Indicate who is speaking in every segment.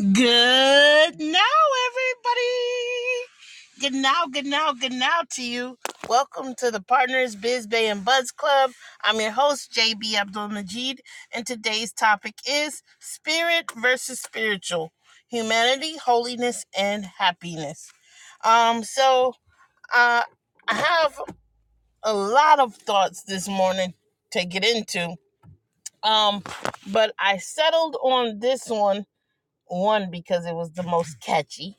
Speaker 1: Good now, everybody. Good now, good now, good now to you. Welcome to the Partners Biz Bay and Buzz Club. I'm your host, JB Abdul Majid, and today's topic is spirit versus spiritual humanity, holiness, and happiness. Um, so uh, I have a lot of thoughts this morning to get into, um, but I settled on this one one, because it was the most catchy,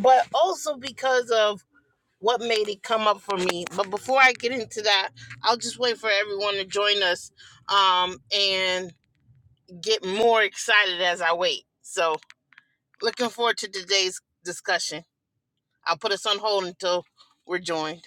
Speaker 1: but also because of what made it come up for me. But before I get into that, I'll just wait for everyone to join us um, and get more excited as I wait. So, looking forward to today's discussion. I'll put us on hold until we're joined.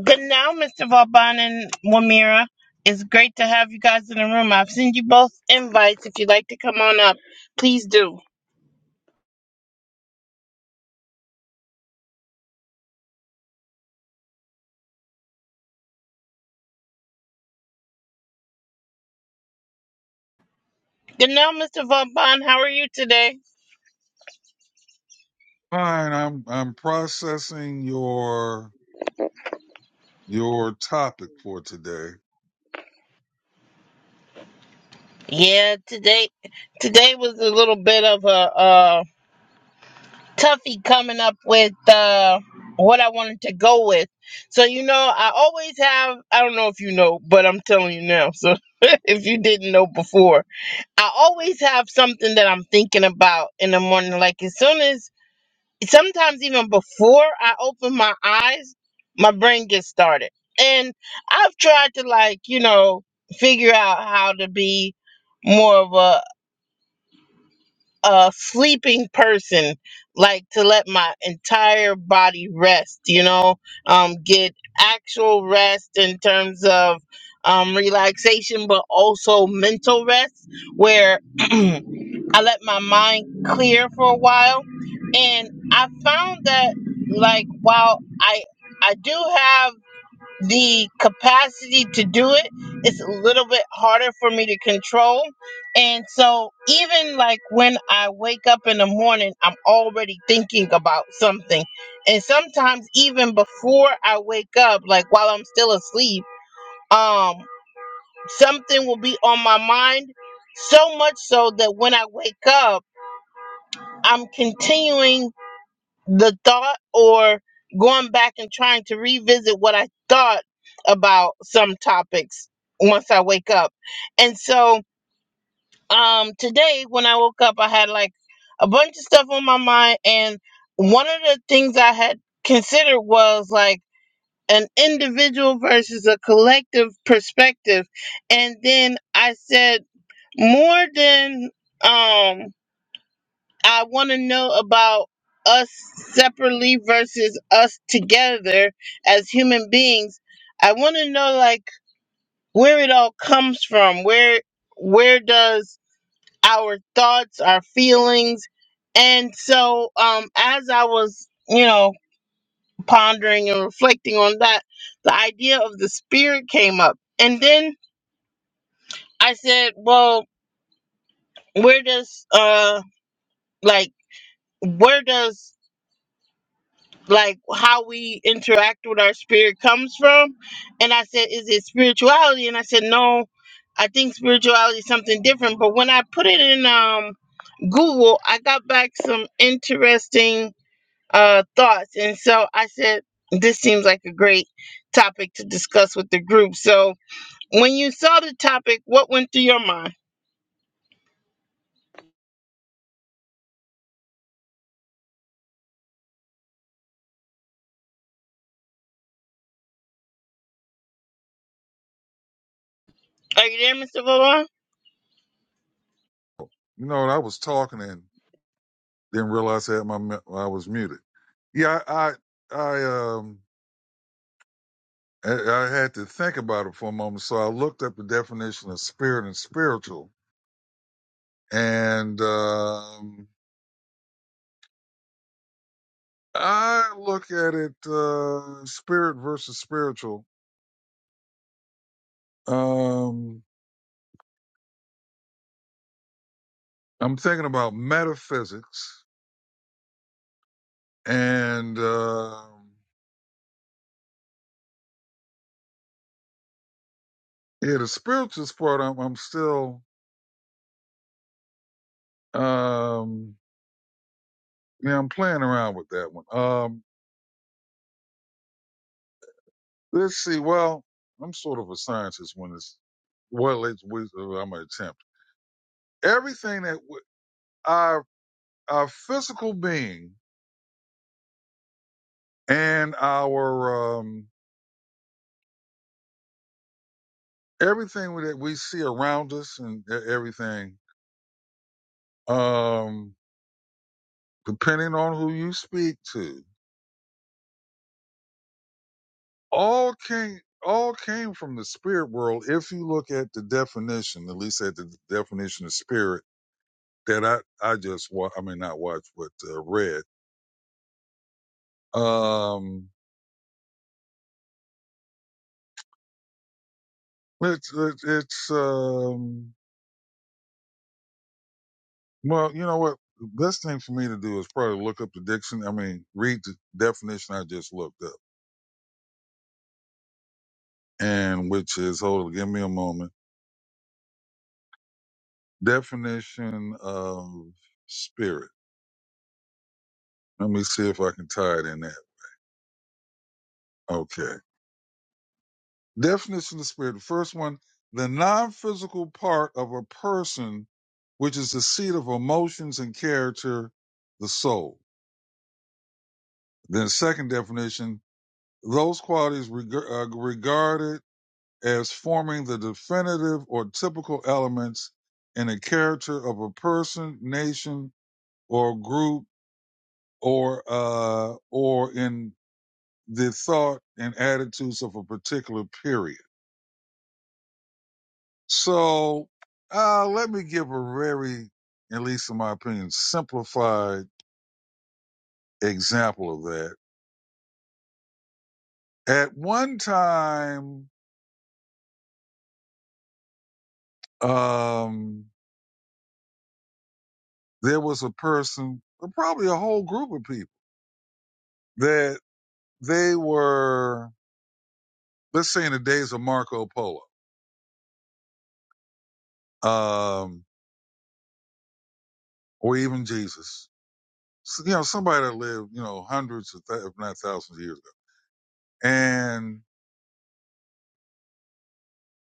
Speaker 1: Good now, Mr. Vauban and Wamira. It's great to have you guys in the room. I've sent you both invites. If you'd like to come on up, please do. Good now, Mr. Vauban. How are you today?
Speaker 2: Fine, I'm I'm processing your your topic for today.
Speaker 1: Yeah, today today was a little bit of a uh toughie coming up with uh what I wanted to go with. So you know, I always have I don't know if you know, but I'm telling you now. So if you didn't know before, I always have something that I'm thinking about in the morning like as soon as sometimes even before I open my eyes, my brain gets started. And I've tried to like, you know, figure out how to be more of a a sleeping person like to let my entire body rest you know um get actual rest in terms of um relaxation but also mental rest where i let my mind clear for a while and i found that like while i i do have the capacity to do it is a little bit harder for me to control. And so, even like when I wake up in the morning, I'm already thinking about something. And sometimes, even before I wake up, like while I'm still asleep, um, something will be on my mind so much so that when I wake up, I'm continuing the thought or going back and trying to revisit what I thought about some topics once I wake up. And so um today when I woke up I had like a bunch of stuff on my mind and one of the things I had considered was like an individual versus a collective perspective. And then I said more than um I want to know about us separately versus us together as human beings. I want to know like where it all comes from. Where where does our thoughts, our feelings, and so um as I was, you know, pondering and reflecting on that, the idea of the spirit came up. And then I said, well, where does uh like where does like how we interact with our spirit comes from. And I said, Is it spirituality? And I said, No, I think spirituality is something different. But when I put it in um, Google, I got back some interesting uh, thoughts. And so I said, This seems like a great topic to discuss with the group. So when you saw the topic, what went through your mind? Are you there, Mr. Vaughn?
Speaker 2: You know, I was talking and didn't realize I had my mu- I was muted. Yeah, I I, I um I, I had to think about it for a moment, so I looked up the definition of spirit and spiritual, and um, I look at it uh, spirit versus spiritual. Um, I'm thinking about metaphysics and. um Yeah, the spirituals part, I'm, I'm still, um, yeah, I'm playing around with that one. Um, let's see. Well, I'm sort of a scientist when it's, well, it's, we, I'm gonna attempt. Everything that w- our, our physical being and our, um, everything that we see around us and e- everything, um, depending on who you speak to, all came all came from the spirit world if you look at the definition at least at the definition of spirit that i i just wa- i mean not watch but uh, read um it's it's it's, um well you know what the best thing for me to do is probably look up the diction i mean read the definition i just looked up and which is hold on give me a moment definition of spirit let me see if i can tie it in that. okay Definition of spirit. The first one, the non physical part of a person, which is the seat of emotions and character, the soul. Then, second definition, those qualities reg- uh, regarded as forming the definitive or typical elements in the character of a person, nation, or group, or uh, or in the thought and attitudes of a particular period. So uh, let me give a very, at least in my opinion, simplified example of that. At one time, um, there was a person, or probably a whole group of people, that they were, let's say, in the days of Marco Polo, um, or even Jesus. So, you know, somebody that lived, you know, hundreds of, th- if not thousands of years ago, and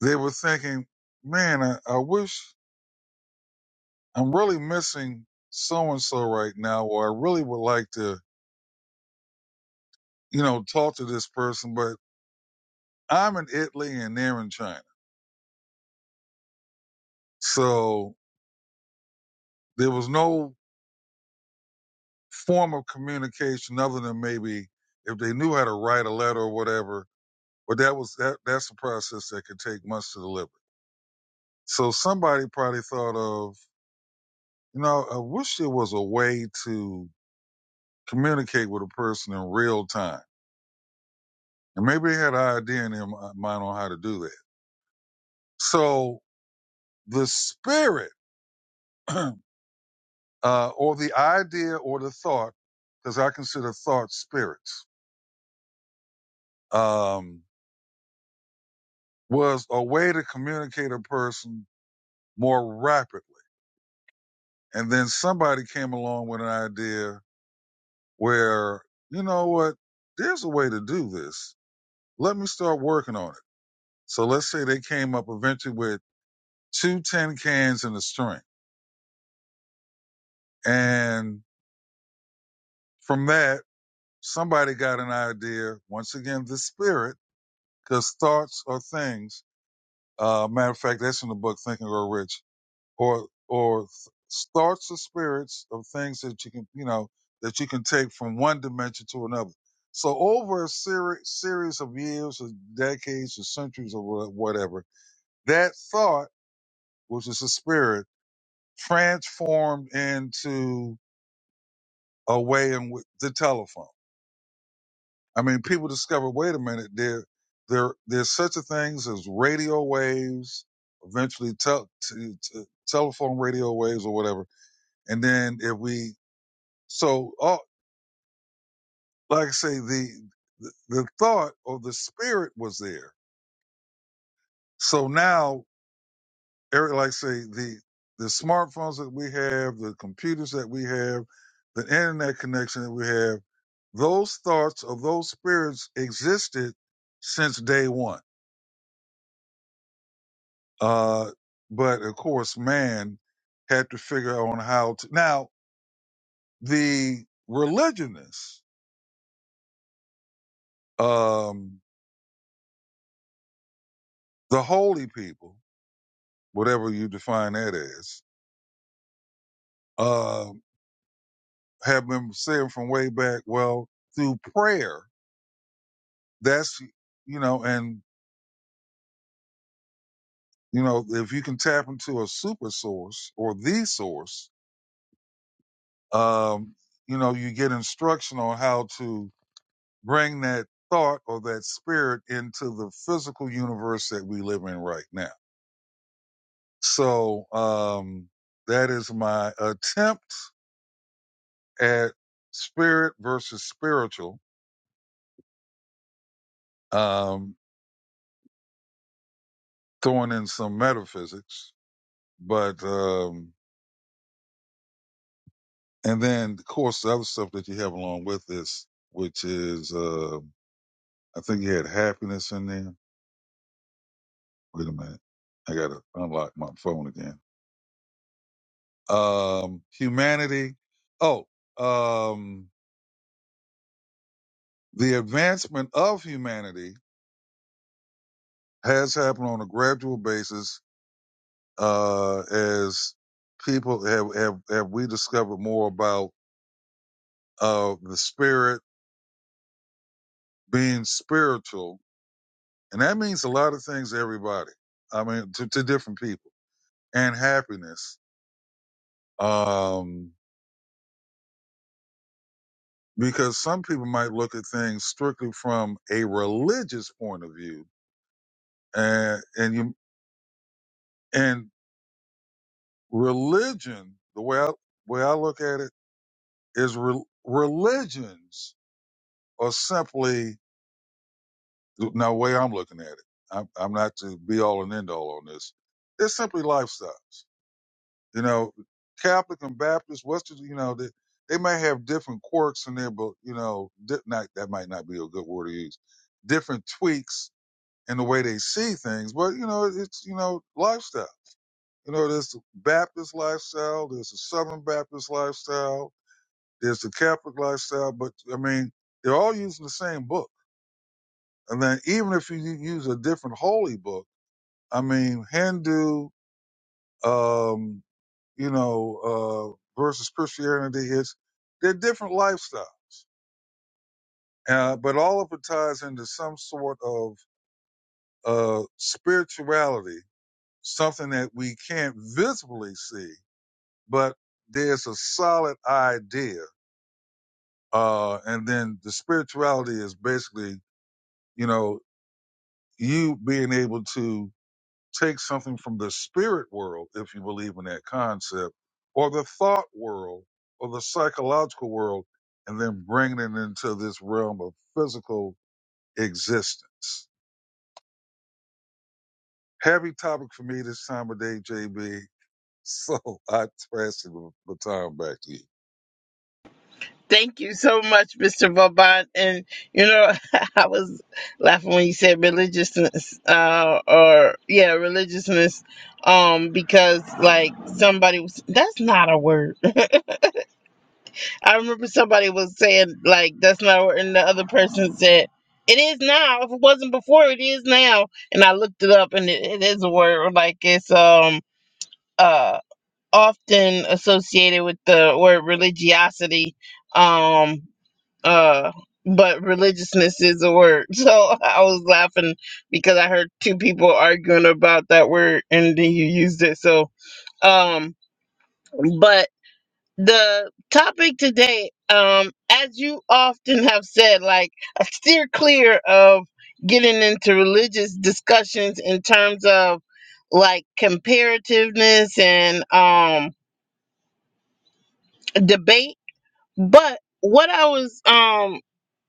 Speaker 2: they were thinking, "Man, I, I wish." I'm really missing so and so right now, or I really would like to, you know, talk to this person, but I'm in Italy and they're in China. So there was no form of communication other than maybe if they knew how to write a letter or whatever. But that was that that's a process that could take months to deliver. So somebody probably thought of, you know, I wish there was a way to communicate with a person in real time. And maybe they had an idea in their mind on how to do that. So The spirit uh, or the idea or the thought, because I consider thought spirits, um, was a way to communicate a person more rapidly. And then somebody came along with an idea where, you know what, there's a way to do this. Let me start working on it. So let's say they came up eventually with two tin cans and a string. And from that, somebody got an idea, once again, the spirit because thoughts are things. Uh, matter of fact, that's in the book Think and Grow Rich, or or th- thoughts are spirits of things that you can you know that you can take from one dimension to another. So over a seri- series of years or decades or centuries or wha- whatever, that thought, which is a spirit, transformed into a way in which the telephone. I mean, people discovered. wait a minute, there, there, there's such a things as radio waves, eventually tel- to, to telephone radio waves or whatever. And then if we, so, oh, like I say, the, the, the thought or the spirit was there. So now, Eric, like I say, the, the smartphones that we have, the computers that we have, the internet connection that we have, those thoughts of those spirits existed since day one Uh, but of course, man had to figure out how to. Now, the religionists, um, the holy people, whatever you define that as, uh, have been saying from way back, well, through prayer, that's, you know, and, you know, if you can tap into a super source or the source, um, you know, you get instruction on how to bring that thought or that spirit into the physical universe that we live in right now. So um, that is my attempt at spirit versus spiritual, um, throwing in some metaphysics, but um, and then of course the other stuff that you have along with this, which is uh, I think you had happiness in there. Wait a minute, I gotta unlock my phone again. Um, humanity. Oh, um the advancement of humanity has happened on a gradual basis uh, as people have, have, have we discovered more about uh, the spirit being spiritual. And that means a lot of things to everybody. I mean, to, to different people and happiness. Um, because some people might look at things strictly from a religious point of view and, and you, and religion, the way I, way I look at it is re- religions are simply now the way I'm looking at it. I'm, I'm not to be all and end all on this. They're simply lifestyles. You know, Catholic and Baptist, Western, you know, they, they may have different quirks in there, but you know, di- not that might not be a good word to use. Different tweaks in the way they see things, but you know, it's you know, lifestyle. You know, there's the Baptist lifestyle, there's the Southern Baptist lifestyle, There's the Catholic lifestyle, but I mean, they're all using the same book. And then even if you use a different holy book, I mean, Hindu, um, you know, uh, versus Christianity, it's they're different lifestyles. Uh, but all of it ties into some sort of uh, spirituality, something that we can't visibly see, but there's a solid idea. Uh, and then the spirituality is basically, you know, you being able to take something from the spirit world, if you believe in that concept, or the thought world, or the psychological world, and then bringing it into this realm of physical existence. Heavy topic for me this time of day, JB. So I pass the baton back to you.
Speaker 1: Thank you so much, Mr. Vauban. And you know, I was laughing when you said religiousness, uh, or yeah, religiousness, um, because like somebody was that's not a word. I remember somebody was saying like that's not a word, and the other person said it is now. If it wasn't before, it is now. And I looked it up, and it, it is a word. Like it's um uh often associated with the word religiosity. Um, uh but religiousness is a word so i was laughing because i heard two people arguing about that word and then you used it so um but the topic today um as you often have said like I steer clear of getting into religious discussions in terms of like comparativeness and um debate but what i was um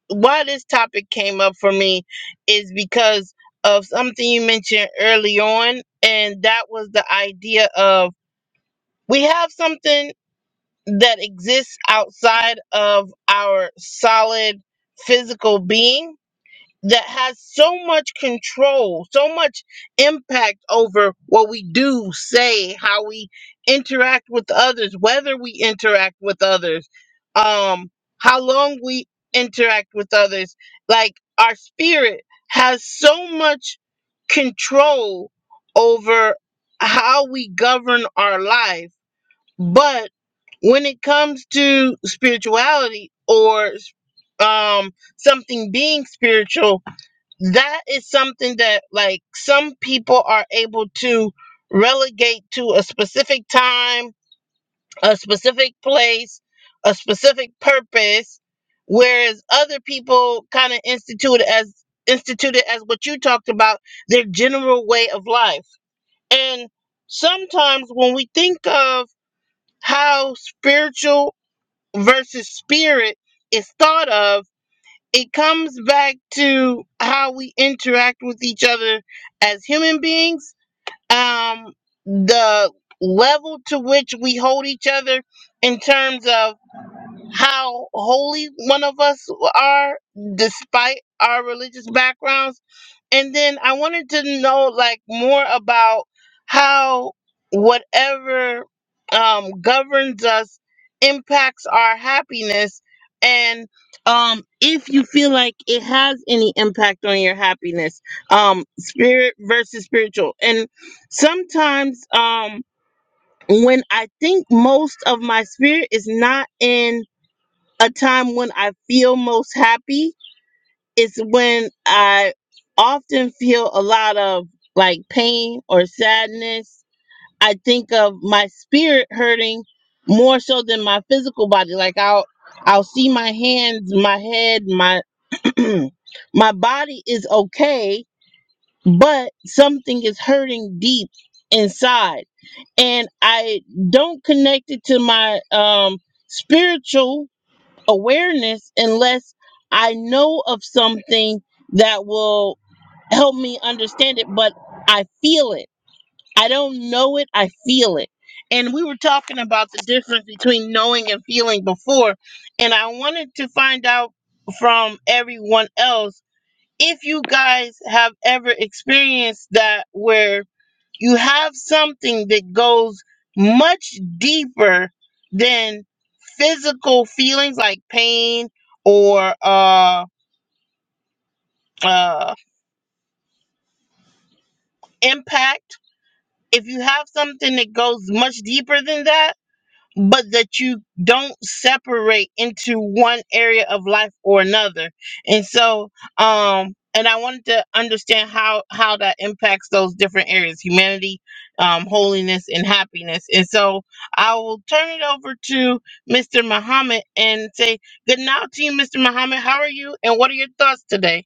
Speaker 1: why this topic came up for me is because of something you mentioned early on, and that was the idea of we have something that exists outside of our solid physical being that has so much control, so much impact over what we do, say, how we interact with others, whether we interact with others, um, how long we interact with others. Like our spirit has so much control over how we govern our life. But when it comes to spirituality or um, something being spiritual, that is something that like some people are able to relegate to a specific time, a specific place, a specific purpose, whereas other people kind of institute as instituted as what you talked about, their general way of life. And sometimes when we think of how spiritual versus spirit is thought of, it comes back to how we interact with each other as human beings um the level to which we hold each other in terms of how holy one of us are despite our religious backgrounds and then I wanted to know like more about how whatever um, governs us impacts our happiness and um, if you feel like it has any impact on your happiness um, spirit versus spiritual and sometimes um, when i think most of my spirit is not in a time when i feel most happy it's when I often feel a lot of like pain or sadness. I think of my spirit hurting more so than my physical body. Like I'll I'll see my hands, my head, my my body is okay, but something is hurting deep inside. And I don't connect it to my um spiritual awareness unless I know of something that will help me understand it, but I feel it. I don't know it, I feel it. And we were talking about the difference between knowing and feeling before, and I wanted to find out from everyone else if you guys have ever experienced that where you have something that goes much deeper than physical feelings like pain or uh, uh, impact. If you have something that goes much deeper than that, but that you don't separate into one area of life or another. And so, um, and I wanted to understand how how that impacts those different areas: humanity, um, holiness, and happiness. And so, I will turn it over to Mr. Muhammad and say good night to you, Mr. Muhammad. How are you, and what are your thoughts today?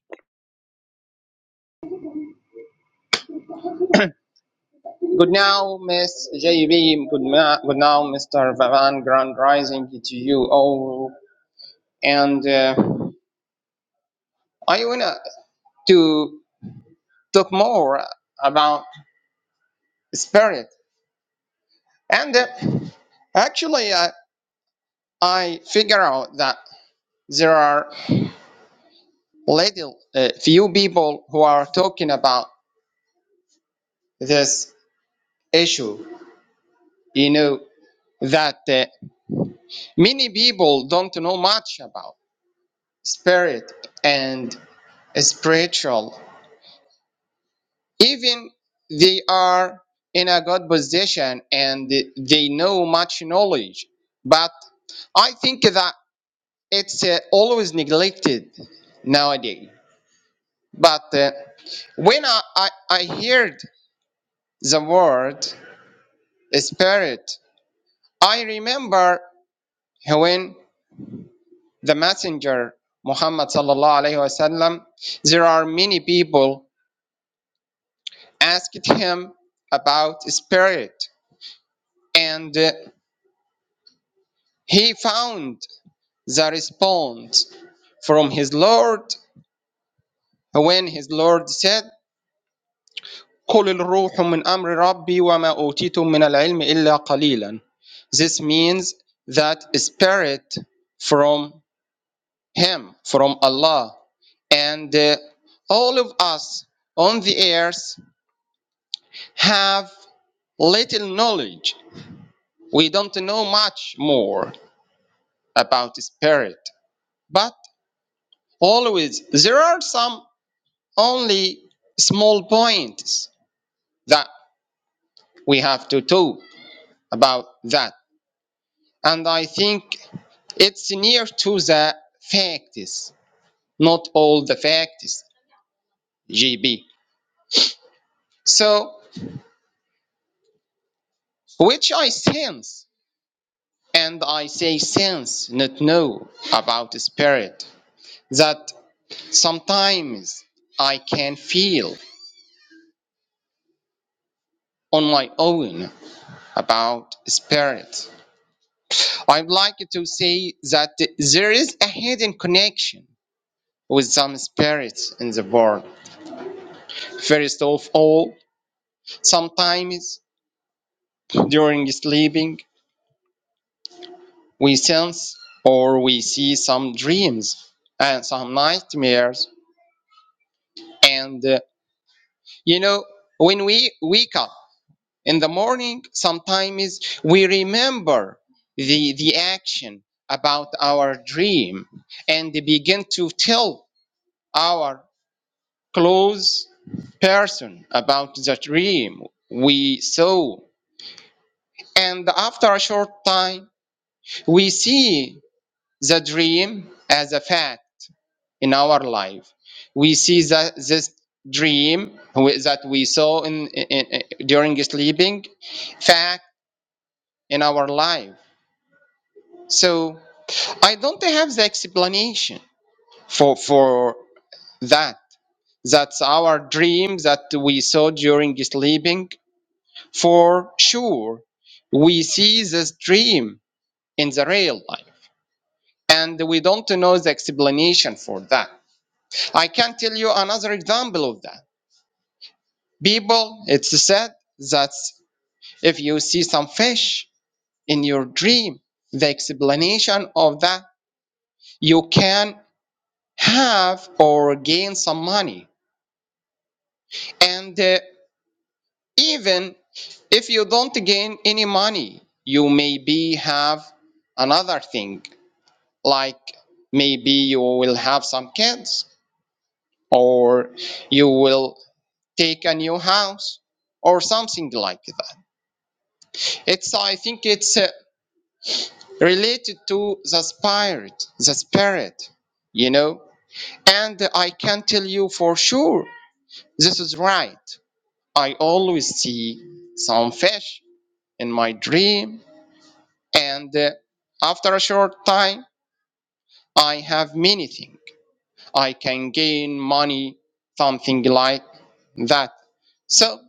Speaker 3: Good now, Miss JB. Good, ma- good now, Mr. Vavan. Grand rising to you all. And uh, I want to talk more about spirit. And uh, actually, I, I figure out that there are little uh, few people who are talking about this issue. You know that uh, many people don't know much about spirit and spiritual even they are in a good position and they know much knowledge but i think that it's uh, always neglected nowadays but uh, when I, I, I heard the word spirit i remember when the messenger muhammad sallallahu alaihi wasallam there are many people asked him about spirit and uh, he found the response from his Lord when his Lord said قل الروح من أمر ربي وما أوتيتم من العلم إلا قليلا This means that spirit from him, from Allah. And uh, all of us on the earth have little knowledge. We don't know much more about spirit. But always there are some only small points that we have to talk about that. And I think it's near to the facts, not all the facts, GB. So, which I sense, and I say sense, not know about the spirit, that sometimes I can feel on my own about spirit. I'd like to say that there is a hidden connection with some spirits in the world. First of all, sometimes during sleeping, we sense or we see some dreams and some nightmares. And uh, you know, when we wake up in the morning, sometimes we remember the, the action about our dream and begin to tell our close person about the dream we saw. And after a short time, we see the dream as a fact in our life. We see that this dream we- that we saw in, in, in- during sleeping, fact in our life. So I don't have the explanation for for that. That's our dream that we saw during sleeping For sure, we see this dream in the real life, and we don't know the explanation for that. I can tell you another example of that. People, it's said that if you see some fish in your dream, the explanation of that you can have or gain some money. And uh, even if you don't gain any money, you maybe have another thing like maybe you will have some kids or you will take a new house or something like that it's i think it's uh, related to the spirit the spirit you know and i can tell you for sure this is right i always see some fish in my dream and uh, after a short time i have many things I can gain money, something like that. So,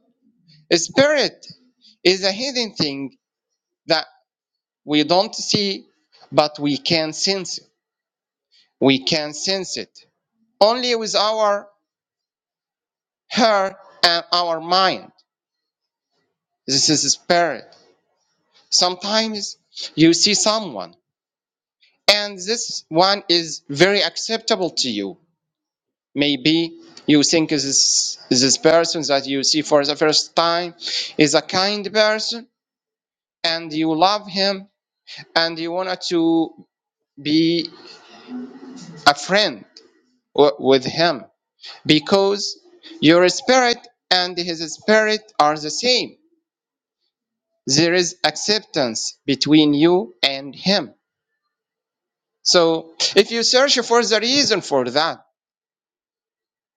Speaker 3: spirit is a hidden thing that we don't see, but we can sense it. We can sense it only with our heart and our mind. This is spirit. Sometimes you see someone, and this one is very acceptable to you. maybe you think this this person that you see for the first time is a kind person and you love him and you want to be a friend w- with him because your spirit and his spirit are the same there is acceptance between you and him so if you search for the reason for that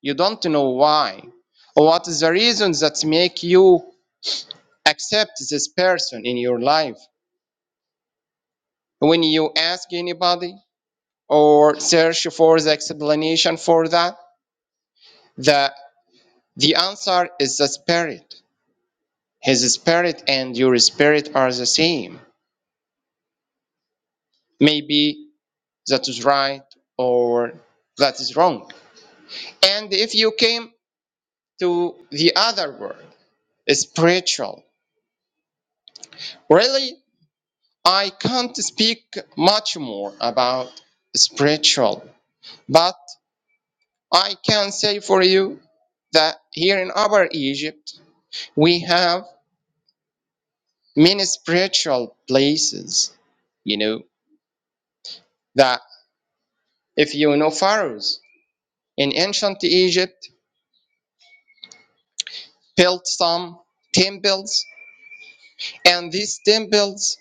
Speaker 3: you don't know why what is the reason that make you accept this person in your life. When you ask anybody or search for the explanation for that, the, the answer is the spirit. His spirit and your spirit are the same. Maybe that is right or that is wrong. And if you came to the other word, spiritual, really, I can't speak much more about spiritual, but I can say for you that here in Upper Egypt, we have many spiritual places, you know, that if you know pharaohs in ancient Egypt built some temples, and these temples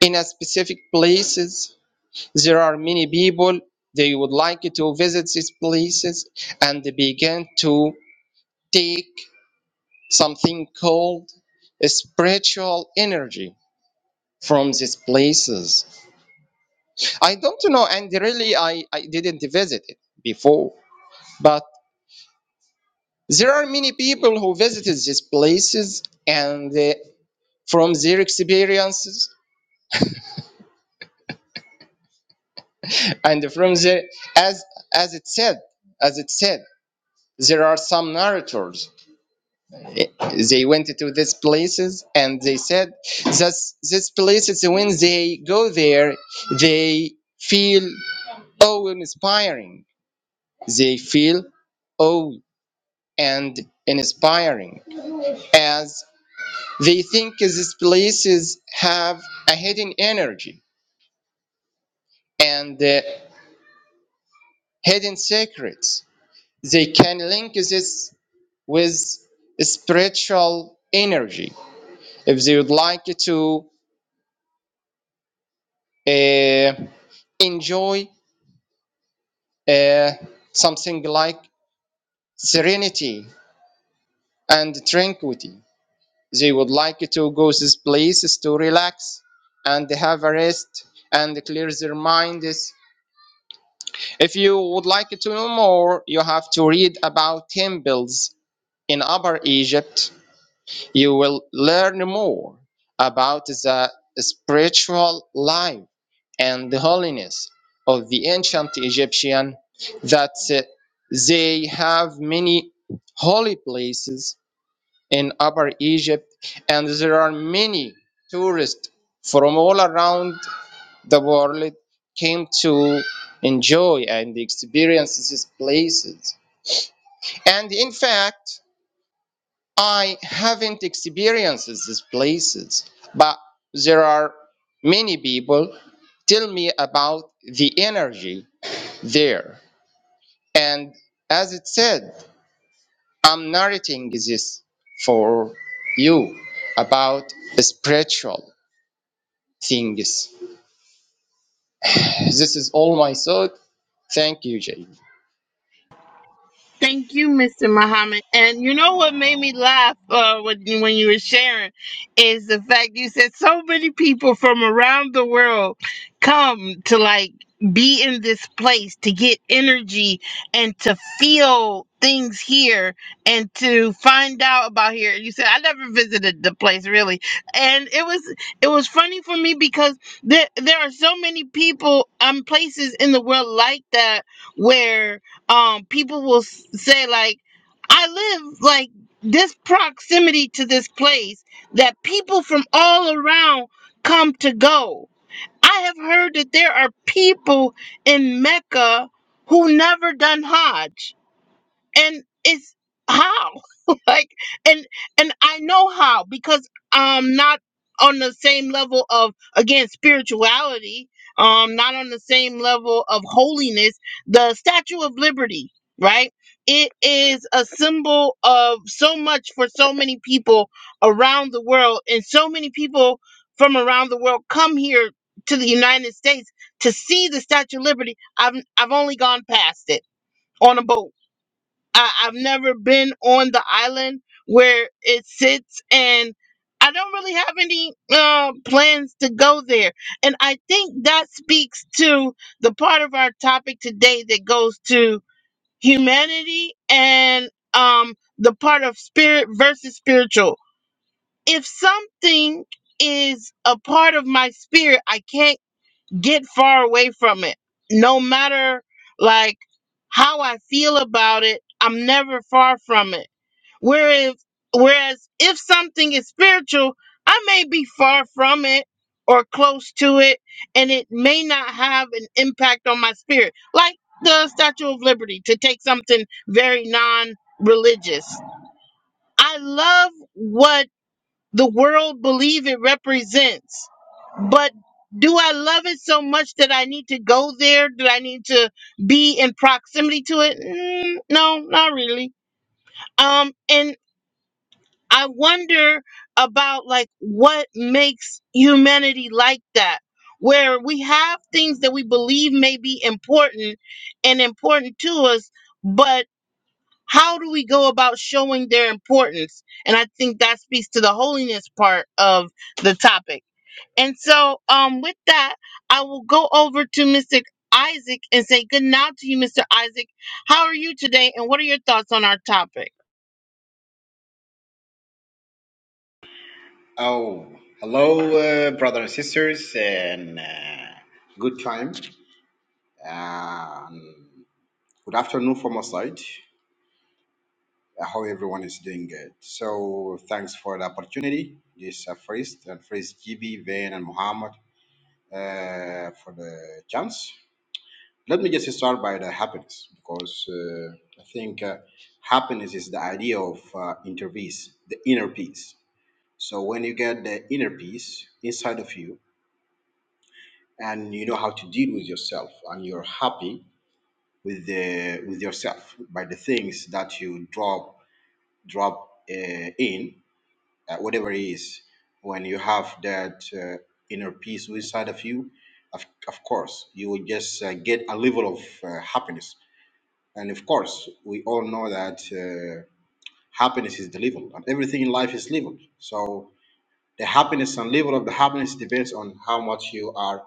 Speaker 3: in a specific places, there are many people, they would like to visit these places and they begin to take something called a spiritual energy from these places. I don't know, and really, I, I didn't visit it before. But there are many people who visited these places, and they, from their experiences, and from their as as it said, as it said, there are some narrators. Eh, They went to these places, and they said that these places, when they go there, they feel awe inspiring. They feel awe and inspiring as they think these places have a hidden energy and uh, hidden secrets. They can link this with spiritual energy if they would like to uh, enjoy uh, something like serenity and tranquility. They would like to go to these places to relax and have a rest and clear their minds If you would like to know more, you have to read about temples in Upper Egypt. You will learn more about the spiritual life and the holiness of the ancient Egyptian that uh, they have many holy places in Upper Egypt and there are many tourists from all around the world came to enjoy and experience these places. And in fact, I haven't experienced these places, but there are many people tell me about the energy there. And as it said, I'm narrating this for you about spiritual things. This is all my thought. Thank you, Jay.
Speaker 1: Thank you, Mr. Muhammad. And you know what made me laugh uh, when, you, when you were sharing is the fact you said so many people from around the world come to like be in this place to get energy and to feel things here and to find out about here. You said I never visited the place really, and it was it was funny for me because there there are so many people um places in the world like that where um people will s- say like i live like this proximity to this place that people from all around come to go i have heard that there are people in mecca who never done hajj and it's how like and and i know how because i'm not on the same level of again spirituality um not on the same level of holiness the statue of liberty right it is a symbol of so much for so many people around the world and so many people from around the world come here to the united states to see the statue of liberty i've i've only gone past it on a boat I, I've never been on the island where it sits, and I don't really have any uh, plans to go there. And I think that speaks to the part of our topic today that goes to humanity and um, the part of spirit versus spiritual. If something is a part of my spirit, I can't get far away from it. No matter like how I feel about it, I'm never far from it. Whereas whereas if something is spiritual, I may be far from it or close to it and it may not have an impact on my spirit. Like the Statue of Liberty to take something very non-religious. I love what the world believe it represents but do i love it so much that i need to go there do i need to be in proximity to it Mm, no not really um and i wonder about like what makes humanity like that where we have things that we believe may be important and important to us but how do we go about showing their importance and i think that speaks to the holiness part of the topic and so, um, with that, I will go over to Mr. Isaac and say good night to you, Mr. Isaac. How are you today, and what are your thoughts on our topic?
Speaker 4: Oh, hello, uh, brothers and sisters, and uh, good time. Um, good afternoon from our side. I hope everyone is doing good. So, thanks for the opportunity. This uh, first and first GB, Van, and Muhammad uh, for the chance. Let me just start by the happiness because uh, I think uh, happiness is the idea of uh, inner peace, the inner peace. So, when you get the inner peace inside of you, and you know how to deal with yourself and you're happy with the with yourself by the things that you drop drop uh, in uh, whatever it is when you have that uh, inner peace inside of you of, of course you will just uh, get a level of uh, happiness and of course we all know that uh, happiness is the level and everything in life is level so the happiness and level of the happiness depends on how much you are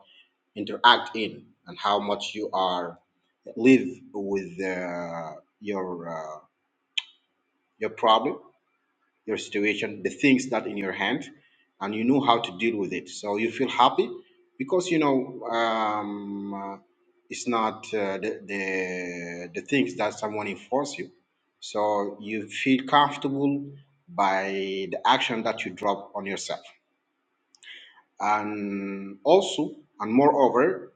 Speaker 4: interact in and how much you are live with uh, your uh, your problem, your situation, the things that in your hand, and you know how to deal with it. So you feel happy because you know um, uh, it's not uh, the, the the things that someone enforce you. So you feel comfortable by the action that you drop on yourself and also and moreover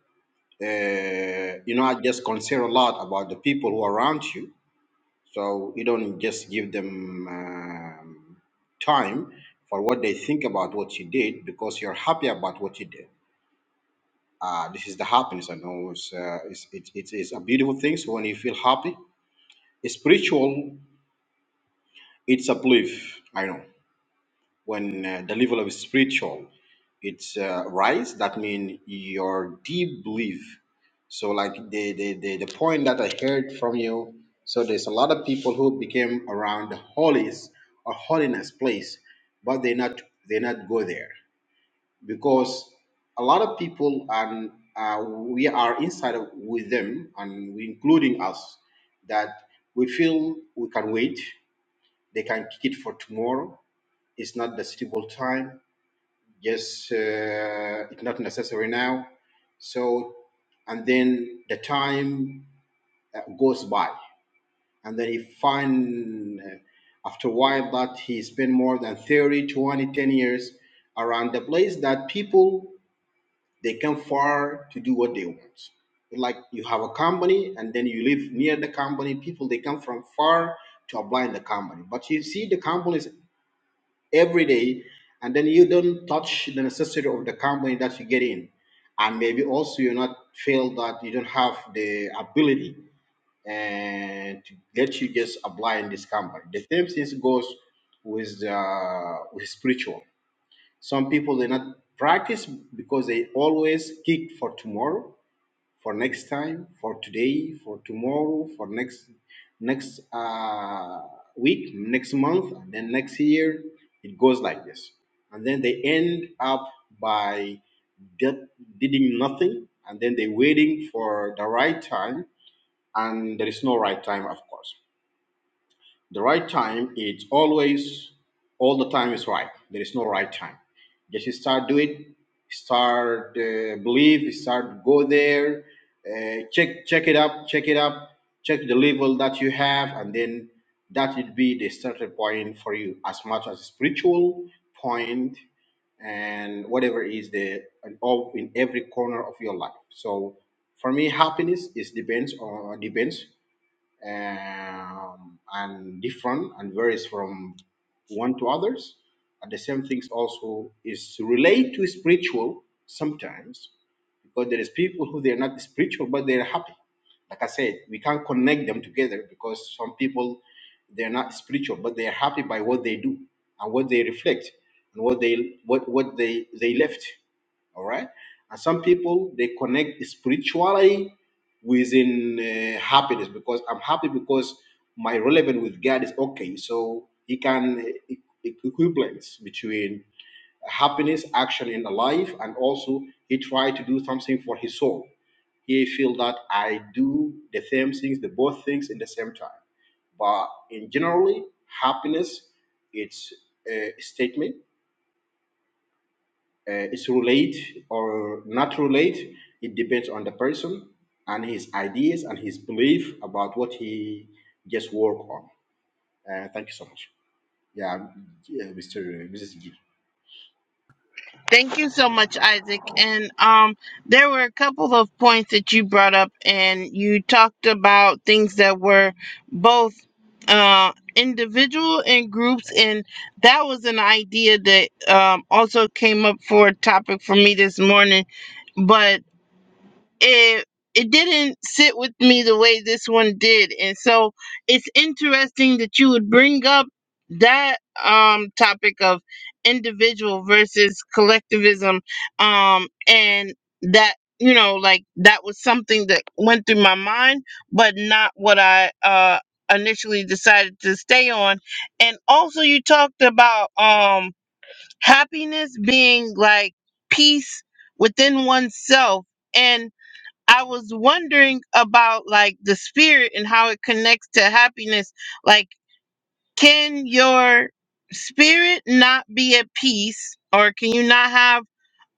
Speaker 4: uh, you know i just consider a lot about the people who are around you so you don't just give them um, time for what they think about what you did because you're happy about what you did uh, this is the happiness i know it's, uh, it's, it's, it's, it's a beautiful thing so when you feel happy it's spiritual it's a belief i know when uh, the level of spiritual it's uh, rise that means your deep belief so like the, the the the point that i heard from you so there's a lot of people who became around the holies or holiness place but they not they not go there because a lot of people and uh, we are inside of, with them and we, including us that we feel we can wait they can kick it for tomorrow it's not the suitable time just uh, it's not necessary now. So, and then the time uh, goes by, and then he find uh, after a while that he spent more than 30, 20, 10 years around the place that people they come far to do what they want. Like you have a company, and then you live near the company. People they come from far to apply in the company, but you see the companies every day, and then you don't touch the necessity of the company that you get in, and maybe also you're not feel that you don't have the ability and to let you just apply in this company. The same thing goes with uh, with spiritual. Some people they not practice because they always kick for tomorrow for next time, for today, for tomorrow, for next next uh, week, next month, and then next year. It goes like this, and then they end up by did- doing nothing, and then they waiting for the right time, and there is no right time, of course. The right time is always, all the time is right. There is no right time. Just start doing, start uh, believe, start go there, uh, check check it up, check it up, check the level that you have, and then that would be the starting point for you, as much as spiritual point and whatever is the and all in every corner of your life. So for me, happiness is depends on depends um, and different and varies from one to others. And the same things also is relate to spiritual sometimes because there is people who they're not spiritual but they're happy. Like I said, we can't connect them together because some people they're not spiritual but they're happy by what they do and what they reflect and what they what what they they left. All right. And some people they connect spirituality within uh, happiness because I'm happy because my relevance with God is okay. So he can uh, equivalence between happiness action in the life and also he try to do something for his soul he feel that i do the same things the both things in the same time but in generally happiness it's a statement uh, it's relate or not relate. It depends on the person and his ideas and his belief about what he just work on. Uh, thank you so much. Yeah, yeah, Mr. Mrs. G.
Speaker 1: Thank you so much, Isaac. And um, there were a couple of points that you brought up, and you talked about things that were both uh, individual and groups, and that was an idea that um, also came up for a topic for me this morning. But it it didn't sit with me the way this one did and so it's interesting that you would bring up that um topic of individual versus collectivism um and that you know like that was something that went through my mind but not what i uh initially decided to stay on and also you talked about um happiness being like peace within oneself and I was wondering about like the spirit and how it connects to happiness. Like, can your spirit not be at peace, or can you not have?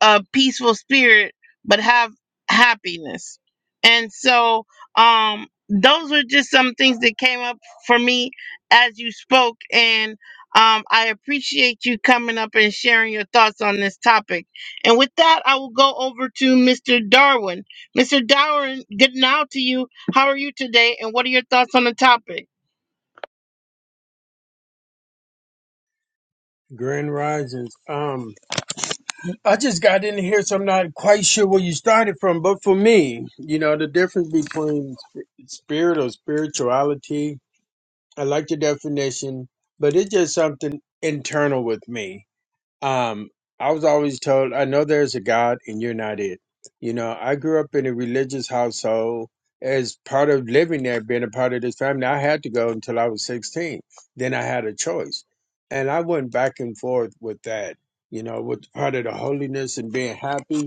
Speaker 1: a peaceful spirit but have happiness and so um those were just some things that came up for me as you spoke and um i appreciate you coming up and sharing your thoughts on this topic and with that i will go over to mr darwin mr darwin good now to you how are you today and what are your thoughts on the topic
Speaker 5: Grand Risings. Um, I just got in here, so I'm not quite sure where you started from. But for me, you know, the difference between sp- spirit or spirituality, I like the definition, but it's just something internal with me. Um, I was always told, I know there's a God and you're not it. You know, I grew up in a religious household. As part of living there, being a part of this family, I had to go until I was 16. Then I had a choice. And I went back and forth with that, you know, with part of the holiness and being happy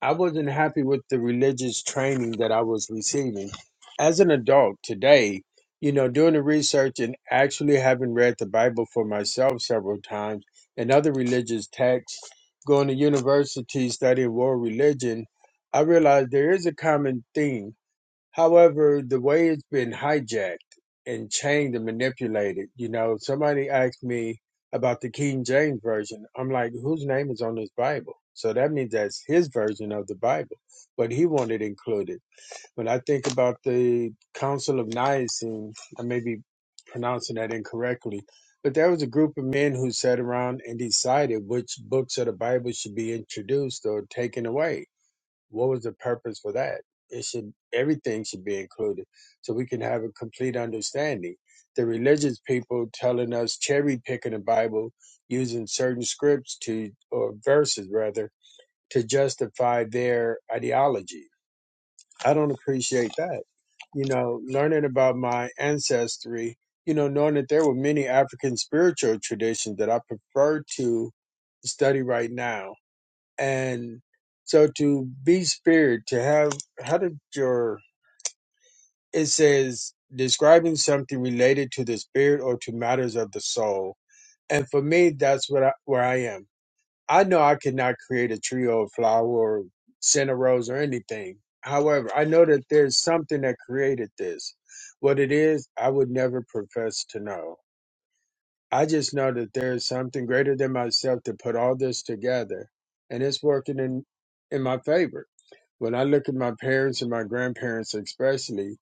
Speaker 5: I wasn't happy with the religious training that I was receiving. As an adult today, you know, doing the research and actually having read the Bible for myself several times and other religious texts, going to university studying world religion, I realized there is a common theme However, the way it's been hijacked and changed and manipulated, you know, somebody asked me about the King James Version. I'm like, whose name is on this Bible? So that means that's his version of the Bible, but he wanted included. When I think about the Council of Nicene, I may be pronouncing that incorrectly, but there was a group of men who sat around and decided which books of the Bible should be introduced or taken away what was the purpose for that? It should everything should be included so we can have a complete understanding. The religious people telling us cherry picking the Bible using certain scripts to or verses rather to justify their ideology. I don't appreciate that. You know, learning about my ancestry, you know, knowing that there were many African spiritual traditions that I prefer to study right now and so to be spirit to have how did your it says describing something related to the spirit or to matters of the soul and for me that's what I, where i am i know i cannot create a tree or a flower or send a rose or anything however i know that there's something that created this what it is i would never profess to know I just know that there is something greater than myself to put all this together, and it's working in in my favor. When I look at my parents and my grandparents, especially,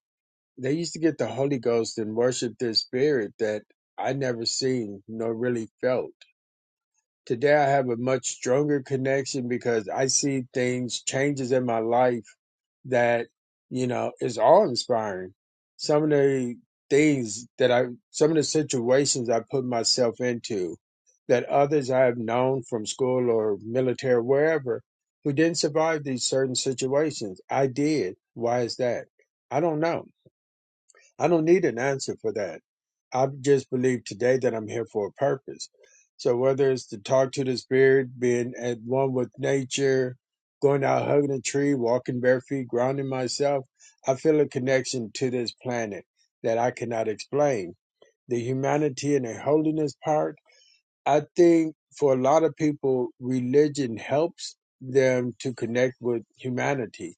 Speaker 5: they used to get the Holy Ghost and worship this spirit that I never seen nor really felt. Today, I have a much stronger connection because I see things changes in my life that you know is awe inspiring. Some of the things that I, some of the situations I put myself into, that others I have known from school or military, wherever, who didn't survive these certain situations, I did. Why is that? I don't know I don't need an answer for that. I just believe today that I'm here for a purpose. So whether it's to talk to the spirit, being at one with nature, going out hugging a tree, walking bare feet, grounding myself, I feel a connection to this planet that I cannot explain. The humanity and the holiness part, I think for a lot of people, religion helps them to connect with humanity,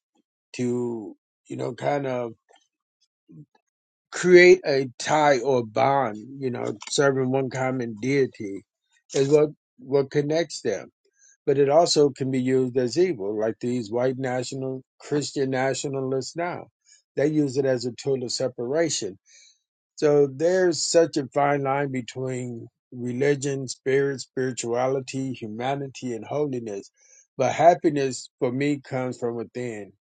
Speaker 5: to, you know, kind of create a tie or bond, you know, serving one common deity is what, what connects them. But it also can be used as evil, like these white national Christian nationalists now. They use it as a tool of separation. So there's such a fine line between religion, spirit, spirituality, humanity, and holiness. But happiness for me comes from within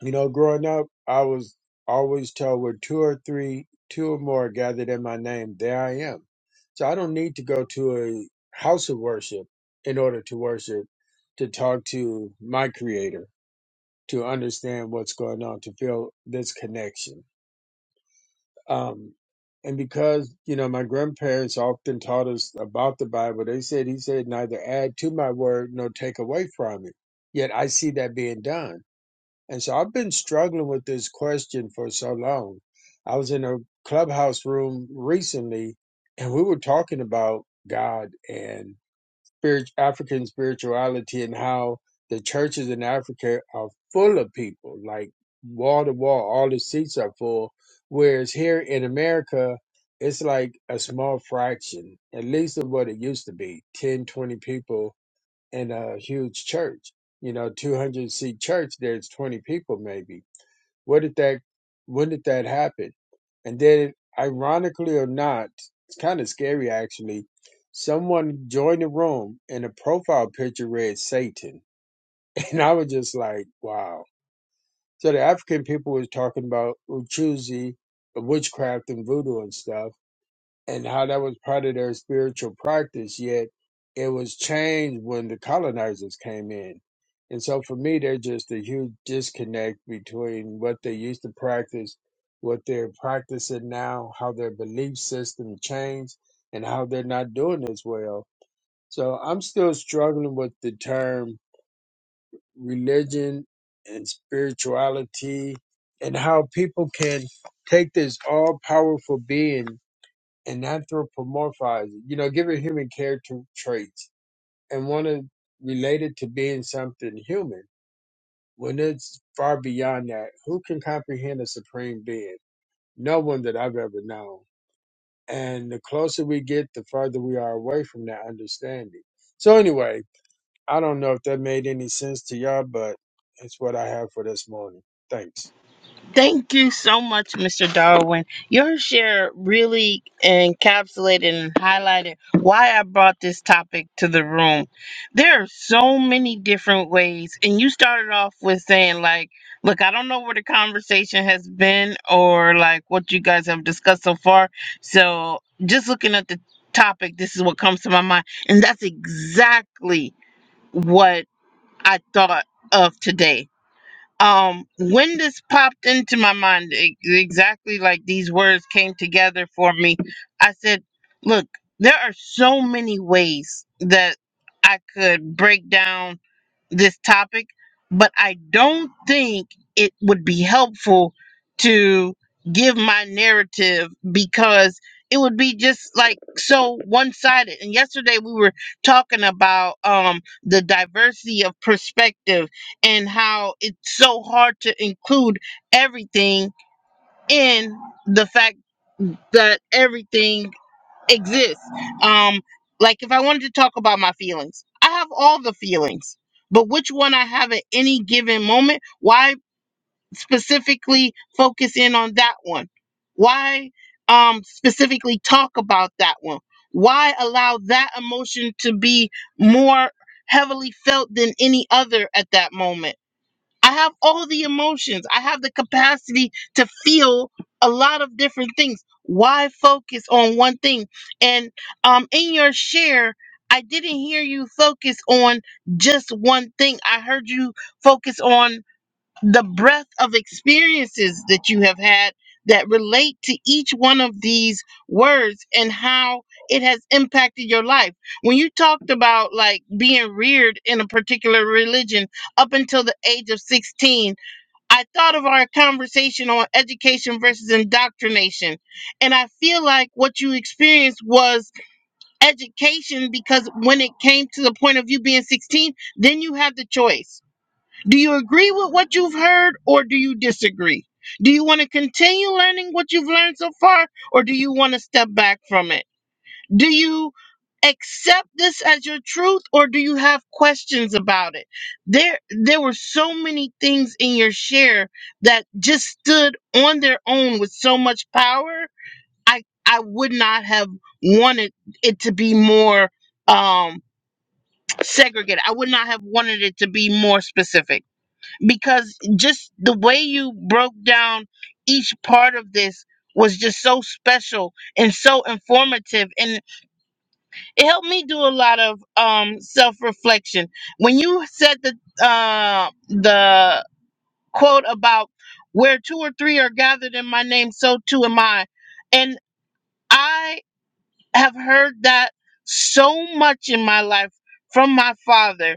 Speaker 5: you know, growing up, I was always told with two or three, two or more gathered in my name, there I am. So I don't need to go to a house of worship in order to worship, to talk to my creator, to understand what's going on, to feel this connection. Um, and because, you know, my grandparents often taught us about the Bible, they said, He said, neither add to my word nor take away from it. Yet I see that being done and so I've been struggling with this question for so long. I was in a clubhouse room recently and we were talking about God and spirit, African spirituality and how the churches in Africa are full of people, like wall to wall, all the seats are full. Whereas here in America, it's like a small fraction, at least of what it used to be ten, twenty people in a huge church, you know, 200 seat church, there's 20 people maybe. What did that, when did that happen? And then, ironically or not, it's kind of scary actually. Someone joined the room and the profile picture read Satan. And I was just like, wow. So the African people was talking about Uchuzi, witchcraft and voodoo and stuff and how that was part of their spiritual practice, yet it was changed when the colonizers came in. And so for me, there's just a huge disconnect between what they used to practice, what they're practicing now, how their belief system changed, and how they're not doing as well. So I'm still struggling with the term religion and spirituality and how people can take this all powerful being and anthropomorphize it, you know, give it human character traits and want to relate it to being something human when it's far beyond that. Who can comprehend a supreme being? No one that I've ever known. And the closer we get, the further we are away from that understanding. So, anyway, I don't know if that made any sense to y'all, but it's what I have for this morning. Thanks.
Speaker 1: Thank you so much, Mr. Darwin. Your share really encapsulated and highlighted why I brought this topic to the room. There are so many different ways, and you started off with saying, like, look, I don't know where the conversation has been or like what you guys have discussed so far. So just looking at the topic, this is what comes to my mind. And that's exactly what I thought of today um when this popped into my mind e- exactly like these words came together for me i said look there are so many ways that i could break down this topic, but I don't think it would be helpful to give my narrative because it would be just like so one-sided. And yesterday we were talking about um the diversity of perspective and how it's so hard to include everything in the fact that everything exist. Um, like if I wanted to talk about my feelings, I have all the feelings, but which one I have at any given moment, why specifically focus in on that one? Why um specifically talk about that one? Why allow that emotion to be more heavily felt than any other at that moment? I have all the emotions. I have the capacity to feel a lot of different things. Why focus on one thing? And um, in your share, I didn't hear you focus on just one thing. I heard you focus on the breadth of experiences that you have had that relate to each one of these words and how it has impacted your life. When you talked about like being reared in a particular religion up until the age of 16, I thought of our conversation on education versus indoctrination. And I feel like what you experienced was education because when it came to the point of you being 16, then you had the choice do you agree with what you've heard or do you disagree? Do you want to continue learning what you've learned so far or do you want to step back from it? Do you accept this as your truth or do you have questions about it? There there were so many things in your share that just stood on their own with so much power. I I would not have wanted it to be more um segregated. I would not have wanted it to be more specific because just the way you broke down each part of this was just so special and so informative and it helped me do a lot of um self-reflection when you said the uh the quote about where two or three are gathered in my name so too am i and i have heard that so much in my life from my father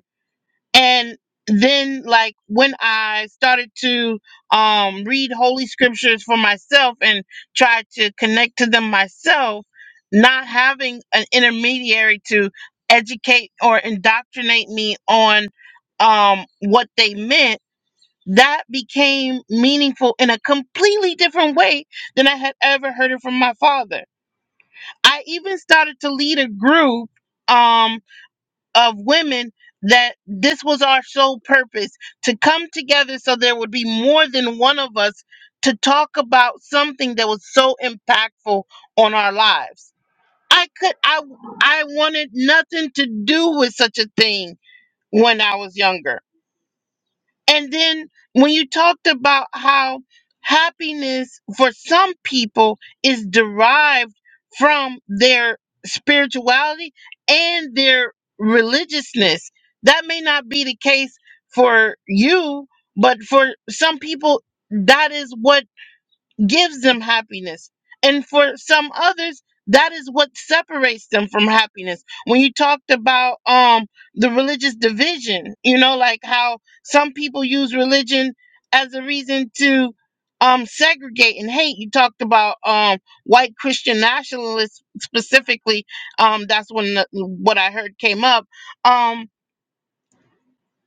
Speaker 1: and then like when i started to um read holy scriptures for myself and try to connect to them myself not having an intermediary to educate or indoctrinate me on um what they meant that became meaningful in a completely different way than i had ever heard it from my father i even started to lead a group um, of women that this was our sole purpose to come together so there would be more than one of us to talk about something that was so impactful on our lives. I could I I wanted nothing to do with such a thing when I was younger. And then when you talked about how happiness for some people is derived from their spirituality and their religiousness, that may not be the case for you, but for some people, that is what gives them happiness. And for some others, that is what separates them from happiness. When you talked about um the religious division, you know, like how some people use religion as a reason to um segregate and hate. You talked about um white Christian nationalists specifically. Um that's when the, what I heard came up. Um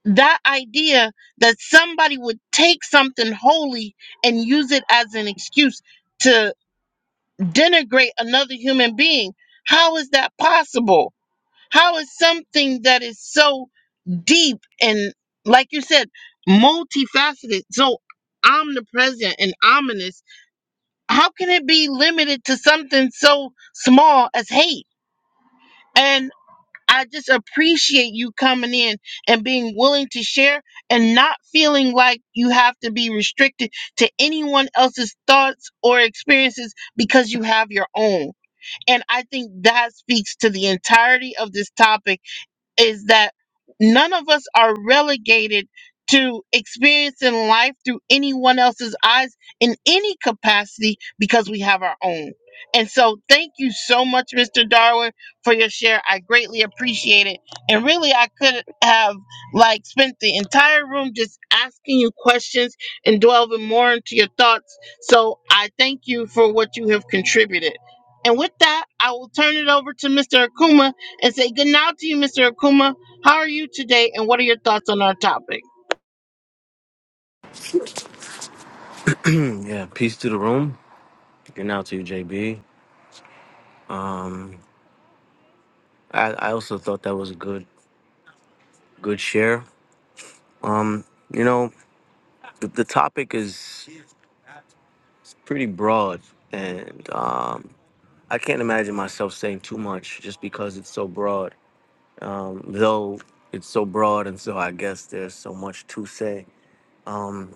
Speaker 1: that idea that somebody would take something holy and use it as an excuse to denigrate another human being. How is that possible? How is something that is so deep and, like you said, multifaceted, so omnipresent and ominous, how can it be limited to something so small as hate? And I just appreciate you coming in and being willing to share and not feeling like you have to be restricted to anyone else's thoughts or experiences because you have your own and I think that speaks to the entirety of this topic is that none of us are relegated to experiencing life through anyone else's eyes in any capacity because we have our own. And so, thank you so much, Mr. Darwin, for your share. I greatly appreciate it. And really, I could have like spent the entire room just asking you questions and delving more into your thoughts. So, I thank you for what you have contributed. And with that, I will turn it over to Mr. Akuma and say good night to you, Mr. Akuma. How are you today, and what are your thoughts on our topic?
Speaker 6: Yeah, peace to the room. And now to you, JB. I, I also thought that was a good good share. You know, the, the topic is pretty broad, and um, I can't imagine myself saying too much just because it's so broad. Um, though it's so broad, and so I guess there's so much to say. Um,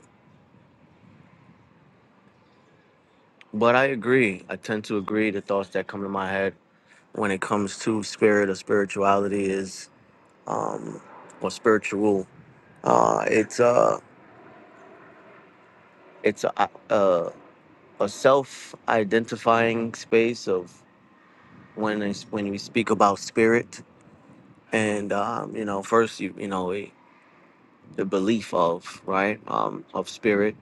Speaker 6: but I agree. I tend to agree. The thoughts that come to my head when it comes to spirit or spirituality is, um, or spiritual. Uh, it's uh it's a a, a self identifying space of when it's, when we speak about spirit and um, you know first you you know eh, the belief of right um, of spirit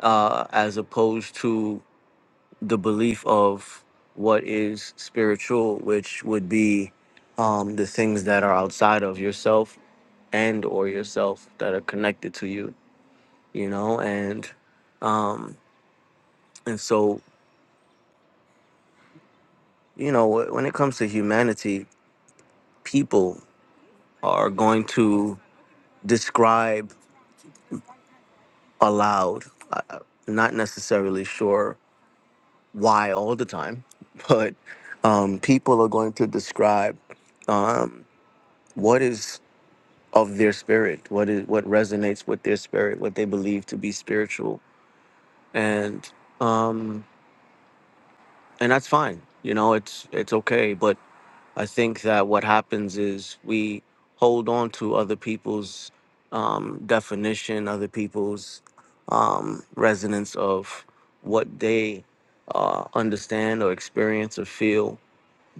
Speaker 6: uh, as opposed to the belief of what is spiritual which would be um, the things that are outside of yourself and or yourself that are connected to you you know and um, and so you know wh- when it comes to humanity people are going to describe aloud. I- I'm not necessarily sure why all the time, but um, people are going to describe um, what is of their spirit, what is what resonates with their spirit, what they believe to be spiritual, and um, and that's fine. You know, it's it's okay, but I think that what happens is we hold on to other people's um, definition, other people's um, resonance of what they uh, understand or experience or feel,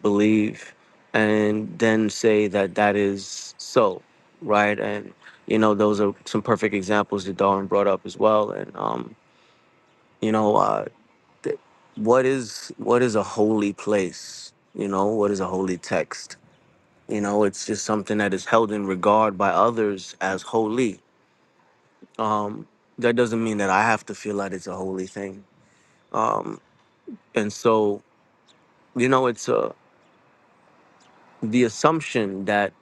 Speaker 6: believe, and then say that that is so, right? And you know, those are some perfect examples that Darwin brought up as well. And um, you know, uh, th- what is what is a holy place? You know, what is a holy text? You know, it's just something that is held in regard by others as holy. Um, that doesn't mean that I have to feel that it's a holy thing. Um, and so, you know, it's a, the assumption that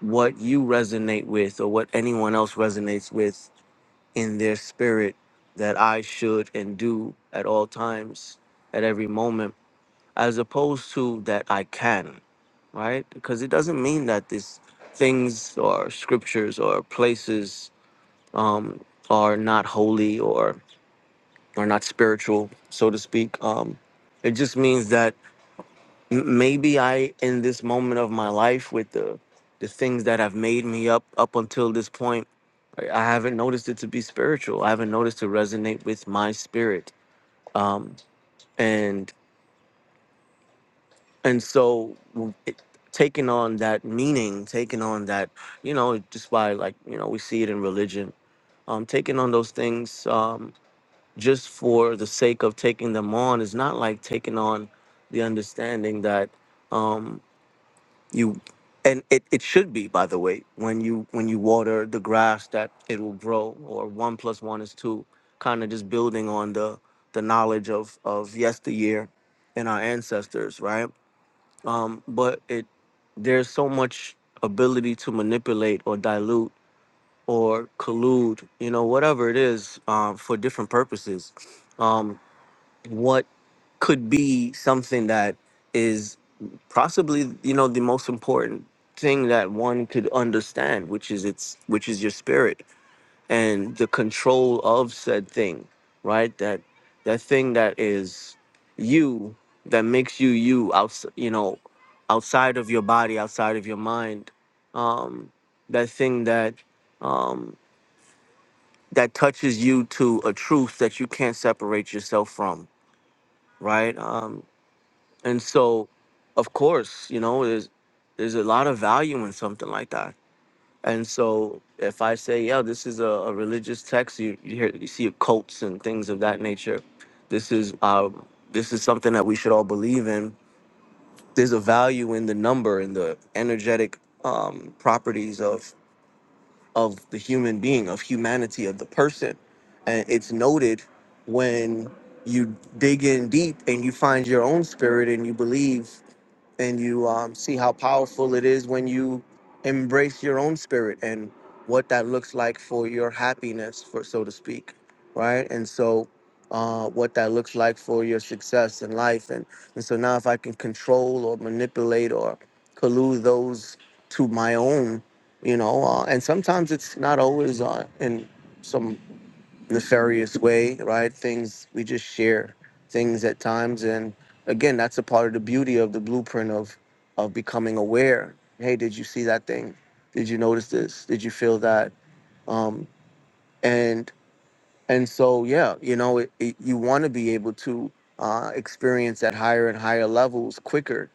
Speaker 6: what you resonate with or what anyone else resonates with in their spirit that I should and do at all times, at every moment, as opposed to that I can, right? Because it doesn't mean that these things or scriptures or places um, are not holy or are not spiritual, so to speak. Um, it just means that m- maybe I, in this moment of my life, with the the things that have made me up up until this point, I I haven't noticed it to be spiritual. I haven't noticed to resonate with my spirit, um, and and so it, taking on that meaning, taking on that, you know, just by like you know, we see it in religion. Um, taking on those things. Um, just for the sake of taking them on is not like taking on the understanding that um, you and it, it should be by the way when you when you water the grass that it will grow or one plus one is two kind of just building on the the knowledge of of yesteryear and our ancestors right um, but it there's so much ability to manipulate or dilute or collude you know whatever it is um, for different purposes Um, what could be something that is possibly you know the most important thing that one could understand which is its which is your spirit and the control of said thing right that that thing that is you that makes you you outs you know outside of your body outside of your mind um that thing that um that touches you to a truth that you can't separate yourself from right? Um, And so, of course, you know, there's there's a lot of value in something like that. And so, if I say, yeah, this is a, a religious text, you, you hear you see cults and things of that nature. This is uh, this is something that we should all believe in. There's a value in the number and the energetic um, properties of of the human being, of humanity, of the person, and it's noted when you dig in deep and you find your own spirit and you believe and you um, see how powerful it is when you embrace your own spirit and what that looks like for your happiness, for so to speak, right? And so, uh, what that looks like for your success in life, and and so now if I can control or manipulate or collude those to my own, you know, uh, and sometimes it's not always uh, in some nefarious way, right? Things we just share things at times, and again, that's a part of the beauty of the blueprint of of becoming aware. Hey, did you see that thing? Did you notice this? Did you feel that? Um, and and so yeah, you know, it, it, you want to be able to uh, experience at higher and higher levels quicker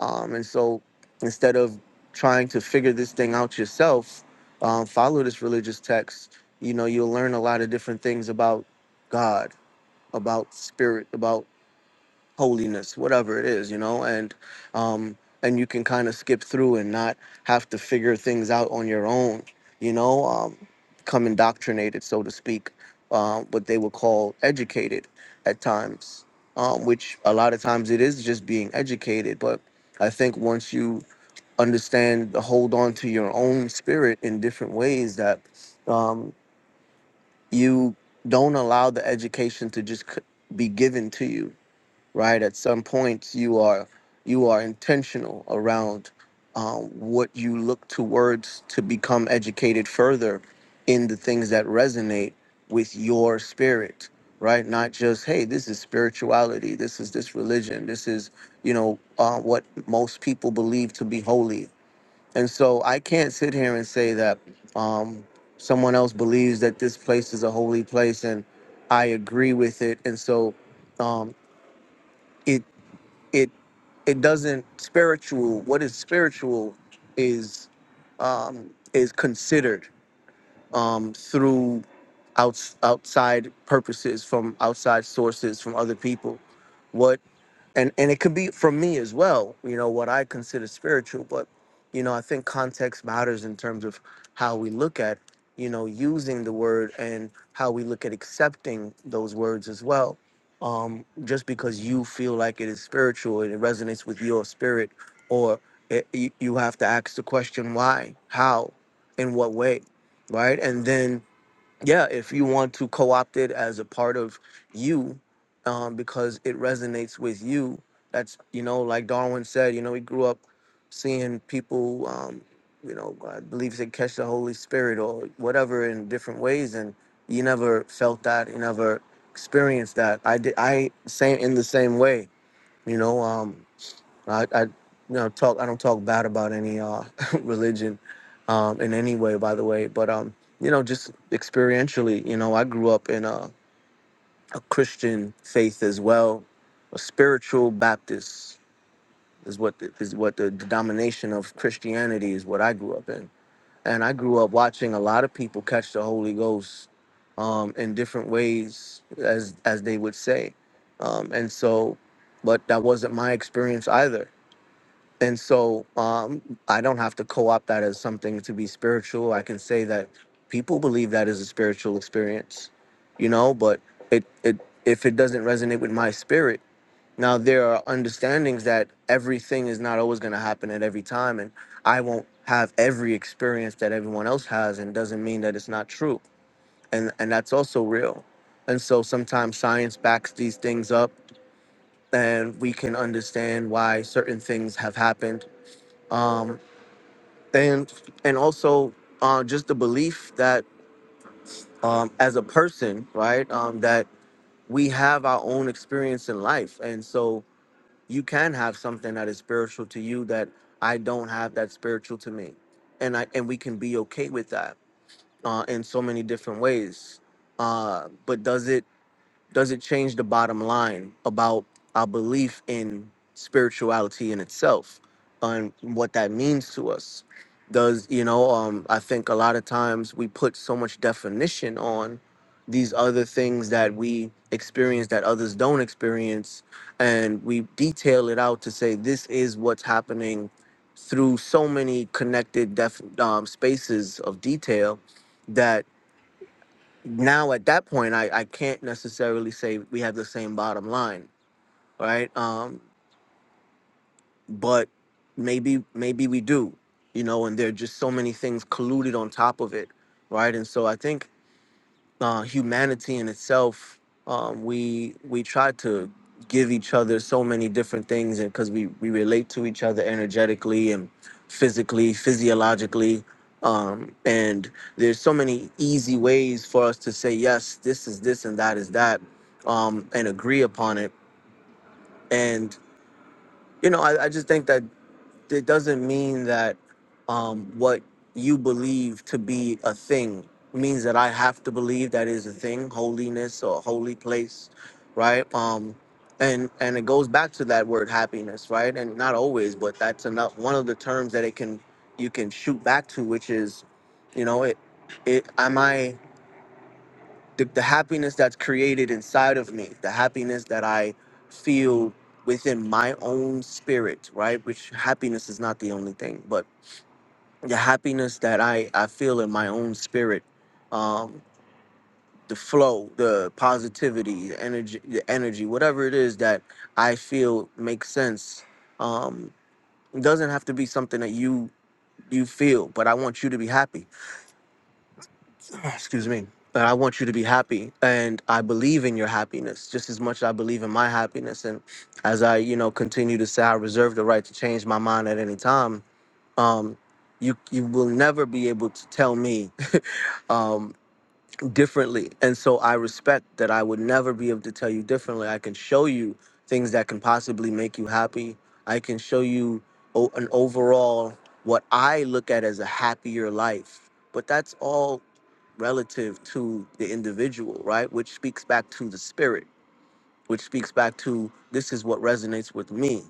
Speaker 6: um, and so instead of trying to figure this thing out yourself, um, follow this religious text. You know, you'll learn a lot of different things about God, about spirit, about holiness, whatever it is, you know, and um and you can kind of skip through and not have to figure things out on your own, you know, um come indoctrinated, so to speak, um, what they would call educated at times, um, which a lot of times it is just being educated. But I think once you understand, hold on to your own spirit in different ways that um, you don't allow the education to just c- be given to you right? At some point, you are you are intentional around um, what you look towards to become educated further in the things that resonate with your spirit, right? Not just hey, this is spirituality, this is this religion, this is you know uh, what most people believe to be holy, and so I can't sit here and say that um, someone else believes that this place is a holy place and I agree with it, and so. Um, it it it doesn't spiritual what is spiritual is um is considered um through outs, outside purposes from outside sources from other people What and and it could be from me as well you know what i consider spiritual but you know i think context matters in terms of how we look at you know using the word and how we look at accepting those words as well um just because you feel like it is spiritual and it resonates with your spirit or it, you, you have to ask the question why how in what way right and then yeah, if you want to co-opt it as a part of you, um, because it resonates with you. That's you know, like Darwin said, you know, he grew up seeing people, um, you know, I believe they catch the Holy Spirit or whatever in different ways, and you never felt that, you never experienced that. I did, I same in the same way, you know. Um, I, I you know talk I don't talk bad about any uh religion um in any way by the way but um you know just experientially you know I grew up in a, a Christian faith as well a spiritual Baptist is what the, is what the denomination of Christianity is what I grew up in and I grew up watching a lot of people catch the Holy Ghost um in different ways as as they would say um and so but that wasn't my experience either and so um, I don't have to co-opt that as something to be spiritual. I can say that people believe that is a spiritual experience, you know. But it it if it doesn't resonate with my spirit, now there are understandings that everything is not always going to happen at every time, and I won't have every experience that everyone else has, and doesn't mean that it's not true, and and that's also real. And so sometimes science backs these things up, and we can understand why certain things have happened Um, and and also uh, just the belief that um, as a person, right, um, that we have our own experience in life, and so you can have something that is spiritual to you that I don't have that spiritual to me, and I and we can be okay with that uh, in so many different ways. Uh, but does it? does it change the bottom line about our belief in spirituality in itself and what that means to us does you know um i think a lot of times we put so much definition on these other things that we experience that others don't experience and we detail it out to say this is what's happening through so many connected def- um, spaces of detail that now at that point I, I can't necessarily say we have the same bottom line right um but maybe maybe we do you know and there are just so many things colluded on top of it right and so i think uh, humanity in itself. Um, we we try to give each other so many different things, and because we we relate to each other energetically and physically, physiologically, um, and there's so many easy ways for us to say yes, this is this and that is that, um, and agree upon it. And you know, I, I just think that it doesn't mean that um, what you believe to be a thing means that I have to believe that is a thing, holiness or holy place, right? Um, and and it goes back to that word happiness, right? And not always, but that's enough. One of the terms that it can you can shoot back to, which is, you know, it it am I the, the happiness that's created inside of me, the happiness that I feel within my own spirit, right? Which happiness is not the only thing, but the happiness that I, I feel in my own spirit, um, the flow, the positivity, the energy, the energy, whatever it is that I feel makes sense. Um, it doesn't have to be something that you you feel, but I want you to be happy. excuse me and i want you to be happy and i believe in your happiness just as much as i believe in my happiness and as i you know continue to say i reserve the right to change my mind at any time um you you will never be able to tell me um differently and so i respect that i would never be able to tell you differently i can show you things that can possibly make you happy i can show you o- an overall what i look at as a happier life but that's all relative to the individual, right? Which speaks back to the spirit, which speaks back to this is what resonates with me,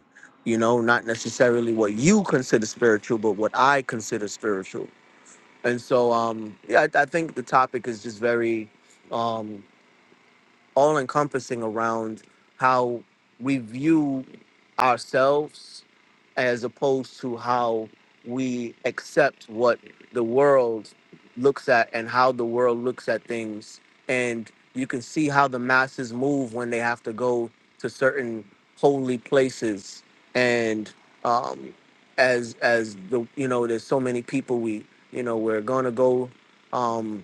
Speaker 6: you know, not necessarily what you consider spiritual, but what I consider spiritual. And so, um, yeah, I, I think the topic is just very, um, all encompassing around how we view ourselves as opposed to how we accept what the world looks at and how the world looks at things. And you can see how the masses move when they have to go to certain holy places. And um, as as the you know, there's so many people we you know we're gonna go. Um,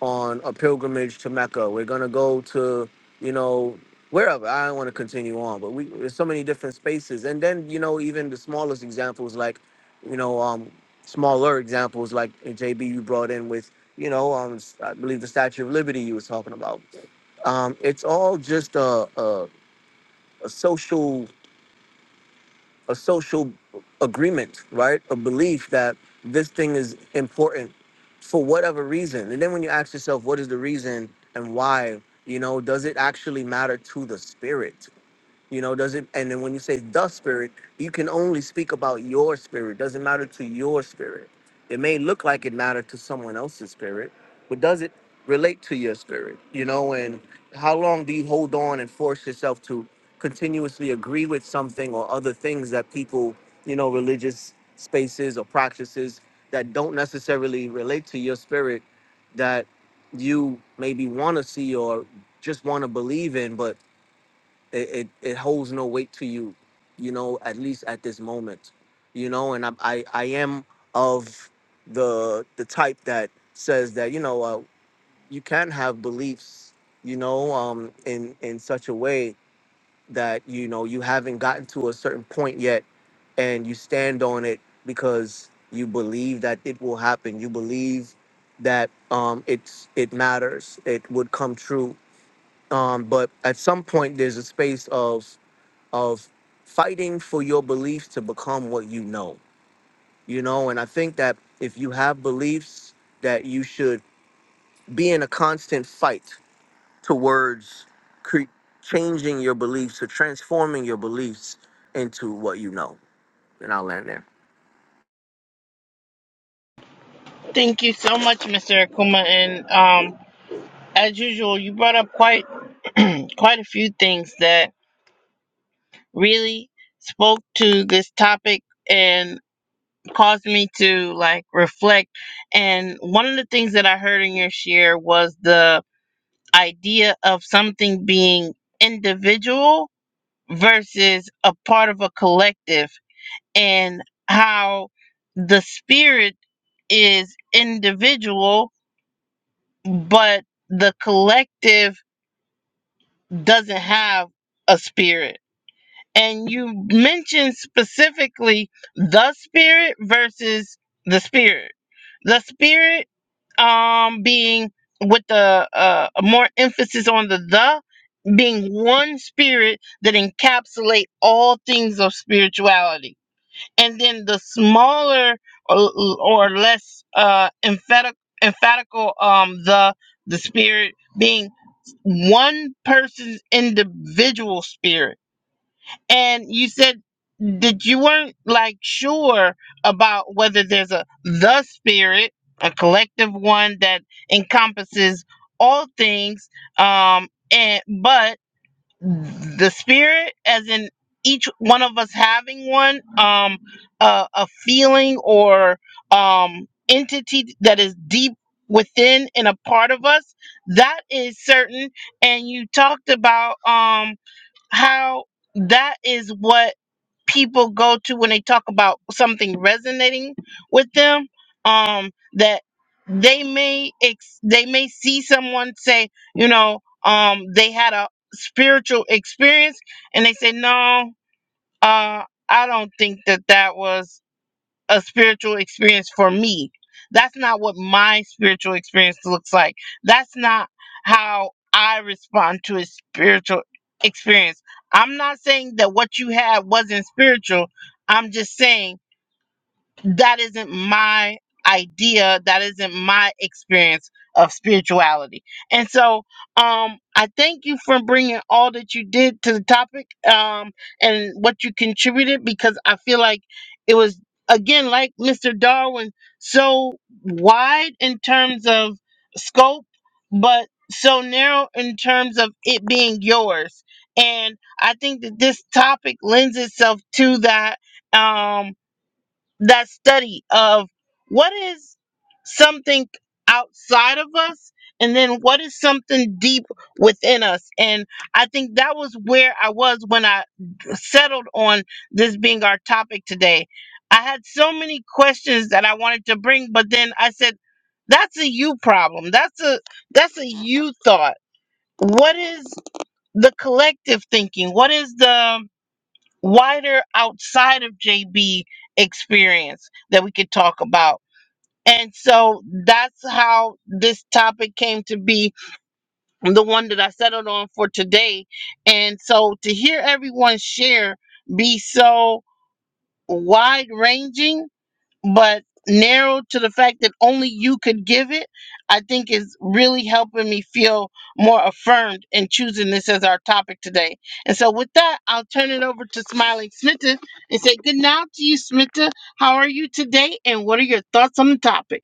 Speaker 6: on a pilgrimage to Mecca. We're gonna go to, you know, wherever. I don't want to continue on, but we there's so many different spaces. And then you know, even the smallest examples, like, you know, um, smaller examples like uh, JB you brought in with, you know, um, s- I believe the Statue of Liberty you was talking about. Um, it's all just a, a, a social a social agreement, right? A belief that this thing is important for whatever reason. And then when you ask yourself, what is the reason and why? You know, does it actually matter to the spirit? You know, does it? And then when you say the spirit, you can only speak about your spirit. Doesn't matter to your spirit. It may look like it mattered to someone else's spirit, but does it relate to your spirit? You know, and how long do you hold on and force yourself to continuously agree with something or other things that people, you know, religious spaces or practices that don't necessarily relate to your spirit that you maybe want to see or just want to believe in, but it, it, it holds no weight to you, you know, at least at this moment, you know, and I, I, I am of the, the type that says that, you know, uh, you can have beliefs, you know, um, in, in such a way that, you know, you haven't gotten to a certain point yet and you stand on it because you believe that it will happen. You believe that, um, it's, it matters. It would come true. Um, but at some point there's a space of, of fighting for your beliefs to become what you know, you know. And I think that if you have beliefs, that you should be in a constant fight towards cre- changing your beliefs or transforming your beliefs into what you know. And I'll land there.
Speaker 1: Thank you so much, Mr. Akuma. And um, as usual, you brought up quite quite a few things that really spoke to this topic and caused me to like reflect. And one of the things that I heard in your share was the idea of something being individual versus a part of a collective and how the spirit is individual, but the collective doesn't have a spirit. And you mentioned specifically the spirit versus the spirit. The spirit um, being with the uh, more emphasis on the the being one spirit that encapsulate all things of spirituality and then the smaller or, or less uh, emphatic emphatical um the the spirit being one person's individual spirit and you said that you weren't like sure about whether there's a the spirit a collective one that encompasses all things um and but the spirit as in each one of us having one um a, a feeling or um entity that is deep within and a part of us that is certain and you talked about um how that is what people go to when they talk about something resonating with them um that they may ex- they may see someone say you know um they had a spiritual experience and they say no uh i don't think that that was a spiritual experience for me. That's not what my spiritual experience looks like. That's not how I respond to a spiritual experience. I'm not saying that what you had wasn't spiritual. I'm just saying that isn't my idea that isn't my experience of spirituality and so um i thank you for bringing all that you did to the topic um and what you contributed because i feel like it was again like mr darwin so wide in terms of scope but so narrow in terms of it being yours and i think that this topic lends itself to that um that study of what is something outside of us and then what is something deep within us and i think that was where i was when i settled on this being our topic today i had so many questions that i wanted to bring but then i said that's a you problem that's a that's a you thought what is the collective thinking what is the wider outside of JB experience that we could talk about. And so that's how this topic came to be the one that I settled on for today. And so to hear everyone share be so wide ranging but narrow to the fact that only you could give it, I think is really helping me feel more affirmed in choosing this as our topic today. And so with that, I'll turn it over to Smiling Smita and say good night to you, Smita. How are you today? And what are your thoughts on the topic?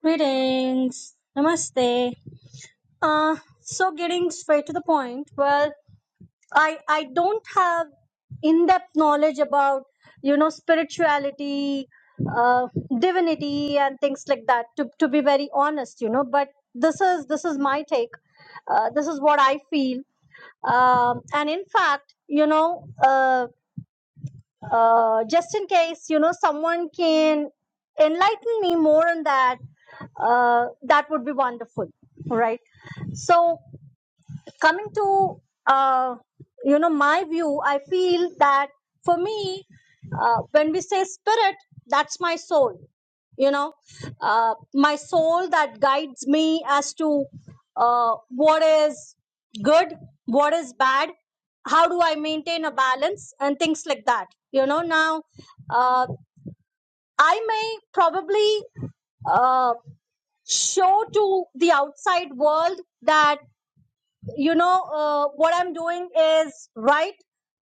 Speaker 7: Greetings. Namaste. Uh, so getting straight to the point, well, I I don't have in-depth knowledge about you know spirituality, uh, divinity, and things like that. To to be very honest, you know, but this is this is my take. Uh, this is what I feel. Um, and in fact, you know, uh, uh, just in case you know someone can enlighten me more on that uh, that would be wonderful right so coming to uh, you know my view i feel that for me uh, when we say spirit that's my soul you know uh, my soul that guides me as to uh, what is good what is bad how do i maintain a balance and things like that you know now uh, i may probably uh, show to the outside world that you know uh, what i'm doing is right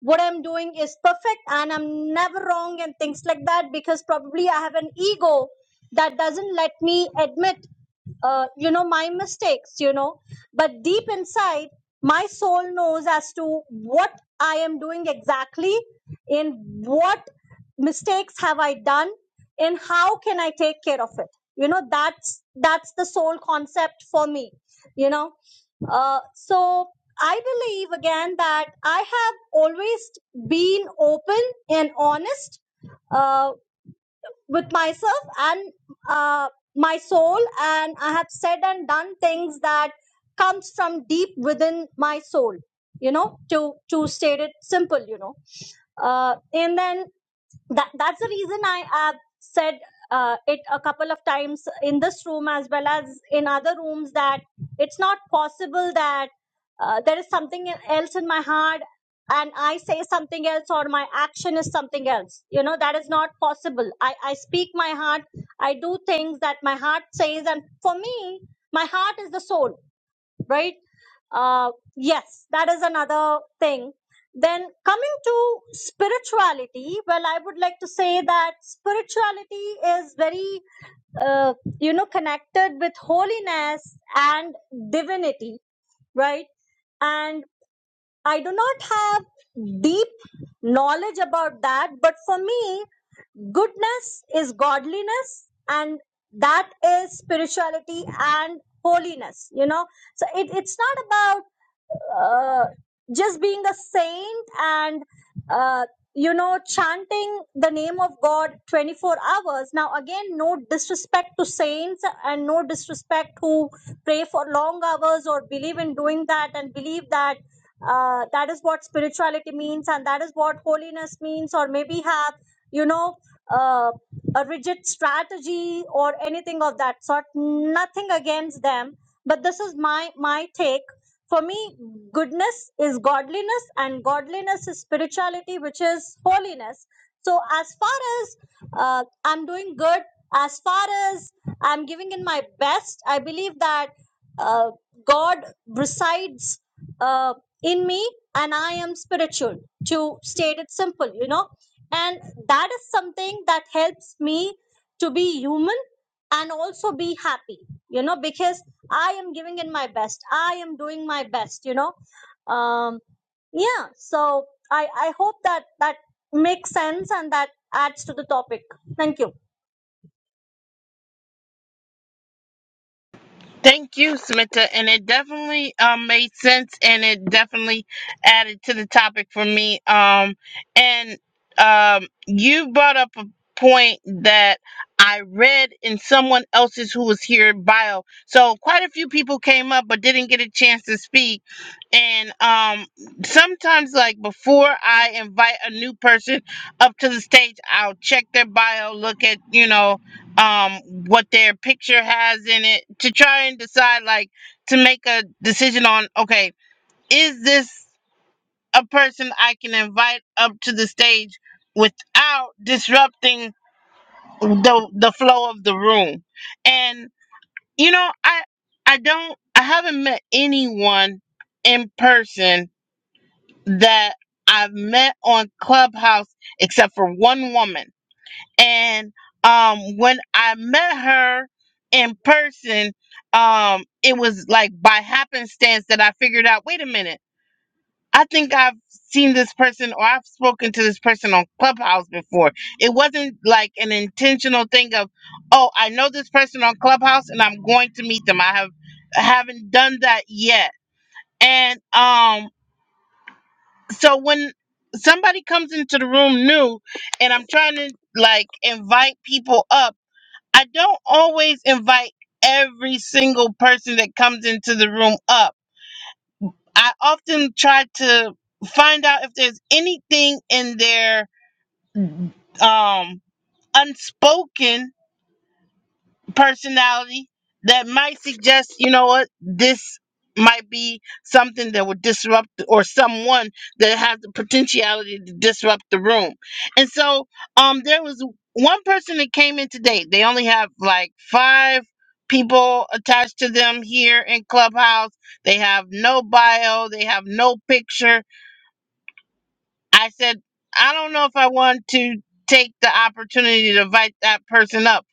Speaker 7: what i'm doing is perfect and i'm never wrong and things like that because probably i have an ego that doesn't let me admit uh, you know my mistakes you know but deep inside my soul knows as to what i am doing exactly in what mistakes have i done and how can i take care of it you know that's that's the sole concept for me you know uh, so I believe again that I have always been open and honest uh, with myself and uh, my soul, and I have said and done things that comes from deep within my soul. You know, to to state it simple, you know, uh, and then that that's the reason I have said uh, it a couple of times in this room as well as in other rooms that it's not possible that uh, there is something else in my heart and I say something else or my action is something else. You know that is not possible. I I speak my heart. I do things that my heart says, and for me, my heart is the soul right? Uh, yes, that is another thing. Then coming to spirituality, well, I would like to say that spirituality is very, uh, you know, connected with holiness and divinity, right? And I do not have deep knowledge about that, but for me, Goodness is godliness, and that is spirituality and holiness. You know, so it, it's not about uh, just being a saint and uh, you know chanting the name of god 24 hours now again no disrespect to saints and no disrespect who pray for long hours or believe in doing that and believe that uh, that is what spirituality means and that is what holiness means or maybe have you know uh, a rigid strategy or anything of that sort. Nothing against them, but this is my my take. For me, goodness is godliness, and godliness is spirituality, which is holiness. So as far as uh, I'm doing good, as far as I'm giving in my best, I believe that uh, God resides uh, in me, and I am spiritual. To state it simple, you know and that is something that helps me to be human and also be happy you know because i am giving in my best i am doing my best you know um yeah so i i hope that that makes sense and that adds to the topic thank you
Speaker 1: Thank you, Samantha. And it definitely um, made sense and it definitely added to the topic for me. Um, and um, you brought up a point that I read in someone else's who was here bio. So quite a few people came up but didn't get a chance to speak. And um, sometimes, like before I invite a new person up to the stage, I'll check their bio, look at, you know, um what their picture has in it to try and decide like to make a decision on okay is this a person i can invite up to the stage without disrupting the the flow of the room and you know i i don't i haven't met anyone in person that i've met on clubhouse except for one woman and um when i met her in person um it was like by happenstance that i figured out wait a minute i think i've seen this person or i've spoken to this person on clubhouse before it wasn't like an intentional thing of oh i know this person on clubhouse and i'm going to meet them i have I haven't done that yet and um so when somebody comes into the room new and i'm trying to like invite people up I don't always invite every single person that comes into the room up. I often try to find out if there's anything in their um unspoken personality that might suggest, you know what, this might be something that would disrupt or someone that has the potentiality to disrupt the room. And so um there was one person that came in today. They only have like five people attached to them here in Clubhouse. They have no bio, they have no picture. I said, I don't know if I want to take the opportunity to invite that person up.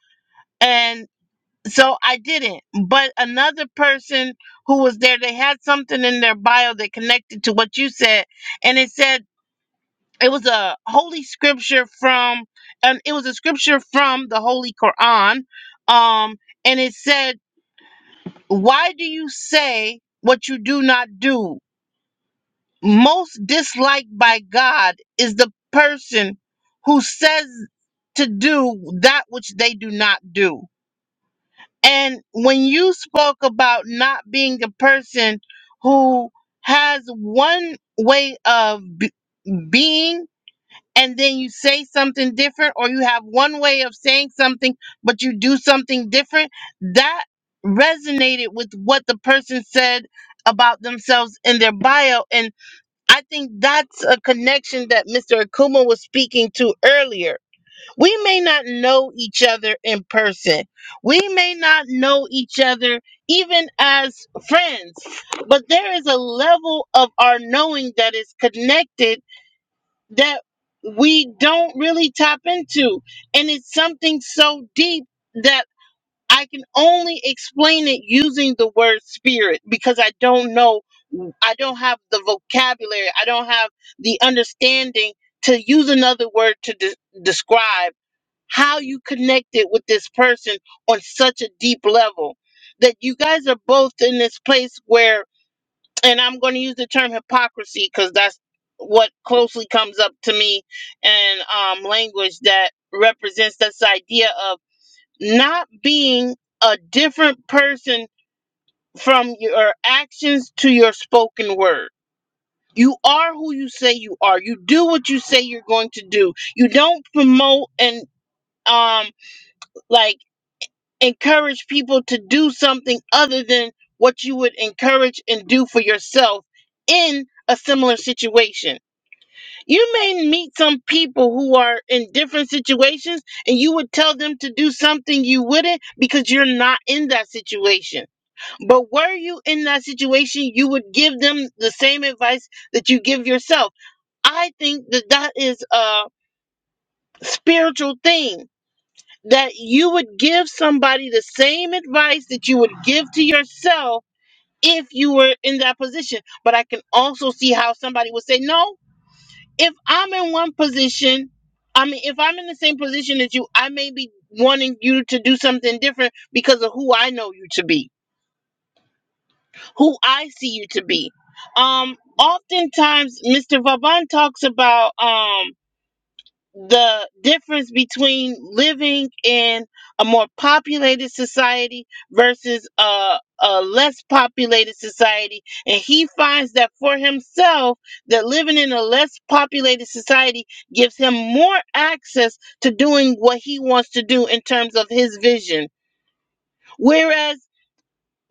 Speaker 1: So I didn't. But another person who was there, they had something in their bio that connected to what you said. And it said it was a holy scripture from and it was a scripture from the Holy Quran. Um and it said, Why do you say what you do not do? Most disliked by God is the person who says to do that which they do not do. And when you spoke about not being a person who has one way of b- being and then you say something different or you have one way of saying something but you do something different, that resonated with what the person said about themselves in their bio and I think that's a connection that Mr. Akuma was speaking to earlier we may not know each other in person. We may not know each other even as friends, but there is a level of our knowing that is connected that we don't really tap into. And it's something so deep that I can only explain it using the word spirit because I don't know. I don't have the vocabulary. I don't have the understanding to use another word to de- describe how you connected with this person on such a deep level that you guys are both in this place where and i'm going to use the term hypocrisy because that's what closely comes up to me and um, language that represents this idea of not being a different person from your actions to your spoken word you are who you say you are you do what you say you're going to do you don't promote and um like encourage people to do something other than what you would encourage and do for yourself in a similar situation. You may meet some people who are in different situations and you would tell them to do something you wouldn't because you're not in that situation. But were you in that situation, you would give them the same advice that you give yourself. I think that that is a spiritual thing that you would give somebody the same advice that you would give to yourself if you were in that position. But I can also see how somebody would say, No, if I'm in one position, I mean, if I'm in the same position as you, I may be wanting you to do something different because of who I know you to be, who I see you to be. Um, oftentimes, Mr. Vaban talks about um the difference between living in a more populated society versus a, a less populated society and he finds that for himself that living in a less populated society gives him more access to doing what he wants to do in terms of his vision whereas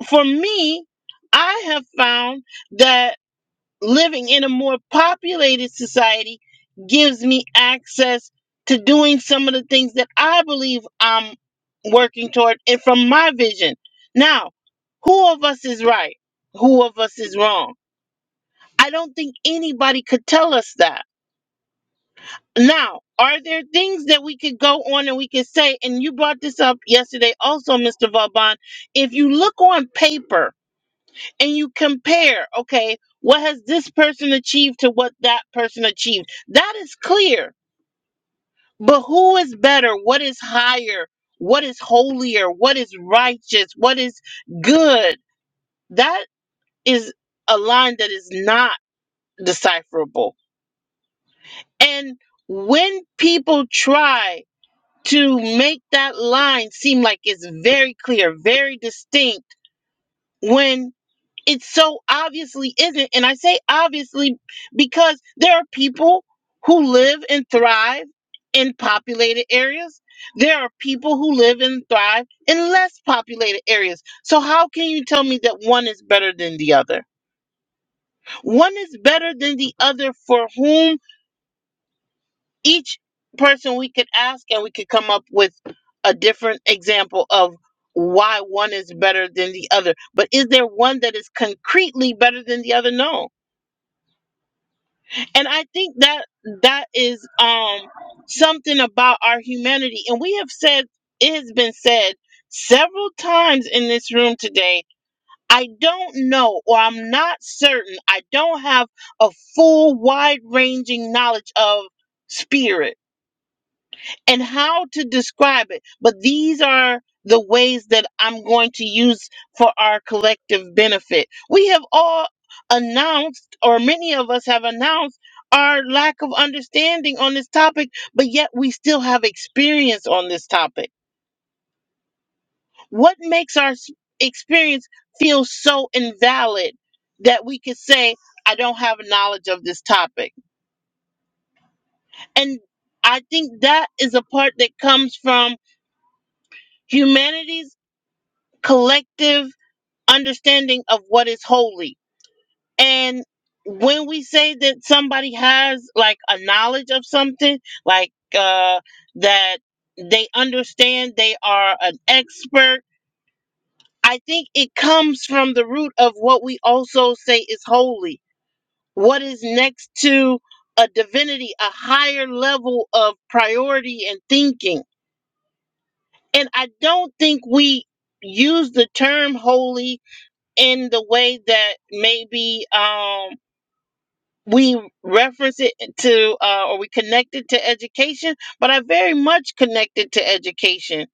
Speaker 1: for me i have found that living in a more populated society gives me access to doing some of the things that I believe I'm working toward and from my vision. Now, who of us is right? Who of us is wrong? I don't think anybody could tell us that. Now, are there things that we could go on and we could say, and you brought this up yesterday also, Mr. Vauban. If you look on paper, and you compare, okay, what has this person achieved to what that person achieved? That is clear. But who is better? What is higher? What is holier? What is righteous? What is good? That is a line that is not decipherable. And when people try to make that line seem like it's very clear, very distinct, when it so obviously isn't. And I say obviously because there are people who live and thrive in populated areas. There are people who live and thrive in less populated areas. So, how can you tell me that one is better than the other? One is better than the other for whom each person we could ask and we could come up with a different example of why one is better than the other. But is there one that is concretely better than the other? No And I think that that is um something about our humanity. And we have said it has been said several times in this room today. I don't know or I'm not certain. I don't have a full wide-ranging knowledge of spirit and how to describe it. But these are the ways that I'm going to use for our collective benefit. We have all announced, or many of us have announced, our lack of understanding on this topic, but yet we still have experience on this topic. What makes our s- experience feel so invalid that we could say, I don't have knowledge of this topic? And I think that is a part that comes from humanity's collective understanding of what is holy. And when we say that somebody has like a knowledge of something, like uh, that they understand, they are an expert, I think it comes from the root of what we also say is holy. What is next to a divinity, a higher level of priority and thinking. And I don't think we use the term holy in the way that maybe um, we reference it to uh, or we connect it to education, but I very much connect it to education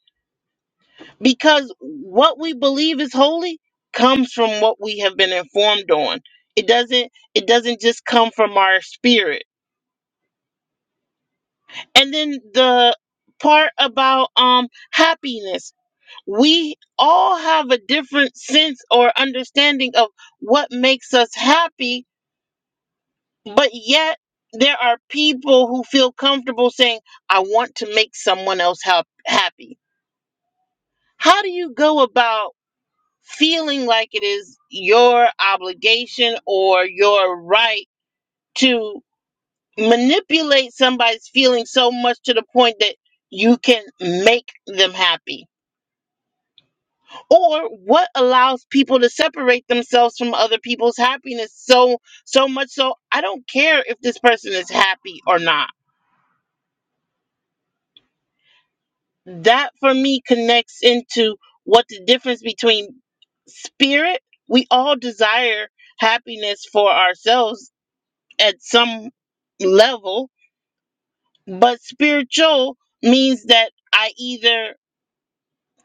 Speaker 1: because what we believe is holy comes from what we have been informed on. It doesn't it doesn't just come from our spirit. And then the part about um happiness. We all have a different sense or understanding of what makes us happy but yet there are people who feel comfortable saying i want to make someone else hap- happy how do you go about feeling like it is your obligation or your right to manipulate somebody's feelings so much to the point that you can make them happy or what allows people to separate themselves from other people's happiness so so much so i don't care if this person is happy or not that for me connects into what the difference between spirit we all desire happiness for ourselves at some level but spiritual means that i either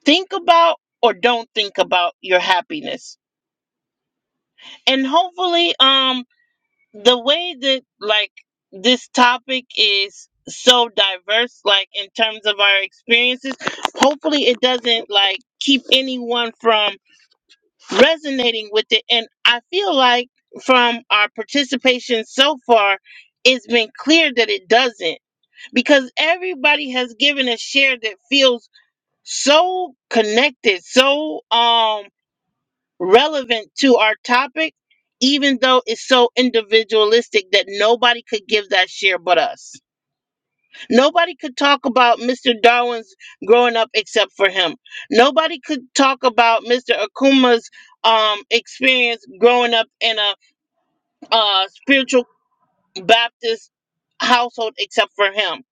Speaker 1: think about or don't think about your happiness and hopefully um the way that like this topic is so diverse like in terms of our experiences hopefully it doesn't like keep anyone from resonating with it. And I feel like from our participation so far, it's been clear that it doesn't because everybody has given a share that feels so connected, so um relevant to our topic, even though it's so individualistic that nobody could give that share but us. Nobody could talk about Mr. Darwin's growing up except for him. Nobody could talk about Mr. Akuma's um, experience growing up in a uh, spiritual Baptist household except for him.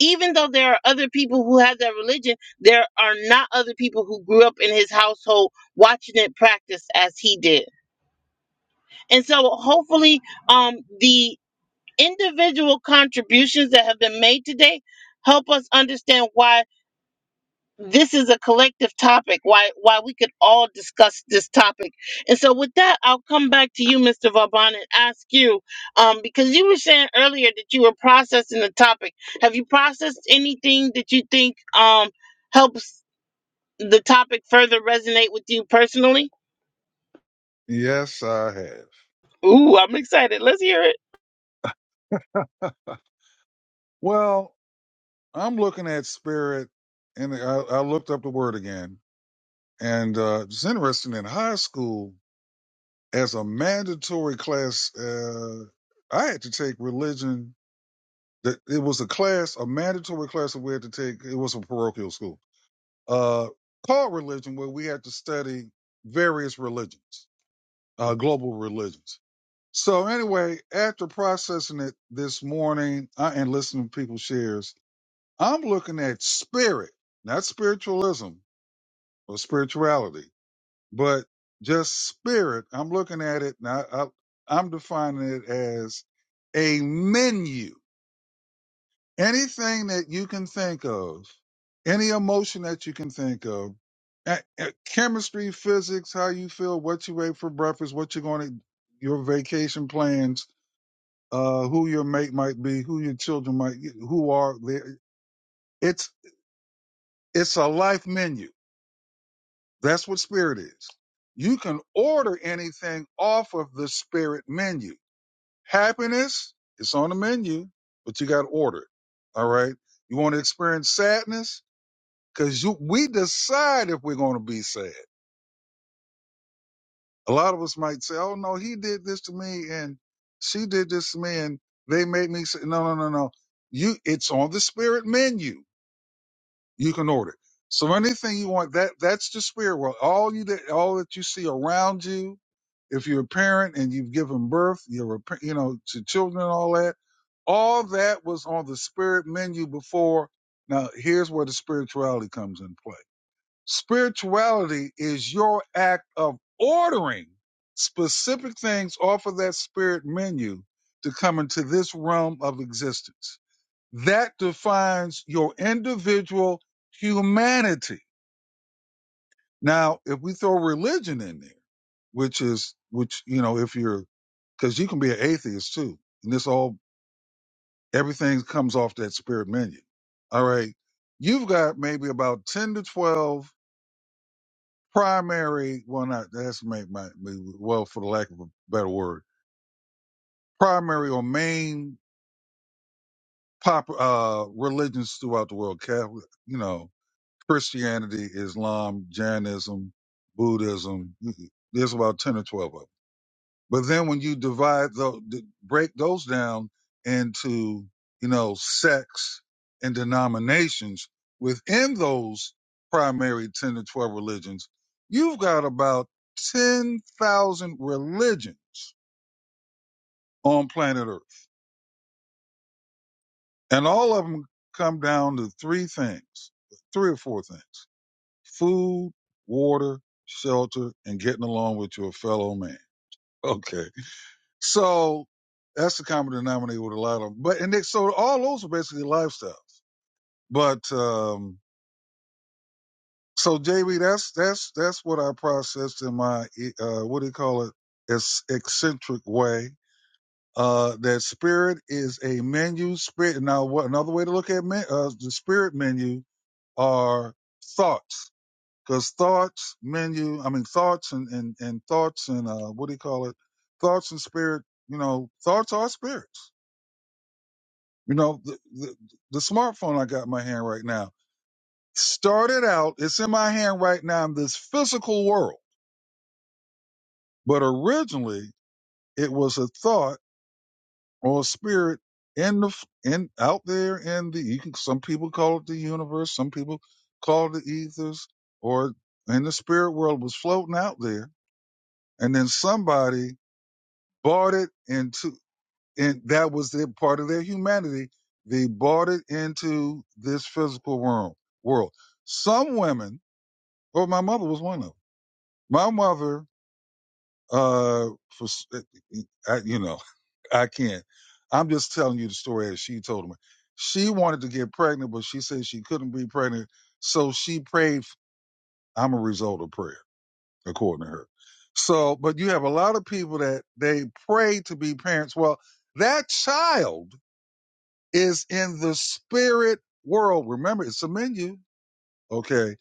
Speaker 1: Even though there are other people who have that religion, there are not other people who grew up in his household watching it practiced as he did. And so hopefully um, the individual contributions that have been made today help us understand why this is a collective topic why why we could all discuss this topic and so with that i'll come back to you mr vauban and ask you um, because you were saying earlier that you were processing the topic have you processed anything that you think um, helps the topic further resonate with you personally
Speaker 2: Yes, I have.
Speaker 1: ooh i'm excited let's hear it
Speaker 2: Well, I'm looking at spirit, and I, I looked up the word again, and uh, it's interesting. In high school, as a mandatory class. Uh, I had to take religion. That it was a class, a mandatory class that we had to take. It was a parochial school uh, called religion, where we had to study various religions, uh, global religions. So anyway, after processing it this morning I, and listening to people's shares, I'm looking at spirit, not spiritualism or spirituality but just spirit. I'm looking at it now. I, I'm defining it as a menu. Anything that you can think of, any emotion that you can think of, a- a- chemistry, physics, how you feel, what you ate for breakfast, what you're going to, your vacation plans, uh, who your mate might be, who your children might, who are there. It's, it's a life menu. That's what spirit is. You can order anything off of the spirit menu Happiness, it's on the menu, but you got to order it. All right. You want to experience sadness? Cause you, we decide if we're going to be sad. A lot of us might say, Oh no, he did this to me and she did this to me and they made me say, no, no, no, no. You, it's on the spirit menu. you can order. it. So anything you want, that that's the spirit world. All you that all that you see around you, if you're a parent and you've given birth, you're a, pa- you know to children and all that, all that was on the spirit menu before. Now here's where the spirituality comes in play. Spirituality is your act of ordering specific things off of that spirit menu to come into this realm of existence that defines your individual humanity. Now, if we throw religion in there, which is, which, you know, if you're, cause you can be an atheist too. And this all, everything comes off that spirit menu. All right. You've got maybe about 10 to 12 primary, well, not, that's my, my, well, for the lack of a better word, primary or main pop, uh, religions throughout the world. Catholic, you know, Christianity, Islam, Jainism, Buddhism. There's about 10 or 12 of them. But then when you divide, the, break those down into, you know, sects and denominations within those primary 10 to 12 religions, you've got about 10,000 religions on planet Earth. And all of them come down to three things, three or four things. food, water, shelter, and getting along with your fellow man. Okay. So that's the common denominator with a lot of them. But and they, so all those are basically lifestyles. But um so JB, that's that's that's what I processed in my e, uh what do you call it? It's eccentric way. Uh, that spirit is a menu. Spirit. Now, what another way to look at men, uh, the spirit menu are thoughts because thoughts menu i mean thoughts and and, and thoughts and uh what do you call it thoughts and spirit you know thoughts are spirits you know the, the, the smartphone i got in my hand right now started out it's in my hand right now in this physical world but originally it was a thought or a spirit in the f- in out there in the you can some people call it the universe some people call it the ethers or in the spirit world was floating out there and then somebody bought it into, and that was their part of their humanity. They bought it into this physical world. World. Some women, or my mother was one of them. My mother, uh, for, s- eh, I, you know, I can't. I'm just telling you the story as she told me. She wanted to get pregnant, but she said she couldn't be pregnant, so she prayed. I'm a result of prayer, according to her. So, but you have a lot of people that they pray to be parents. Well, that child is in the spirit world. Remember, it's a menu. Okay.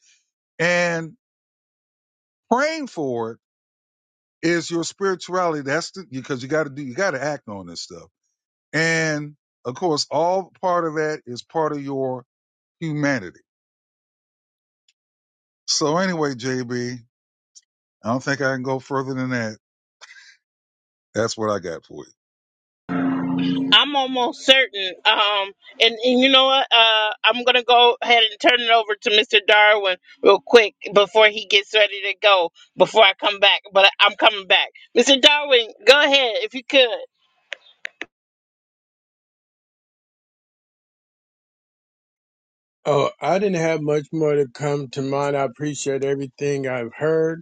Speaker 2: And praying for it is your spirituality. That's the, because you got to do, you got to act on this stuff. And of course, all part of that is part of your humanity. So anyway, JB, I don't think I can go further than that. That's what I got for you.
Speaker 1: I'm almost certain. Um, and, and you know what? Uh, I'm gonna go ahead and turn it over to Mr. Darwin real quick before he gets ready to go. Before I come back, but I- I'm coming back. Mr. Darwin, go ahead if you could.
Speaker 5: Oh, I didn't have much more to come to mind. I appreciate everything I've heard.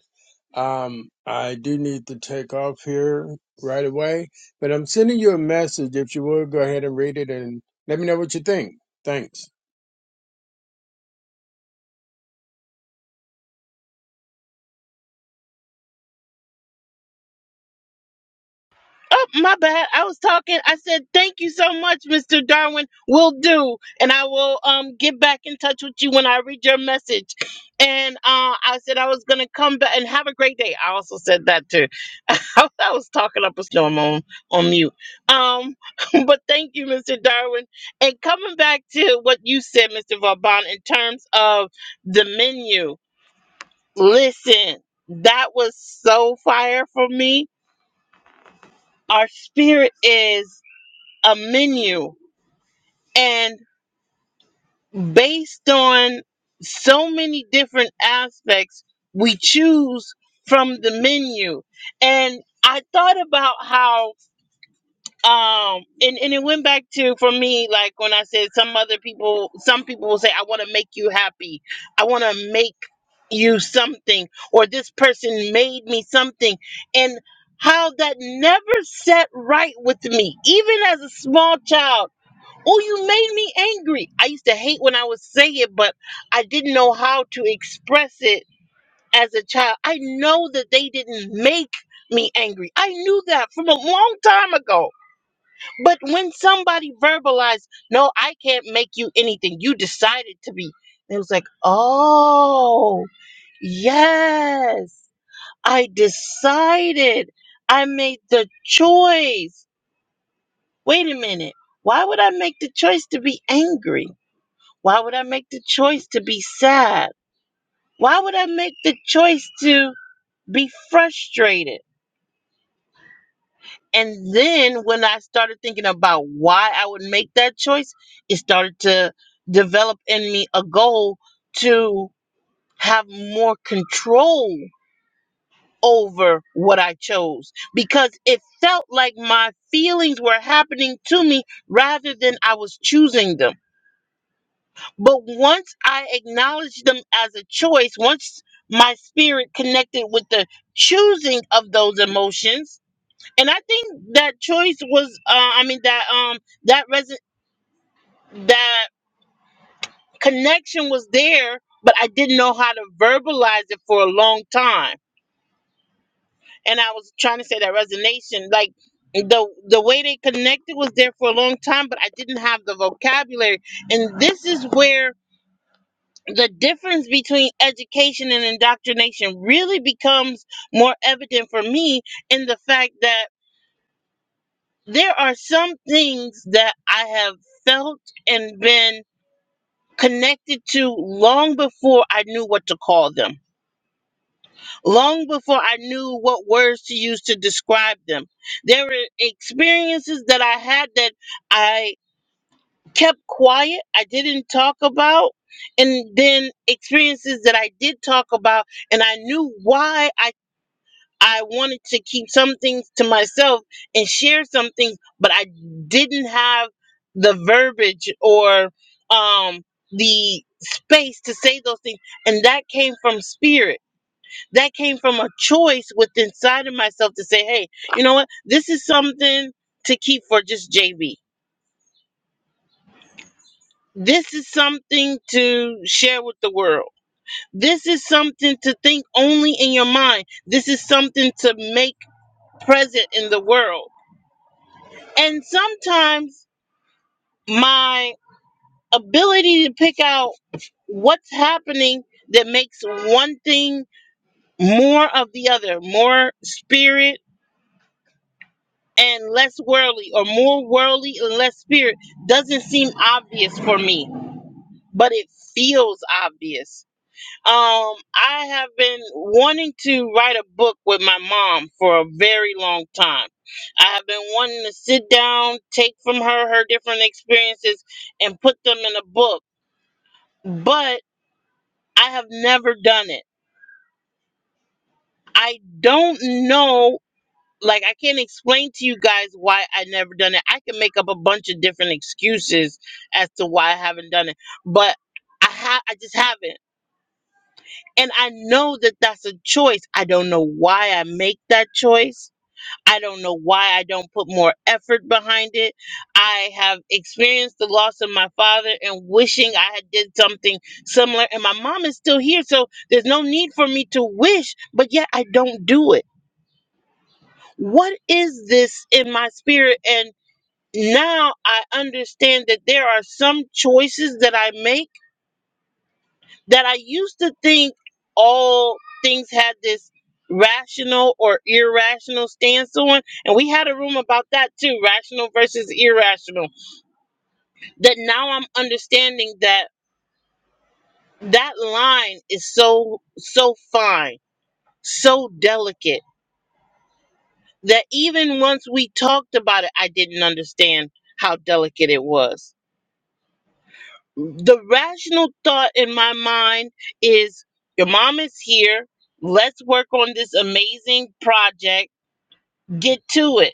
Speaker 5: Um, I do need to take off here right away, but I'm sending you a message if you will go ahead and read it and let me know what you think. Thanks.
Speaker 1: Oh, my bad. I was talking. I said thank you so much, Mr. Darwin. Will do, and I will um get back in touch with you when I read your message. And uh, I said I was gonna come back and have a great day. I also said that too I, was talking up a storm on on mute. Um, but thank you, Mr. Darwin. And coming back to what you said, Mr. Vauban, in terms of the menu, listen, that was so fire for me. Our spirit is a menu, and based on so many different aspects, we choose from the menu. And I thought about how um and and it went back to for me like when i said some other people some people will say i want to make you happy i want to make you something or this person made me something and how that never set right with me even as a small child oh you made me angry i used to hate when i would say it but i didn't know how to express it as a child i know that they didn't make me angry i knew that from a long time ago but when somebody verbalized, no, I can't make you anything, you decided to be. it was like, oh, yes, I decided. I made the choice. Wait a minute. Why would I make the choice to be angry? Why would I make the choice to be sad? Why would I make the choice to be frustrated? And then when I started thinking about why I would make that choice, it started to develop in me a goal to have more control over what I chose because it felt like my feelings were happening to me rather than I was choosing them. But once I acknowledged them as a choice, once my spirit connected with the choosing of those emotions, and I think that choice was, uh, I mean, that um, that reson- that connection was there, but I didn't know how to verbalize it for a long time. And I was trying to say that resonation, like the the way they connected was there for a long time, but I didn't have the vocabulary. And this is where the difference between education and indoctrination really becomes more evident for me in the fact that there are some things that I have felt and been connected to long before I knew what to call them, long before I knew what words to use to describe them. There were experiences that I had that I kept quiet, I didn't talk about. And then experiences that I did talk about, and I knew why I I wanted to keep some things to myself and share some things, but I didn't have the verbiage or um, the space to say those things. And that came from spirit. That came from a choice within inside of myself to say, hey, you know what? This is something to keep for just JB. This is something to share with the world. This is something to think only in your mind. This is something to make present in the world And sometimes my ability to pick out what's happening that makes one thing more of the other, more spirit and less worldly, or more worldly and less spirit, doesn't seem obvious for me, but it feels obvious. Um, I have been wanting to write a book with my mom for a very long time. I have been wanting to sit down, take from her her different experiences, and put them in a book but I have never done it. I don't know, like, I can't explain to you guys why I never done it. I can make up a bunch of different excuses as to why I haven't done it, but I have, I just haven't. And I know that that's a choice. I don't know why I make that choice. I don't know why I don't put more effort behind it. I have experienced the loss of my father and wishing I had did something similar and my mom is still here so there's no need for me to wish but yet I don't do it. What is this in my spirit and now I understand that there are some choices that I make that I used to think all things had this rational or irrational stance on. And we had a room about that too rational versus irrational. That now I'm understanding that that line is so, so fine, so delicate that even once we talked about it, I didn't understand how delicate it was the rational thought in my mind is your mom is here. Let's work on this amazing project. Get to it.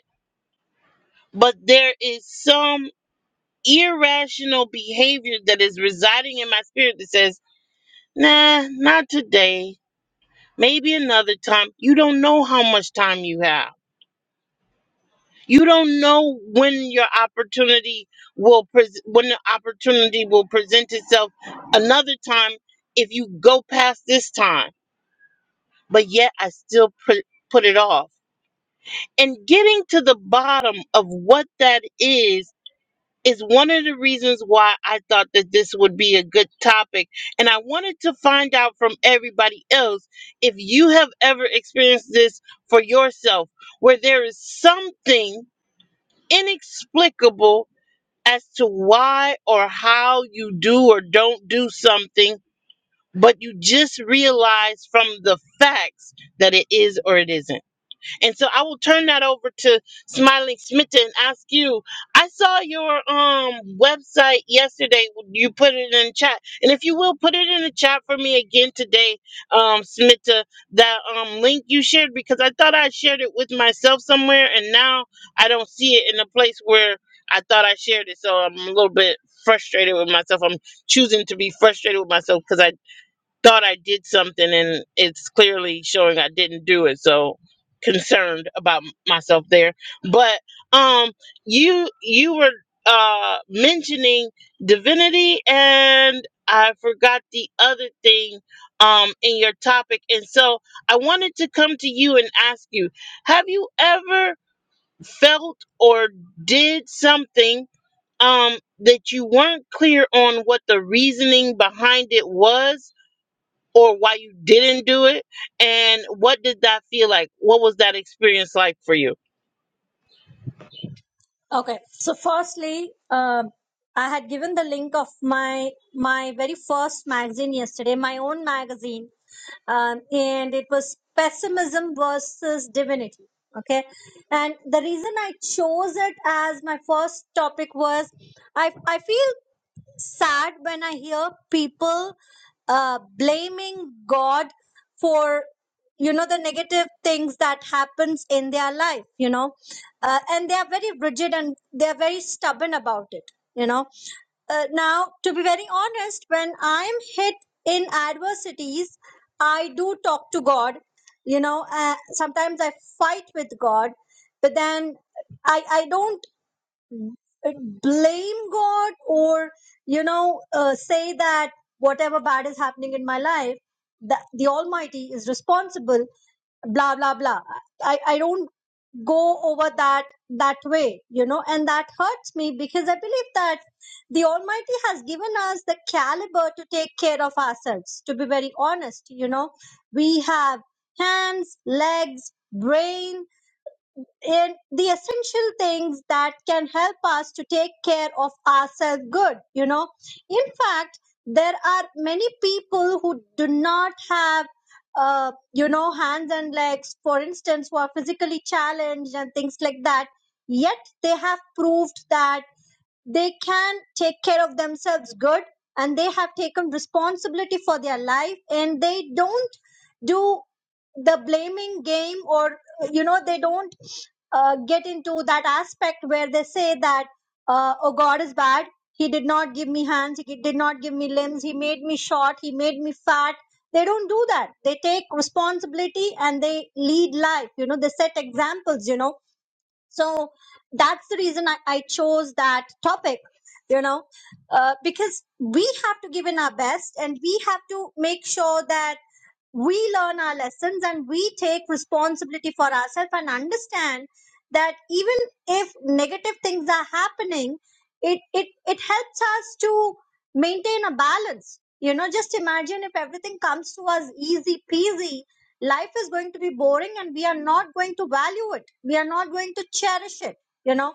Speaker 1: But there is some irrational behavior that is residing in my spirit that says, nah, not today. Maybe another time. You don't know how much time you have. You don't know when your opportunity will pres when the opportunity will present itself another time if you go past this time but yet I still put put it off. And getting to the bottom of what that is is one of the reasons why I thought that this would be a good topic. And I wanted to find out from everybody else if you have ever experienced this for yourself, where there is something inexplicable as to why or how you do or don't do something, but you just realize from the facts that it is or it isn't. And so I will turn that over to Smiling Smita and ask you. I saw your um website yesterday. You put it in chat, and if you will put it in the chat for me again today, um, Smita, that um link you shared because I thought I shared it with myself somewhere, and now I don't see it in a place where I thought I shared it. So I'm a little bit frustrated with myself. I'm choosing to be frustrated with myself because I thought I did something and it's clearly showing I didn't do it. So concerned about m- myself there. But um you you were uh mentioning divinity and I forgot the other thing um in your topic and so I wanted to come to you and ask you have you ever felt or did something um that you weren't clear on what the reasoning behind it was or why you didn't do it and what did that feel like what was that experience like for you
Speaker 7: Okay. So firstly, um, I had given the link of my my very first magazine yesterday, my own magazine, um, and it was pessimism versus divinity. Okay, and the reason I chose it as my first topic was I I feel sad when I hear people uh, blaming God for you know the negative things that happens in their life you know uh, and they are very rigid and they are very stubborn about it you know uh, now to be very honest when i am hit in adversities i do talk to god you know uh, sometimes i fight with god but then i i don't uh, blame God or you know uh, say that whatever bad is happening in my life, that the Almighty is responsible. Blah blah blah. I I don't go over that that way, you know, and that hurts me because I believe that the Almighty has given us the caliber to take care of ourselves. To be very honest, you know, we have hands, legs, brain in the essential things that can help us to take care of ourselves good you know in fact there are many people who do not have uh, you know hands and legs for instance who are physically challenged and things like that yet they have proved that they can take care of themselves good and they have taken responsibility for their life and they don't do the blaming game or, you know, they don't uh, get into that aspect where they say that, uh, oh, God is bad. He did not give me hands. He did not give me limbs. He made me short. He made me fat. They don't do that. They take responsibility and they lead life. You know, they set examples, you know so that's the reason I, I chose that topic, you know, uh, because we have to give in our best and we have to make sure that we learn our lessons and we take responsibility for ourselves and understand that even if negative things are happening, it, it, it helps us to maintain a balance. You know, just imagine if everything comes to us easy peasy life is going to be boring and we are not going to value it we are not going to cherish it you know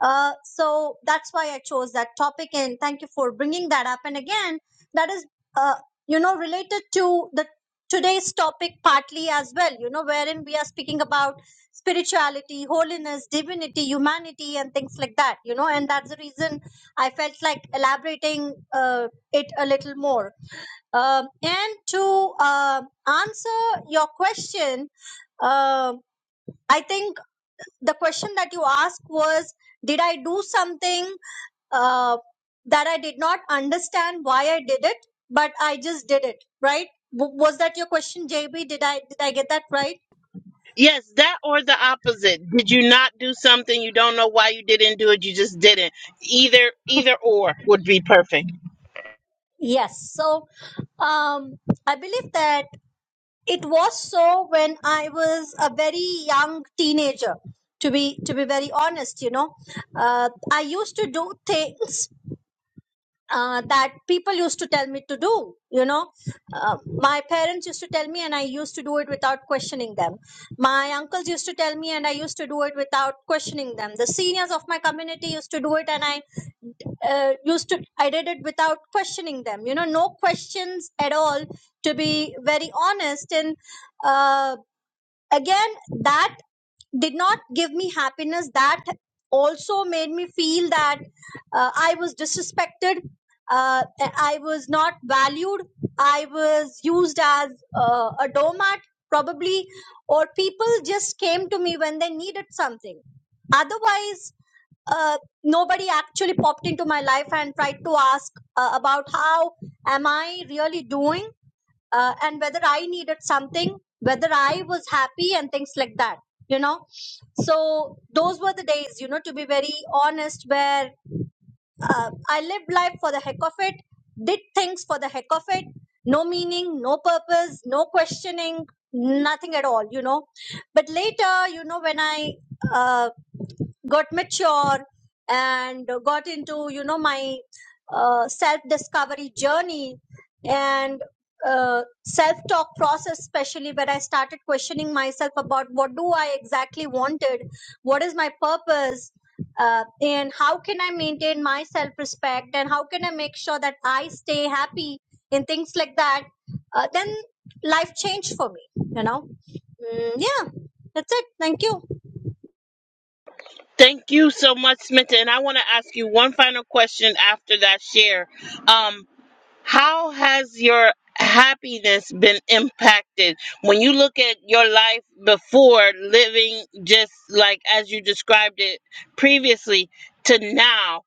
Speaker 7: uh, so that's why i chose that topic and thank you for bringing that up and again that is uh, you know related to the today's topic partly as well you know wherein we are speaking about spirituality holiness divinity humanity and things like that you know and that's the reason i felt like elaborating uh, it a little more um, and to uh, answer your question, uh, I think the question that you asked was Did I do something uh, that I did not understand why I did it, but I just did it, right? W- was that your question, JB? Did I, did I get that right?
Speaker 1: yes that or the opposite did you not do something you don't know why you didn't do it you just didn't either either or would be perfect
Speaker 7: Yes. So um, I believe that. It was so when I was a very young teenager. To be to be very honest, you know, uh, I used to do things uh, that people used to tell me to do. You know, uh, my parents used to tell me, and I used to do it without questioning them. My uncles used to tell me, and I used to do it without questioning them. The seniors of my community used to do it, and I uh, used to I did it without questioning them. You know, no questions at all. To be very honest, and uh, again that did not give me happiness that also made me feel that uh, i was disrespected uh, i was not valued i was used as uh, a doormat probably or people just came to me when they needed something otherwise uh, nobody actually popped into my life and tried to ask uh, about how am i really doing uh, and whether I needed something, whether I was happy, and things like that, you know. So, those were the days, you know, to be very honest, where uh, I lived life for the heck of it, did things for the heck of it, no meaning, no purpose, no questioning, nothing at all, you know. But later, you know, when I uh, got mature and got into you know my uh, self discovery journey and uh, self talk process especially where i started questioning myself about what do i exactly wanted what is my purpose uh, and how can i maintain my self respect and how can i make sure that i stay happy and things like that uh, then life changed for me you know mm, yeah that's it thank you
Speaker 1: thank you so much smith and i want to ask you one final question after that share Um, How has your happiness been impacted when you look at your life before living just like as you described it previously to now?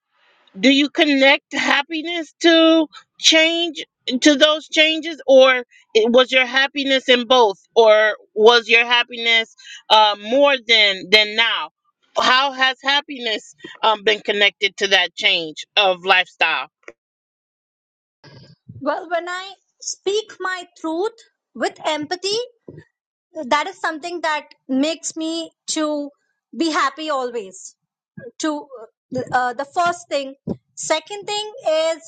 Speaker 1: Do you connect happiness to change to those changes, or it- was your happiness in both, or was your happiness uh, more than than now? How has happiness um, been connected to that change of lifestyle?
Speaker 7: Well, when I speak my truth with empathy, that is something that makes me to be happy always. To uh, the first thing. Second thing is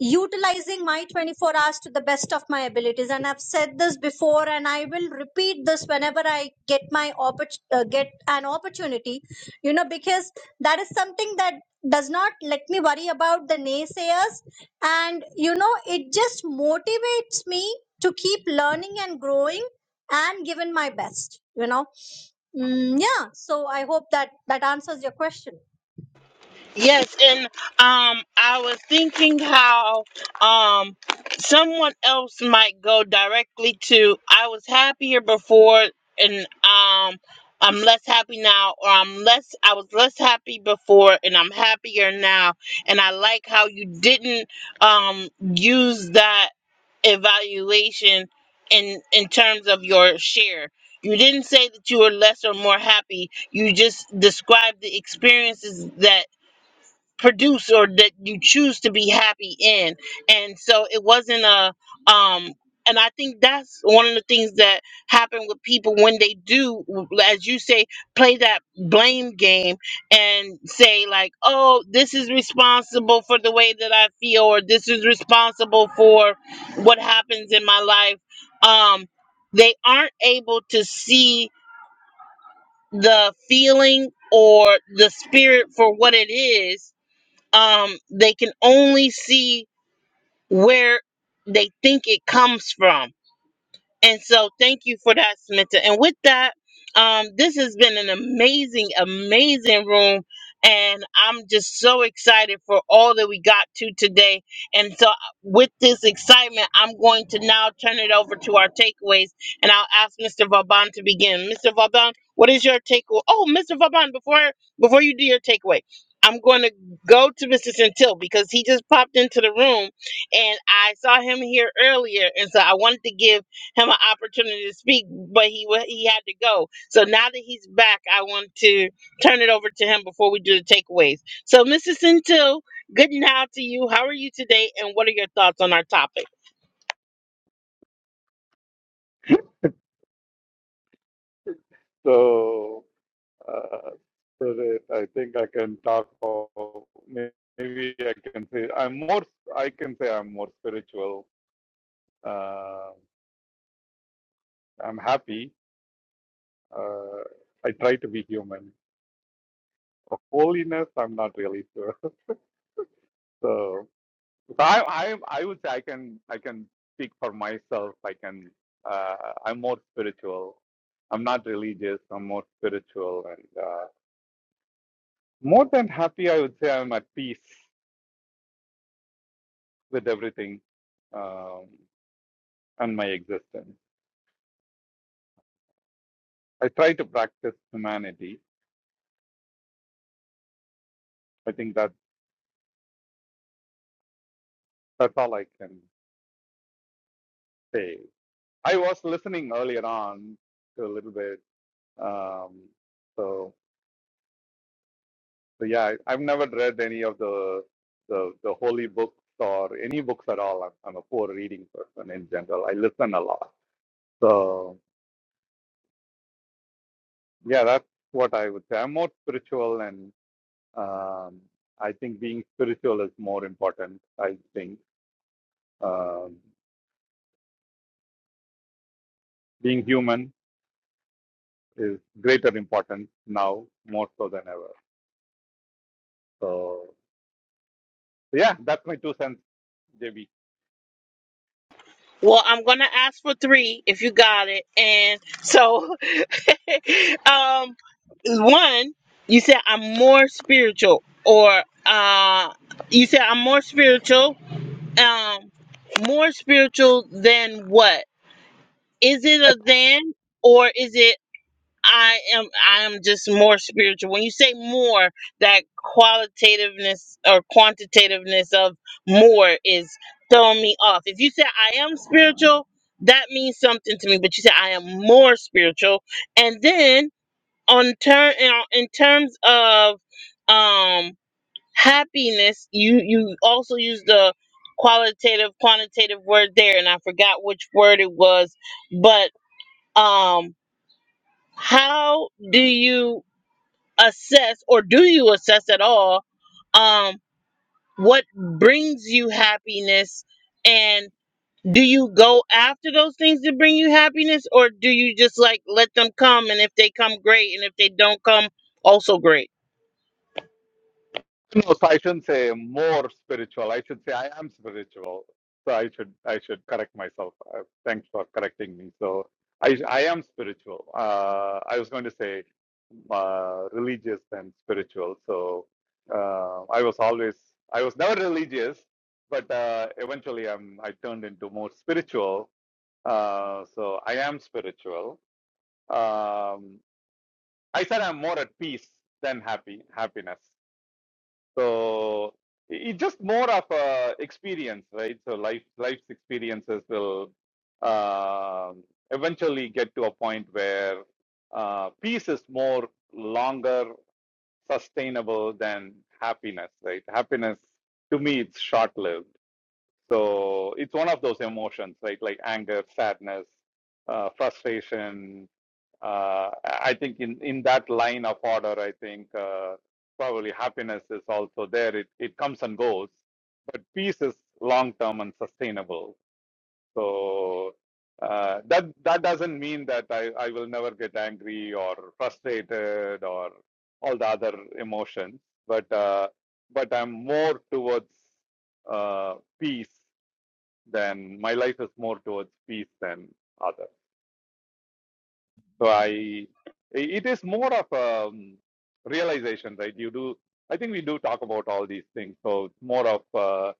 Speaker 7: utilizing my 24 hours to the best of my abilities and i've said this before and i will repeat this whenever i get my oppor- uh, get an opportunity you know because that is something that does not let me worry about the naysayers and you know it just motivates me to keep learning and growing and giving my best you know mm, yeah so i hope that that answers your question
Speaker 1: Yes, and um, I was thinking how um someone else might go directly to. I was happier before, and um, I'm less happy now, or I'm less. I was less happy before, and I'm happier now. And I like how you didn't um use that evaluation in in terms of your share. You didn't say that you were less or more happy. You just described the experiences that produce or that you choose to be happy in and so it wasn't a um and i think that's one of the things that happen with people when they do as you say play that blame game and say like oh this is responsible for the way that i feel or this is responsible for what happens in my life um they aren't able to see the feeling or the spirit for what it is um they can only see where they think it comes from and so, thank you for that, Samantha. And with that, um, this has been an amazing, amazing room. And I'm just so excited for all that we got to today. And so, with this excitement, I'm going to now turn it over to our takeaways. And I'll ask Mr. Vauban to begin. Mr. Vauban, what is your takeaway? Oh, Mr. Vauban, before before you do your takeaway, I'm going to go to Mr. Centil because he just popped into the room, and I saw him here earlier. And so, I wanted to give him an opportunity to speak, but he wa- he had to go. So now that he's back, I want to turn it over to him before we do the takeaways. So, Mrs. Centil, good now to you. How are you today, and what are your thoughts on our topic?
Speaker 8: So, uh, so that I think I can talk of, maybe I can say I'm more, I can say I'm more spiritual. Uh, I'm happy. Uh, I try to be human. Of holiness, I'm not really sure. So, so I, I, I would say I can, I can speak for myself. I can, uh, I'm more spiritual. I'm not religious. I'm more spiritual and, uh, more than happy, I would say I'm at peace. with everything um, and my existence. I try to practice humanity. I think that that's all I can say. I was listening earlier on to a little bit. Um, so, so yeah, I, I've never read any of the the, the holy books or any books at all. I'm, I'm a poor reading person in general. I listen a lot. So yeah, that's what I would say. I'm more spiritual and um, I think being spiritual is more important. I think uh, being human is greater importance now more so than ever. So so yeah, that's my two cents, JB.
Speaker 1: Well, I'm gonna ask for three if you got it, and so, um, one, you said I'm more spiritual, or uh, you said I'm more spiritual, um, more spiritual than what? Is it a then or is it I am I am just more spiritual? When you say more, that qualitativeness or quantitativeness of more is throwing me off. If you say I am spiritual, that means something to me, but you say I am more spiritual. And then on turn in terms of um happiness, you you also use the qualitative quantitative word there and I forgot which word it was, but um how do you assess or do you assess at all um what brings you happiness and do you go after those things that bring you happiness or do you just like let them come and if they come great and if they don't come also great
Speaker 8: No, so I shouldn't say more spiritual. I should say I am spiritual. So I should I should correct myself. Uh, thanks for correcting me. So I I am spiritual. Uh, I was going to say uh, religious and spiritual. So uh, I was always I was never religious, but uh, eventually I'm I turned into more spiritual. Uh, so I am spiritual. Um, I said I'm more at peace than happy happiness so it's just more of a experience right so life life's experiences will um eventually get to a point where uh, peace is more longer sustainable than happiness right happiness to me it's short lived so it's one of those emotions, right? Like anger, sadness, uh, frustration. Uh, I think in, in that line of order, I think uh, probably happiness is also there. It, it comes and goes, but peace is long term and sustainable. So uh, that that doesn't mean that I, I will never get angry or frustrated or all the other emotions, but uh, but I'm more towards uh, peace then my life is more towards peace than others. So I, it is more of a um, realization, right? You do, I think we do talk about all these things. So it's more of uh,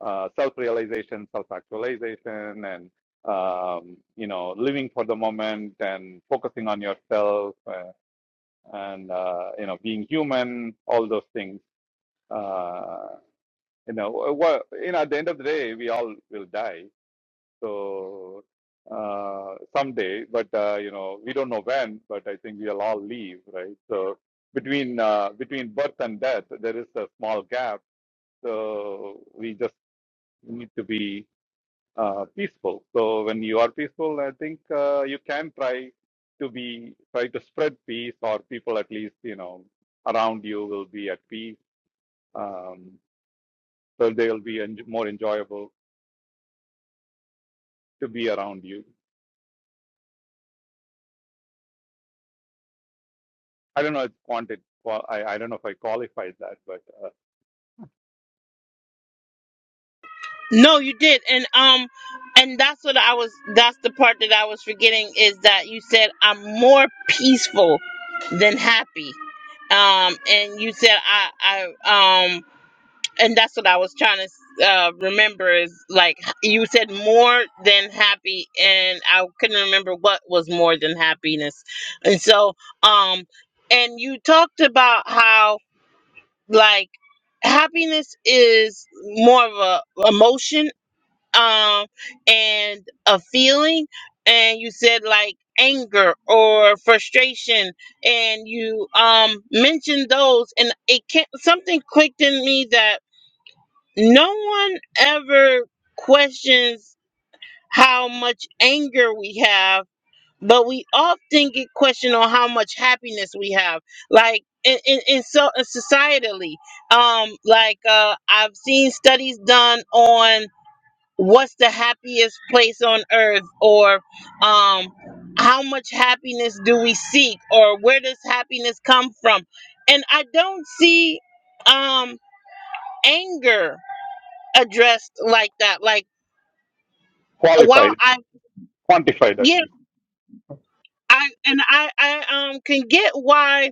Speaker 8: uh, self-realization, self-actualization, and um, you know, living for the moment and focusing on yourself, uh, and uh, you know, being human, all those things. Uh, you know, what, you know, at the end of the day, we all will die So uh, someday, but uh, you know, we don't know when. But I think we'll all leave, right? So between uh, between birth and death, there is a small gap. So we just need to be uh, peaceful. So when you are peaceful, I think uh, you can try to be try to spread peace, or people at least you know around you will be at peace. Um, so they'll be en- more enjoyable to be around you. I don't know if quanti- I, I don't know if I qualified that, but uh,
Speaker 1: no you did and um and that's what i was that's the part that i was forgetting is that you said i'm more peaceful than happy um and you said i i um and that's what I was trying to uh, remember is like you said more than happy, and I couldn't remember what was more than happiness, and so um, and you talked about how like happiness is more of a emotion um and a feeling, and you said like anger or frustration and you um mentioned those and it can not something clicked in me that no one ever questions how much anger we have, but we often get questioned on how much happiness we have. Like in, in, in so uh, societally, um, like uh, I've seen studies done on what's the happiest place on earth, or um, how much happiness do we seek, or where does happiness come from? And I don't see um, anger addressed like that. Like while
Speaker 8: qualified,
Speaker 1: I
Speaker 8: quantified at
Speaker 1: get
Speaker 8: least.
Speaker 1: I and I I um can get why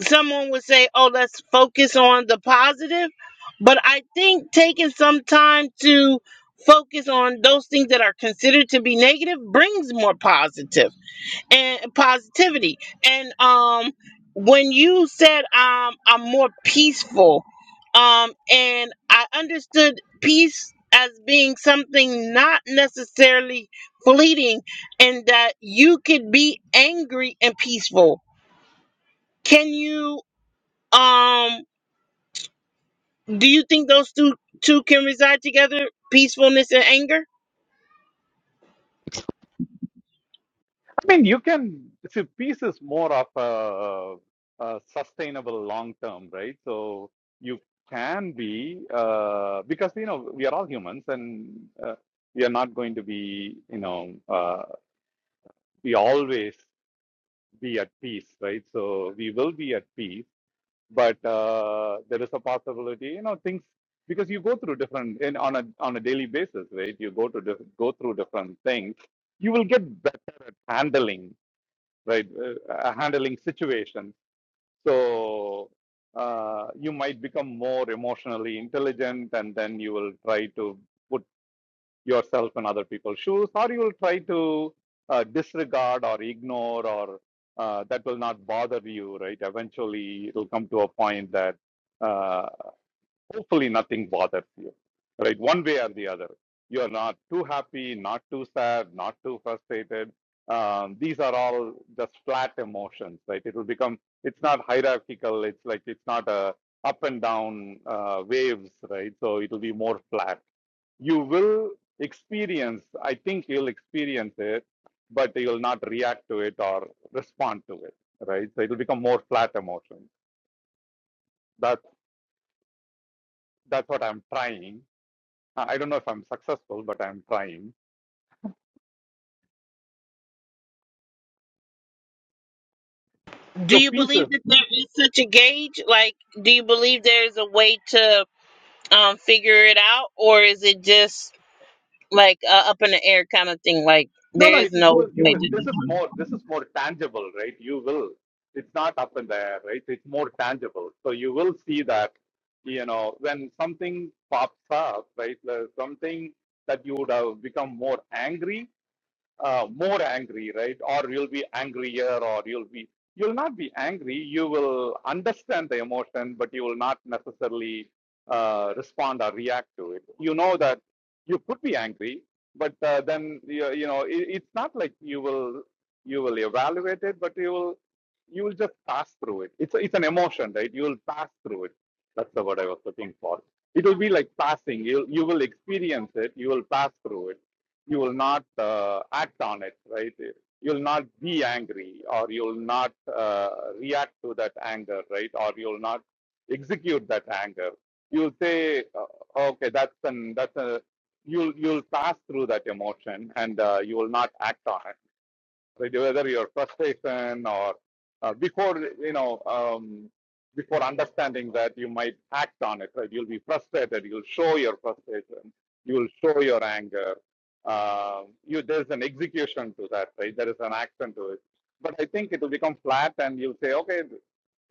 Speaker 1: someone would say, "Oh, let's focus on the positive," but I think taking some time to focus on those things that are considered to be negative brings more positive and positivity. And um, when you said um, I'm more peaceful, um, and I understood peace as being something not necessarily fleeting, and that you could be angry and peaceful. Can you um? Do you think those two two can reside together? Peacefulness and anger.
Speaker 8: I mean, you can see peace is more of a, a sustainable long term, right? So you can be uh, because you know we are all humans and uh, we are not going to be you know uh, we always be at peace, right? So we will be at peace but uh, there is a possibility you know things because you go through different in on a on a daily basis right you go to diff, go through different things you will get better at handling right uh, uh, handling situations so uh, you might become more emotionally intelligent and then you will try to put yourself in other people's shoes, or you will try to uh, disregard or ignore, or uh, that will not bother you, right? Eventually, it'll come to a point that. uh, hopefully nothing bothers you right one way or the other you're not too happy not too sad not too frustrated um, these are all just flat emotions right it will become it's not hierarchical it's like it's not a up and down uh, waves right so it will be more flat you will experience i think you'll experience it but you'll not react to it or respond to it right so it'll become more flat emotions. that's that's what i'm trying Uh, I don't know if I'm successful, but I'm trying.
Speaker 1: Do
Speaker 8: So
Speaker 1: you believe
Speaker 8: pieces.
Speaker 1: that there is such a gauge? Like, do you believe there is a way to? um figure it out or is it just like uh, up in the air kind of thing like
Speaker 8: No,
Speaker 1: there
Speaker 8: no.
Speaker 1: is
Speaker 8: It, you
Speaker 1: no
Speaker 8: will. You
Speaker 1: way
Speaker 8: will.
Speaker 1: to
Speaker 8: This is
Speaker 1: determine
Speaker 8: more. This is more tangible, right? You will. It's not up in the air, right? It's more tangible. So you will see that. You know, when something pops up, right? Something that you would have become more angry uh, more angry, right? Or you'll be angrier, or you'll be you'll not be angry. You will understand the emotion, but you will not necessarily uh, respond or react to it. You know that you could be angry, but uh, then you, you know it, it's not like you will you will evaluate it, but you will you will just pass through it. It's it's an emotion, right? You will pass through it. That's the word I was looking for. It will be like passing. You you will experience it. You will pass through it you will not uh, act on it, right? You'll not be angry, or you'll not uh, react to that anger, right? Or you'll not execute that anger. You'll say, uh, okay, that's an that's a you'll you'll pass through that emotion, and uh, you will not act on it right? whether your frustration or uh, before you know um, before understanding that you might act on it right you'll be frustrated you'll show your frustration you'll show your anger Um you there's an execution to that right there is an action to it but i think it will become flat and you'll say okay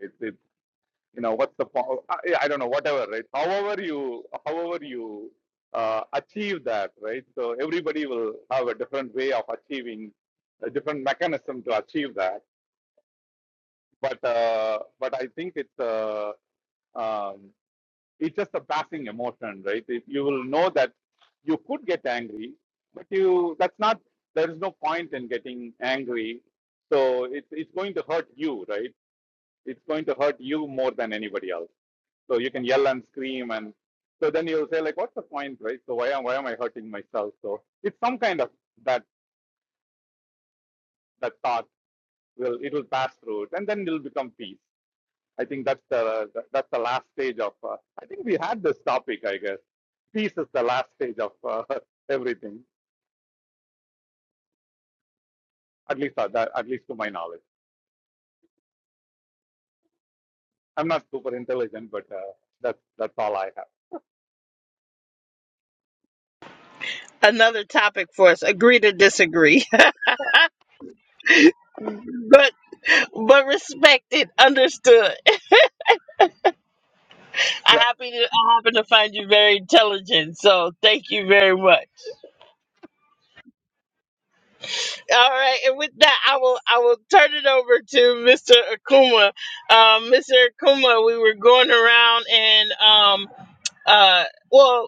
Speaker 8: it, it, you know what's the po- I, I don't know whatever right however you however you uh, achieve that right so everybody will have a different way of achieving a different mechanism to achieve that but uh, but i think it's uh, um, it's just a passing emotion right it, you will know that you could get angry but you that's not there is no point in getting angry so it's it's going to hurt you right it's going to hurt you more than anybody else so you can yell and scream and so then you'll say like, what's the point, right? So why am why am I hurting myself? So it's some kind of that that thought will it will pass through it and then it'll become peace. I think that's the that's the last stage of. Uh, I think we had this topic, I guess. Peace is the last stage of uh, everything. At least uh, that, at least to my knowledge. I'm not super intelligent, but uh, that's that's all I have.
Speaker 1: another topic for us agree to disagree but but respected understood i
Speaker 8: Yeah.
Speaker 1: happy to i happen to find you very intelligent so thank you very much all right and with that i will i will turn it over to mr akuma um mr akuma we were going around and um uh well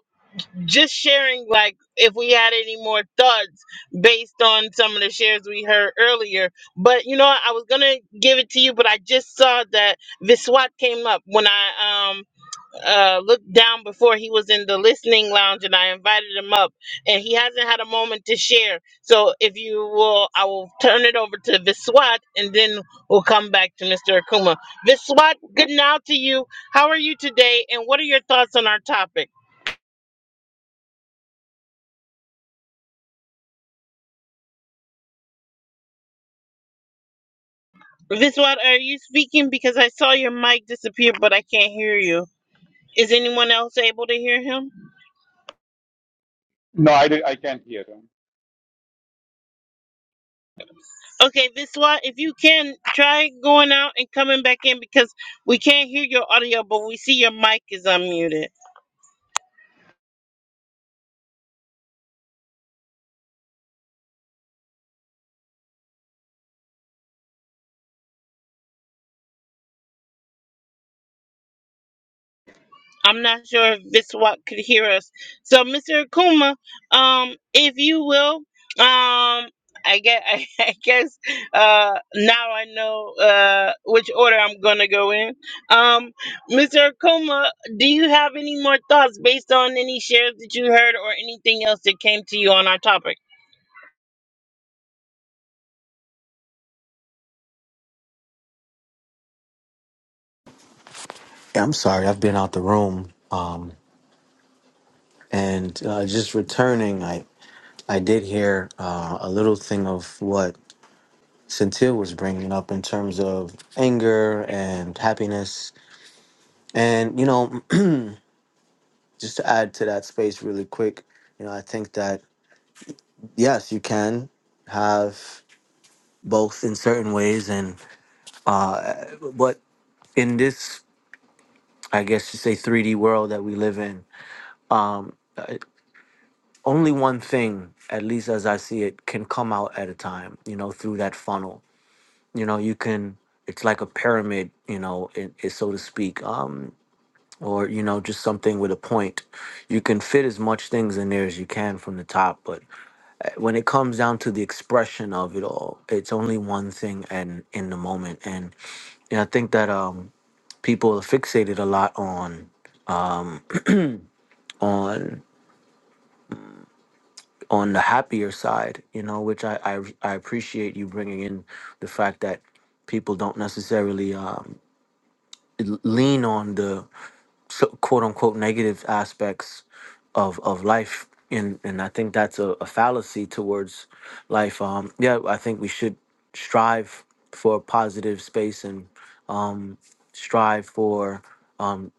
Speaker 1: just sharing like if we had any more thoughts based on some of the shares we heard earlier but you know what, i was gonna give it to you but i just saw that viswat came up when i um uh looked down before he was in the listening lounge and i invited him up and he hasn't had a moment to share so if you will i will turn it over to viswat and then we'll come back to mr akuma viswat good now to you how are you today and what are your thoughts on our topic Viswat, are you speaking? Because I saw your mic disappear, but I can't hear you. Is anyone else able to hear him?
Speaker 8: No, I did, I can't hear him.
Speaker 1: Okay, Viswat, if you can, try going out and coming back in because we can't hear your audio, but we see your mic is unmuted. I'm not sure if Biswat could hear us. So, Mr. Akuma, um, if you will, um, I guess, I guess uh, now I know uh, which order I'm going to go in. Um, Mr. Akuma, do you have any more thoughts based on any shares that you heard or anything else that came to you on our topic?
Speaker 6: Yeah, I'm sorry, I've been out the room and uh, just returning. I I did hear uh, a little thing of what Centil was bringing up in terms of anger and happiness, and you know. just to add to that space really quick, you know, I think that yes, you can have both in certain ways, and uh, but in this, I guess you say 3D world that we live in, only one thing, at least as I see it, can come out at a time. You know, through that funnel. You know, you can. It's like a pyramid, you know, it, it, so to speak, um, or you know, just something with a point. You can fit as much things in there as you can from the top, but when it comes down to the expression of it all, it's only one thing and in the moment. And, and I think that um, people are fixated a lot on on on the happier side, you know, which I I, I appreciate you bringing in the fact that people don't necessarily um, lean on the so, quote unquote negative aspects of of life and and I think that's a, a fallacy towards life um yeah I think we should strive for a positive space and um strive for um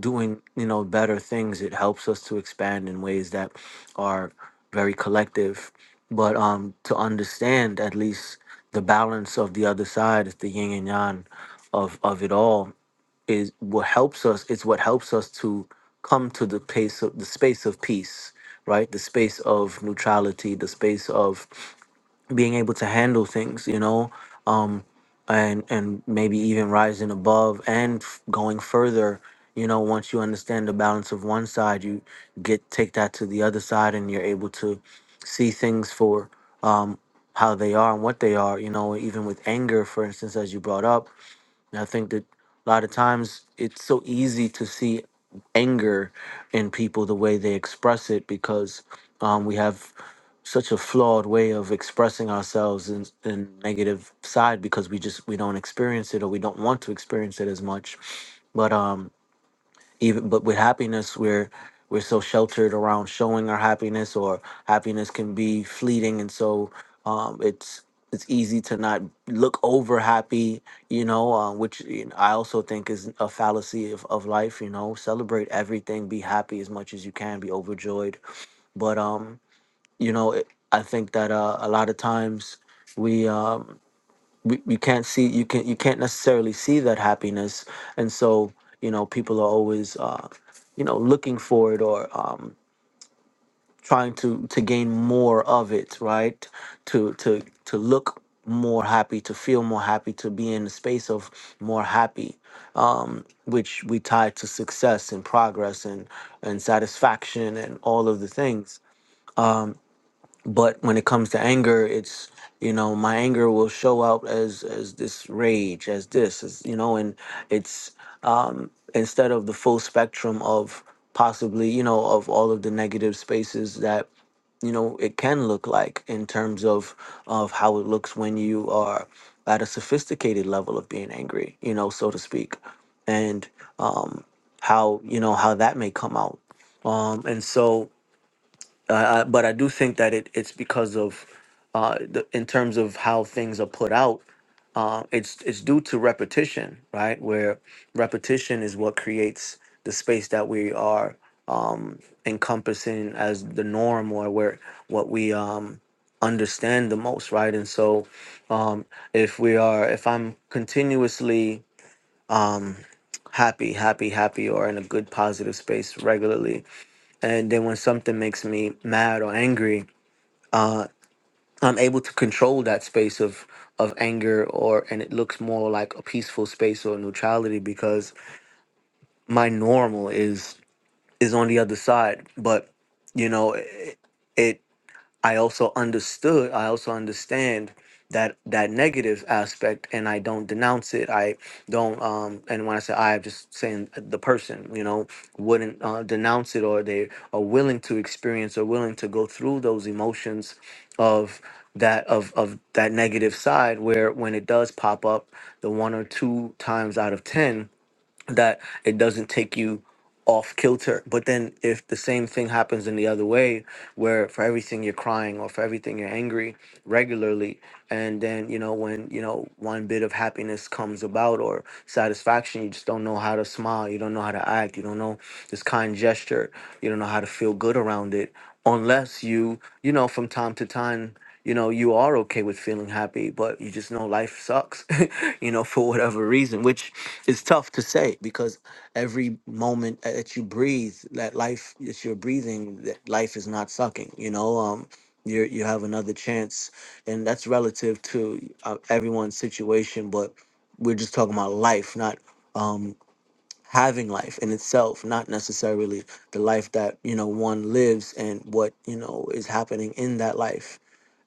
Speaker 6: doing you know better things it helps us to expand in ways that are very collective but um to understand at least the balance of the other side the yin and yang of of it all is what helps us it's what helps us to come to the pace of the space of peace right the space of neutrality the space of being able to handle things you know um and and maybe even rising above and f- going further you know once you understand the balance of one side you get take that to the other side and you're able to see things for um how they are and what they are you know even with anger for instance as you brought up and I think that a lot of times it's so easy to see anger in people the way they express it because um, we have such a flawed way of expressing ourselves in, in negative side because we just we don't experience it or we don't want to experience it as much. But um, even but with happiness we're we're so sheltered around showing our happiness or happiness can be fleeting and so um it's it's easy to not look over happy you know uh, which you know, i also think is a fallacy of, of life you know celebrate everything be happy as much as you can be overjoyed but um you know it, i think that uh, a lot of times we um we, we can't see you can you can't necessarily see that happiness and so you know people are always uh you know looking for it or um trying to to gain more of it right to to to look more happy to feel more happy to be in the space of more happy um which we tie to success and progress and and satisfaction and all of the things but when it comes to anger it's you know my anger will show out as as this rage as this as you know and it's um instead of the full spectrum of possibly you know of all of the negative spaces that you know it can look like in terms of of how it looks when you are at a sophisticated level of being angry you know so to speak and um how you know how that may come out um and so uh, I, but I do think that it, it's because of, uh, the, in terms of how things are put out, uh, it's it's due to repetition, right? Where repetition is what creates the space that we are um, encompassing as the norm, or where what we um, understand the most, right? And so, um, if we are, if I'm continuously um, happy, happy, happy, or in a good positive space regularly, and then when something makes me mad or angry uh i'm able to control that space of of anger or and it looks more like a peaceful space or neutrality because my normal is is on the other side but you know it, it I also understood, I also understand that that negative aspect and I don't denounce it. I don't um and when I say I I'm just saying the person, you know, wouldn't uh, denounce it or they are willing to experience or willing to go through those emotions of that of of that negative side where when it does pop up the one or two times out of 10 that it doesn't take you off kilter. But then if the same thing happens in the other way, where for everything you're crying or for everything you're angry regularly, and then you know when you know one bit of happiness comes about or satisfaction, you just don't know how to smile, you don't know how to act, you don't know this kind gesture, you don't know how to feel good around it, unless you you know from time to time you know you are okay with feeling happy but you just know life sucks you know for whatever reason which is tough to say because every moment that you breathe that life that you're breathing that life is not sucking you know um you you have another chance and that's relative to uh, everyone's situation but we're just talking about life not um having life in itself not necessarily the life that you know one lives and what you know is happening in that life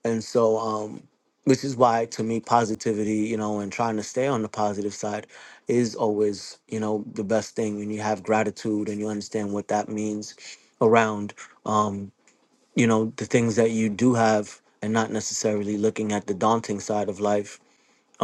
Speaker 6: and so um which is why to me positivity you know and trying to stay on the positive side is always you know the best thing when you have gratitude and you understand what that means around um you know the things that you do have and not necessarily looking at the daunting side of life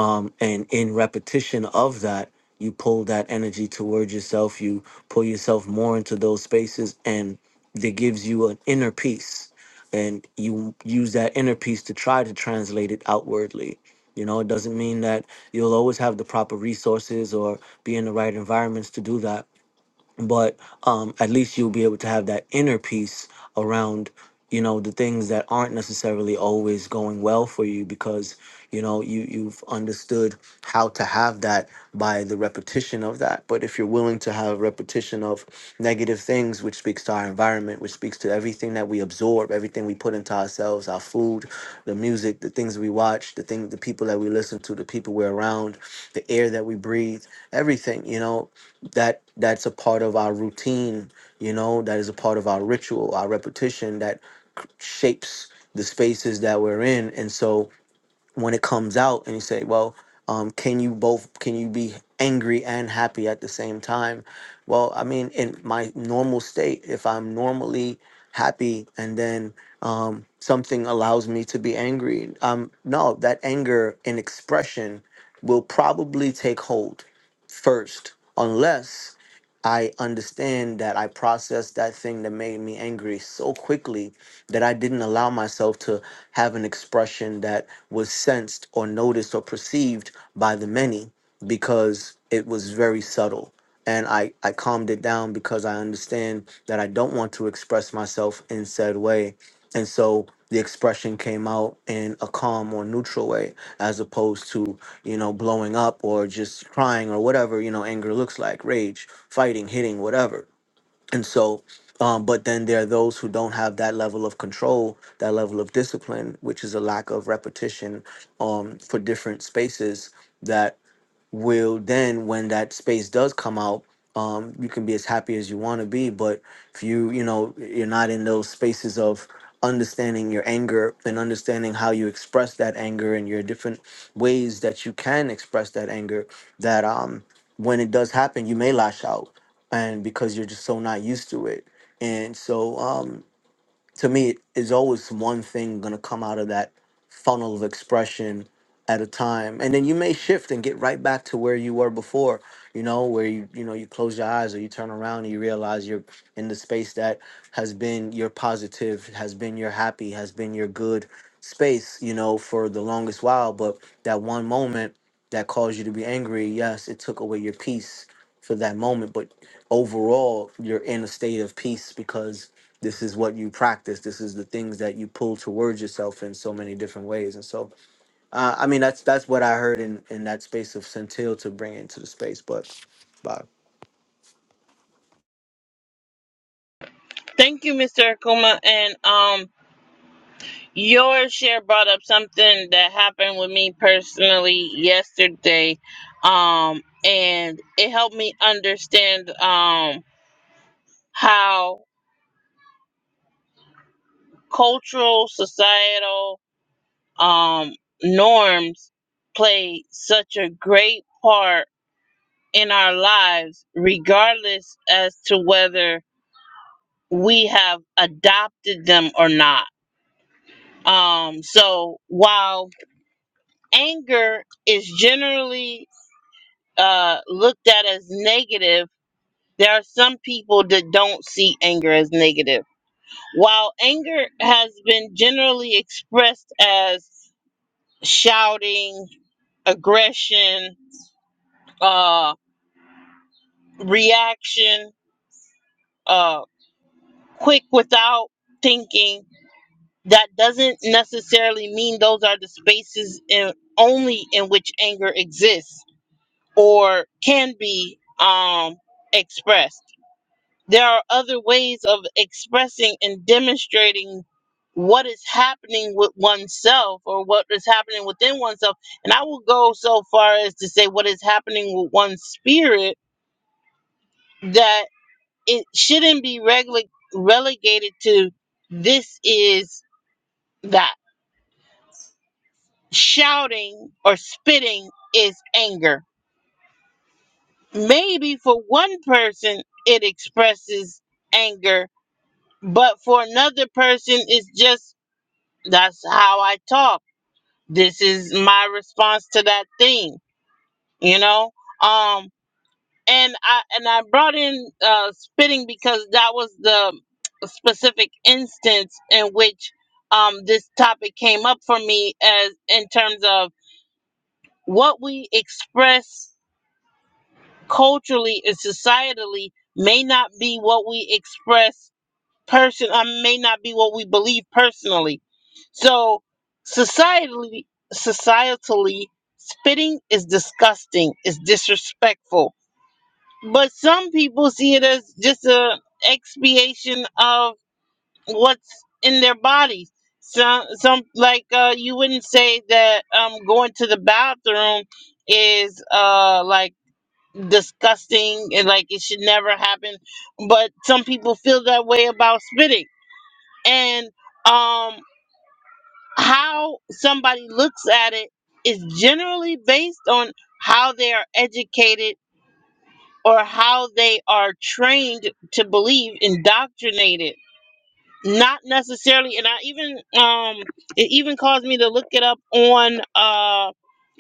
Speaker 6: um, and in repetition of that you pull that energy toward yourself you pull yourself more into those spaces and that gives you an inner peace and you use that inner peace to try to translate it outwardly you know it doesn't mean that you'll always have the proper resources or be in the right environments to do that but um, at least you'll be able to have that inner peace around you know the things that aren't necessarily always going well for you because you know you you've understood how to have that by the repetition of that but if you're willing to have repetition of negative things which speaks to our environment which speaks to everything that we absorb everything we put into ourselves our food the music the things we watch the thing the people that we listen to the people we're around the air that we breathe everything you know that that's a part of our routine you know that is a part of our ritual our repetition that c- shapes the spaces that we're in and so when it comes out and you say, well, um, can you both can you be angry and happy at the same time? Well, I mean, in my normal state, if I'm normally happy and then um, something allows me to be angry, um, no, that anger in expression will probably take hold first, unless I understand that I processed that thing that made me angry so quickly that I didn't allow myself to have an expression that was sensed or noticed or perceived by the many because it was very subtle. And I, I calmed it down because I understand that I don't want to express myself in said way. And so the expression came out in a calm or neutral way as opposed to, you know, blowing up or just crying or whatever, you know, anger looks like, rage, fighting, hitting, whatever and so, um, but then there are those who don't have that level of control, that level of discipline, which is a lack of repetition um, for different spaces. That will then when that space does come out um you can be as happy as you want to be but if you you know you're not in those spaces of understanding your anger and understanding how you express that anger and your different ways that you can express that anger that um when it does happen you may lash out and because you're just so not used to it and so um to me is always one thing going to come out of that funnel of expression at a time and then you may shift and get right back to where you were before you know where you you know you close your eyes or you turn around and you realize you're in the space that has been your positive has been your happy has been your good space you know for the longest while but that one moment that caused you to be angry yes it took away your peace for that moment but overall you're in a state of peace because this is what you practice this is the things that you pull towards yourself in so many different ways and so uh, i mean that's that's what i heard in in that space of centil to bring into the space but but
Speaker 1: Thank you, Mr. Akuma. And um, your share brought up something that happened with me personally yesterday. Um, and it helped me understand um how cultural, societal, um, norms play such a great part in our lives, regardless as to whether we have adopted them or not. Um, so while anger is generally uh, looked at as negative, there are some people that don't see anger as negative. While anger has been generally expressed as shouting, aggression, uh. reaction, uh, quick without thinking, that doesn't necessarily mean those are the spaces in, only in which anger exists or can be um, expressed. There are other ways of expressing and demonstrating what is happening with oneself or what is happening within oneself. And I will go so far as to say what is happening with one's spirit that. it shouldn't be regla- relegated to this is that. Shouting or spitting is anger. Maybe for one person it expresses anger, but for another person it's just that's how I talk. This is my response to that thing, you know? Um and I and I brought in uh, spitting because that was the specific instance in which um, this topic came up for me as in terms of what we express culturally and societally may not be what we express person uh, may not be what we believe personally. So societally societally spitting is disgusting, is disrespectful but some people see it as just a expiation of what's in their bodies. Some, some like uh, you wouldn't say that um, going to the bathroom is uh, like disgusting and like it should never happen, but some people feel that way about spitting. And um, how somebody looks at it is generally based on how they are educated or how they are trained to believe, indoctrinated. Not necessarily, and I even um it even caused me to look it up on uh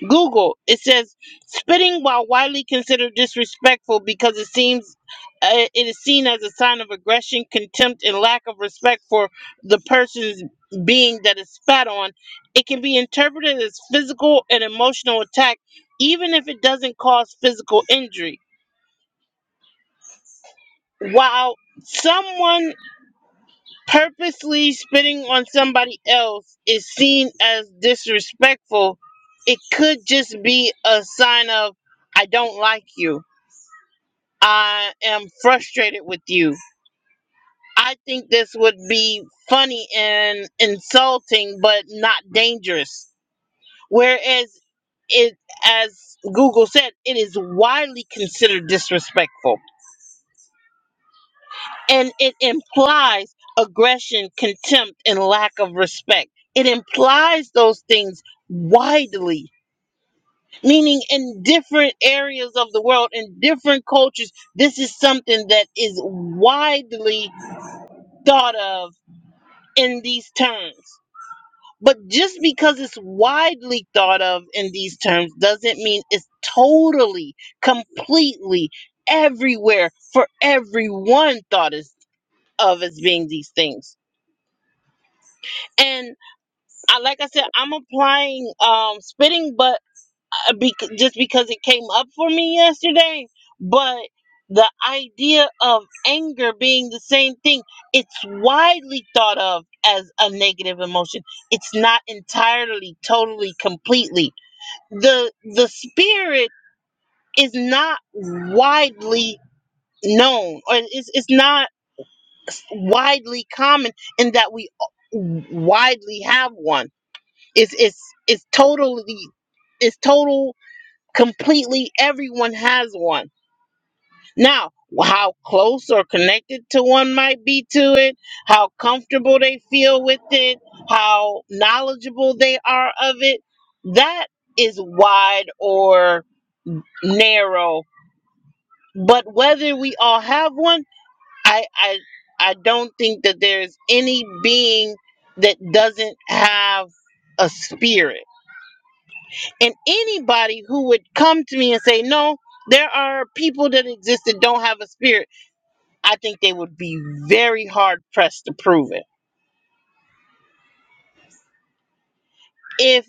Speaker 1: Google. It says spitting while widely considered disrespectful because it seems uh, it is seen as a sign of aggression, contempt, and lack of respect for the person's being that is spat on. It can be interpreted as physical and emotional attack, even if it doesn't cause physical injury. While someone purposely spitting on somebody else is seen as disrespectful, it could just be a sign of, I don't like you. I am frustrated with you. I think this would be funny and insulting, but not dangerous. Whereas it, as Google said, it is widely considered disrespectful. and it implies aggression, contempt, and lack of respect. It implies those things widely, meaning in different areas of the world, in different cultures, this is something that is widely thought of in these terms. But just because it's widely thought of in these terms doesn't mean it's totally, completely, everywhere for everyone thought is, of as being these things. And I, like I said, I'm applying um spitting, but uh, bec- just because it came up for me yesterday. But the idea of anger being the same thing, it's widely thought of as a negative emotion. It's not entirely, totally, completely. The the spirit is not widely known, or it's it's not widely common in that we widely have one it's it's it's totally it's total completely everyone has one. Now, how close or connected to one might be to it, how comfortable they feel with it, how knowledgeable they are of it, that is wide or narrow. But whether we all have one, I I I don't think that there's any being that doesn't have a spirit And anybody who would come to me and say, no, there are people that exist that don't have a spirit, I think they would be very hard pressed to prove it. If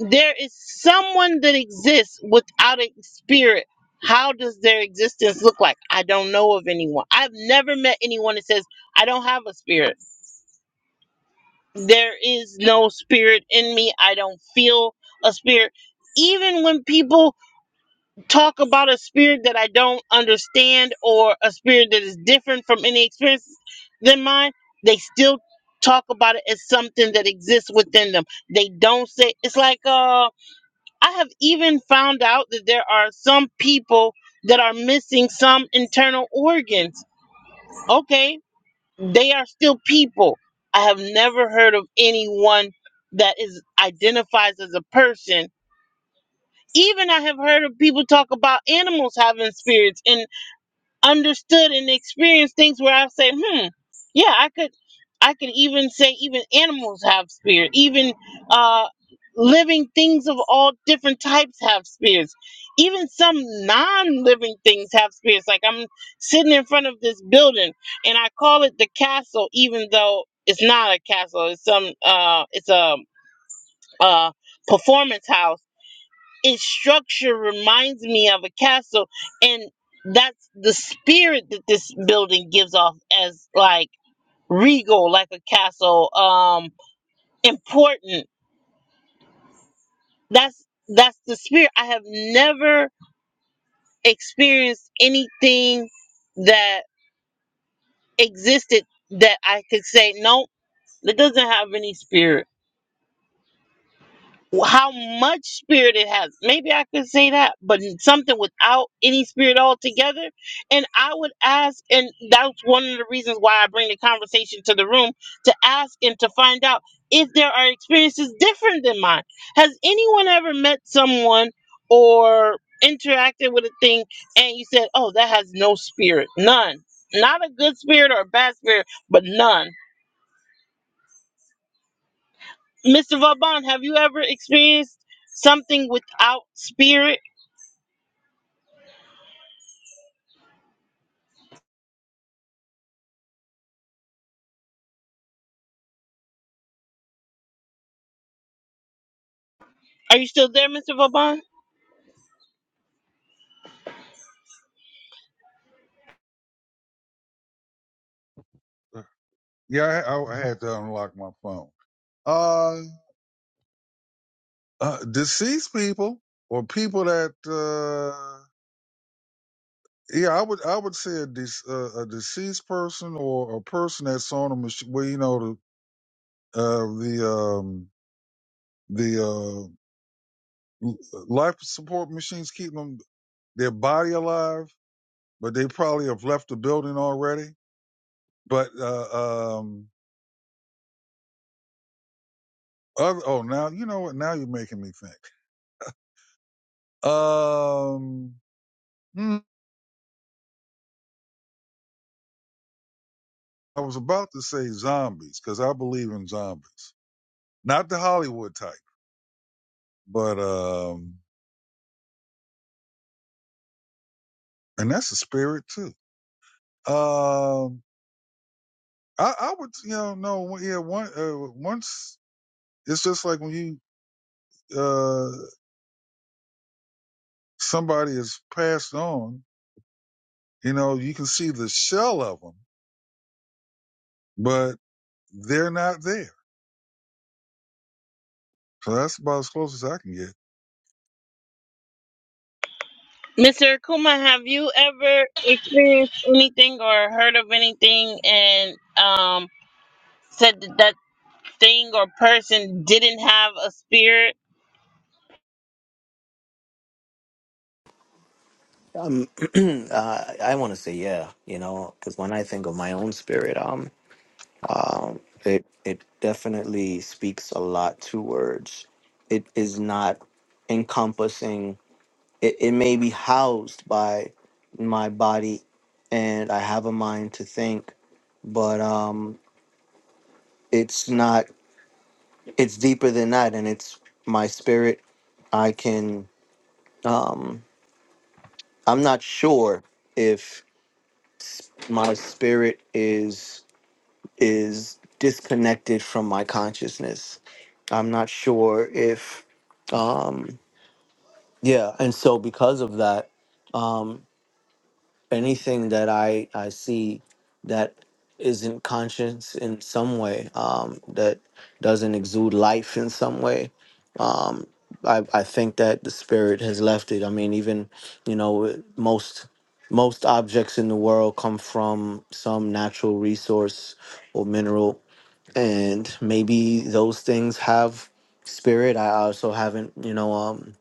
Speaker 1: there is someone that exists without a spirit, how does their existence look like? I don't know of anyone. I've never met anyone that says, I don't have a spirit. There is no spirit in me. I don't feel a spirit. Even when people talk about a spirit that I don't understand or a spirit that is different from any experience than mine, they still talk about it as something that exists within them. They don't say it's like uh I have even found out that there are some people that are missing some internal organs. Okay, they are still people. I have never heard of anyone that is identifies as a person even I have heard of people talk about animals having spirits and. understood and experienced things where I say, hmm, yeah, I could, I could even say even animals have spirit, even uh, living things of all different types have spirits, even some non-living things have spirits. Like I'm sitting in front of this building, and I call it the castle, even though it's not a castle. It's some, uh, it's a, uh performance house its structure reminds me of a castle and that's the spirit that this building gives off as like regal like a castle um important that's that's the spirit i have never experienced anything that existed that i could say no it doesn't have any spirit how much spirit it has. Maybe I could say that, but something without any spirit altogether. And I would ask, and that's one of the reasons why I bring the conversation to the room to ask and to find out if there are experiences different than mine. Has anyone ever met someone or interacted with a thing and you said, oh, that has no spirit? None. Not a good spirit or a bad spirit, but none. Mr. Vauban, have you ever experienced something without spirit? Are you still there, Mr. Vauban?
Speaker 2: Yeah, I, I had to unlock my phone. Uh, uh, deceased people or people that, uh, Yeah, I would I would say a, de- uh, a deceased person or a person that's on a machine. Well, you know the uh, the um, the uh, l- life support machines keep them their body alive, but they probably have left the building already. But uh, um, other, oh, now you know what? Now you're making me think. Um, hmm, I was about to say zombies because I believe in zombies, not the Hollywood type, but um, and that's a spirit too. Um, I, I would, you know, no, yeah, one, uh, once it's just like when you, uh, somebody is passed on, you know, you can see the shell of them, but they're not there. So that's about as close as I can get.
Speaker 1: Mr. Akuma, have you ever experienced anything or heard of anything and um, said that that thing or person didn't have a spirit?
Speaker 6: uh, i want to say yeah you know because when i think of my own spirit um um it it definitely speaks a lot to words it is not encompassing it, it may be housed by my body and i have a mind to think but um it's not it's deeper than that and it's my spirit i can um i'm not sure if my spirit is is disconnected from my consciousness i'm not sure if um yeah and so because of that um anything that i i see that isn't conscious in some way um that doesn't exude life in some way um I, I think that the spirit has left it. I mean, even you know, most most objects in the world come from some natural resource or mineral, and maybe those things have spirit. I also haven't, you know, um,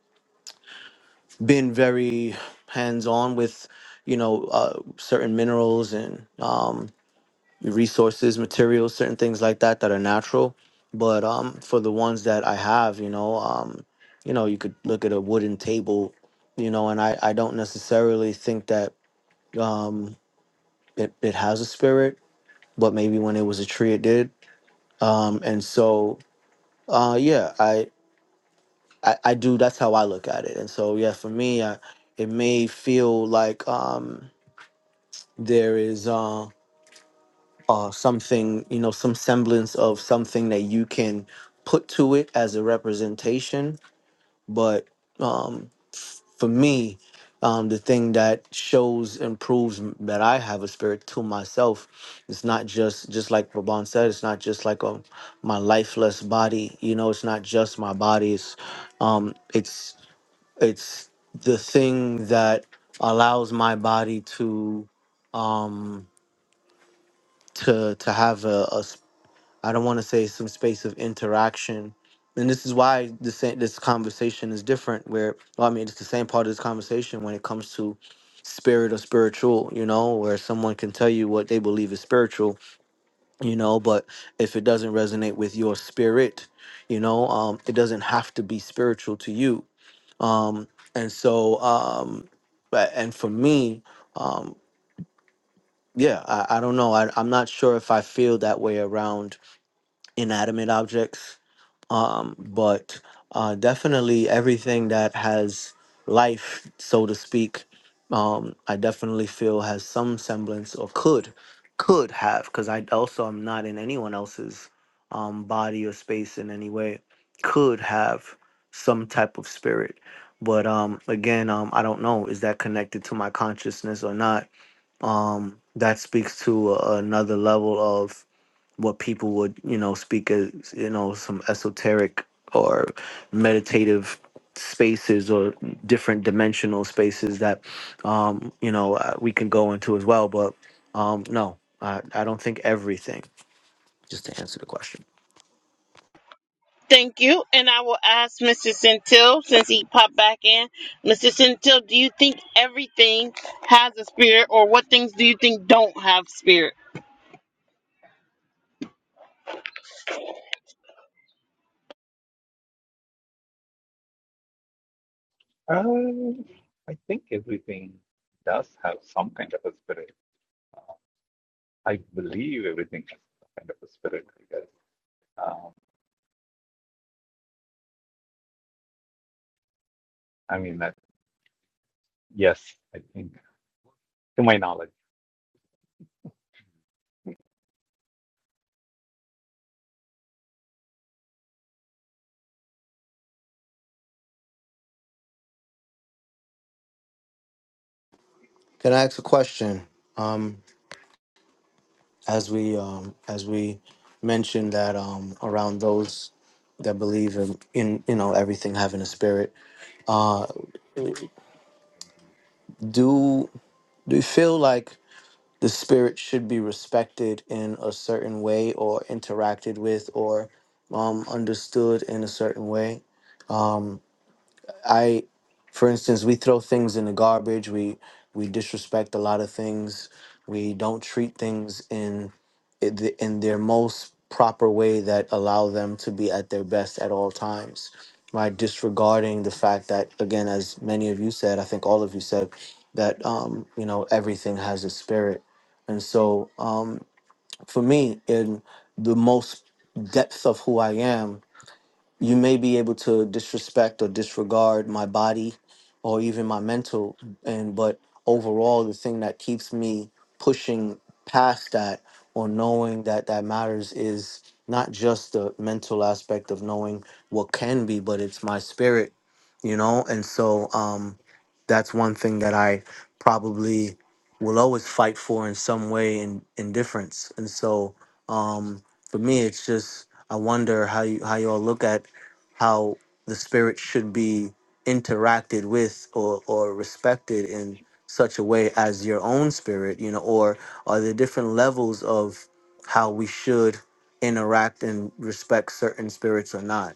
Speaker 6: been very hands on with, you know, uh, certain minerals and um, resources, materials, certain things like that that are natural. But um, for the ones that I have, you know, um, you know, you could look at a wooden table, you know, and I, I don't necessarily think that um, it, it has a spirit, but maybe when it was a tree, it did. Um, and so, uh, yeah, I, I, I do. That's how I look at it. And so, yeah, for me, I, it may feel like um, there is. Um, uh, something, you know, some semblance of something that you can put to it as a representation. But um, for me, um, the thing that shows and proves m- that I have a spirit to myself, it's not just just like Raban said, it's not just like um my lifeless body. You know, it's not just my body. It's um, it's it's the thing that allows my body to um to to have a, a I don't want to say some space of interaction. And this is why this this conversation is different. Where well, I mean, it's the same part of this conversation when it comes to spirit or spiritual. You know, where someone can tell you what they believe is spiritual. You know, but if it doesn't resonate with your spirit, you know, um, it doesn't have to be spiritual to you. Um, and so, um, but- and for me, um, yeah, I, I don't know. I, I'm not sure if I feel that way around inanimate objects um, but uh, definitely everything that has life, so to speak, um, I definitely feel has some semblance or could could have because I also am not in anyone else's um, body or space in any way could have some type of spirit. But um, again, um, I don't know. Is that connected to my consciousness or not? Um, That speaks to a, another level what people would you know speak as you know some esoteric or meditative spaces or different dimensional spaces that um you know uh, we can go into as well but um no i, I don't think everything just to answer the question
Speaker 1: Thank you. And I will ask Mr. Centil, since he popped back in. Mr. Centil, do you think everything has a spirit or what things do you think don't have spirit?
Speaker 8: Uh, I think everything does have some kind of a spirit. I believe everything is kind of a spirit, I guess. Um, I mean, that, yes, I think, to my knowledge,
Speaker 6: can i ask a question um as we um as we mentioned that um around those that believe in, in you know everything having a spirit uh do do you feel like the spirit should be respected in a certain way or interacted with or um, understood in a certain way. I, for instance, we throw things in the garbage. We we disrespect a lot of things. We don't treat things in i- the- in their most proper way that allow them to be at their best at all times. Right, disregarding the fact that again, as many of you said, I think all of you said that um, you know everything has a spirit, and so um, for me in the most depths of who I am you may be able to disrespect or disregard my body or even my mental and but overall the thing that keeps me pushing past that or knowing that that matters is not just the mental aspect of knowing what can be but it's my spirit you know and so um that's one thing that i probably will always fight for in some way in indifference and so um for me it's just I wonder how you how you all look at how the spirit should be interacted with or, or respected in such a way as your own spirit, you know, or are there different levels of how we should interact and respect certain spirits or not?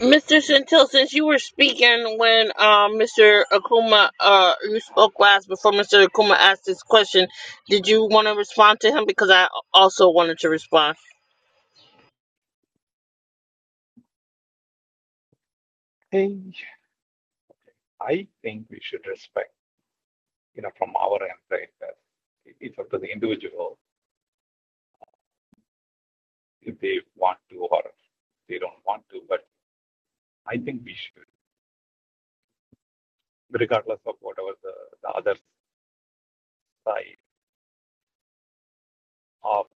Speaker 1: Mr. Centil, since you were speaking when uh, Mr. Akuma, uh, you spoke last before Mr. Akuma asked this question, did you want to respond to him? Because I also wanted to respond.
Speaker 8: I, you know, from our end, right, uh, it's up to the people if they want to or if they don't want to, but I recover the, the other side of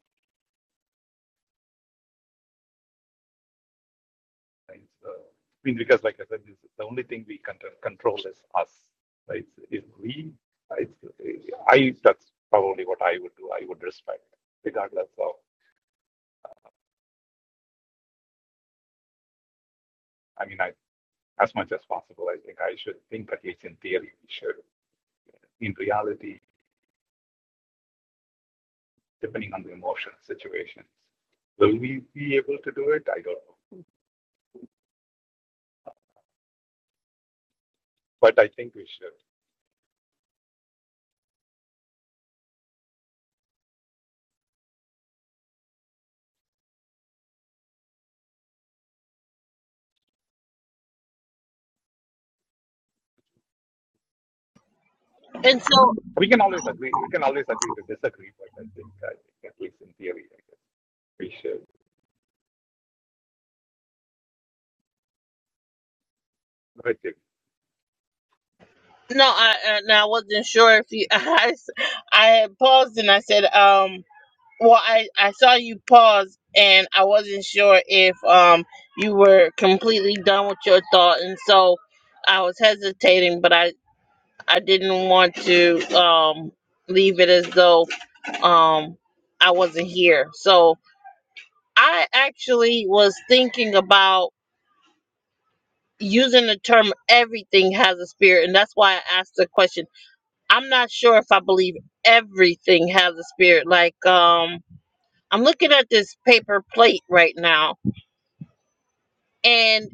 Speaker 8: things. Uh, I mean, because like the only thing we can control is us, right? If we, It's I, that's probably what I would do. I would respect, regardless of, I mean, I, as much as possible, I think I should think at least in theory we should in reality, depending on the emotional situation. Will we be able to do it? I don't know. But I think we should.
Speaker 1: And so,
Speaker 8: We can always agree. We can always agree to disagree. But I think, I think at least in theory, I guess we should. But
Speaker 1: no, I uh, now I wasn't sure if you. I I had paused and I said, um, well, I I saw you pause and I wasn't sure if um you were completely done with your thought, and so I was hesitating, but I I didn't want to um, leave it as though um, I wasn't here. So I actually was thinking about using the term everything has a spirit, and that's why I asked the question. I'm not sure if I believe everything has a spirit. Like, um, I'm looking at this paper plate right now, and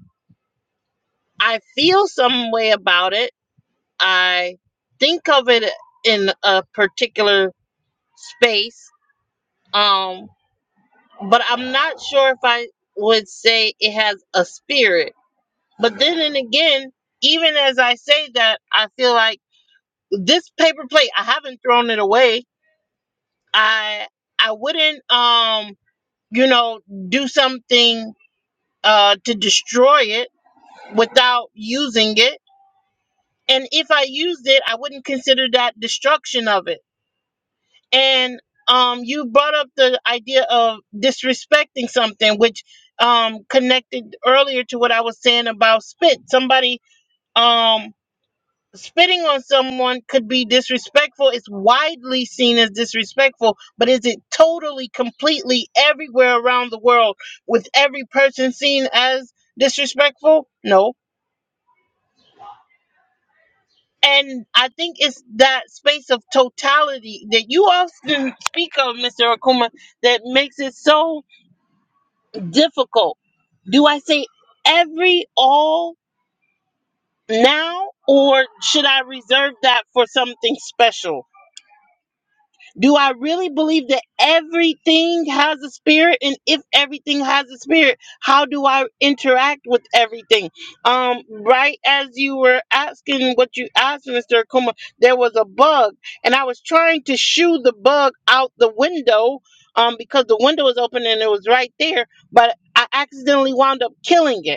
Speaker 1: I feel some way about it. I think of it in a particular space. Um, but I'm not sure if I would say it has a spirit. But then and again, even as I say that, I feel like this paper plate, I haven't thrown it away. I I wouldn't um, you know, do something uh to destroy it without using it. And if I used it, I wouldn't consider that destruction of it and um, you brought up the idea of disrespecting something, which um, connected earlier to what I was saying about spit. Somebody um, spitting on someone could be disrespectful. It's widely seen as disrespectful, but is it totally, completely, everywhere around the world with every person seen as disrespectful? No. And I think it's that space of totality that you often speak of, Mr. Akuma, that makes it so difficult. Do I say every all now or should I reserve that for something special? Do I really believe that everything has a spirit and if everything has a spirit, how do I interact with everything? Um right as you were asking what you asked Mr. Akuma, there was a bug and I was trying to shoo the bug out the window um because the window was open and it was right there, but I accidentally wound up killing it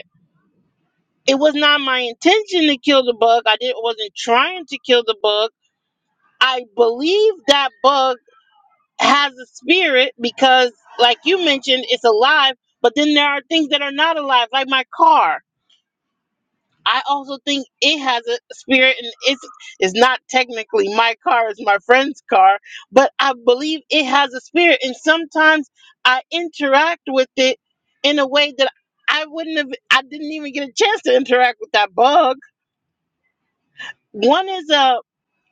Speaker 1: It was not my intention to kill the bug. I didn't wasn't trying to kill the bug. I believe that bug has a spirit because like you mentioned it's alive, but then there are things that are not alive like my car. I also think it has a spirit and it's it's not technically my car, it's my friend's car, but I believe it has a spirit and sometimes I interact with it in a way that I wouldn't have I didn't even get a chance to interact with that bug One is a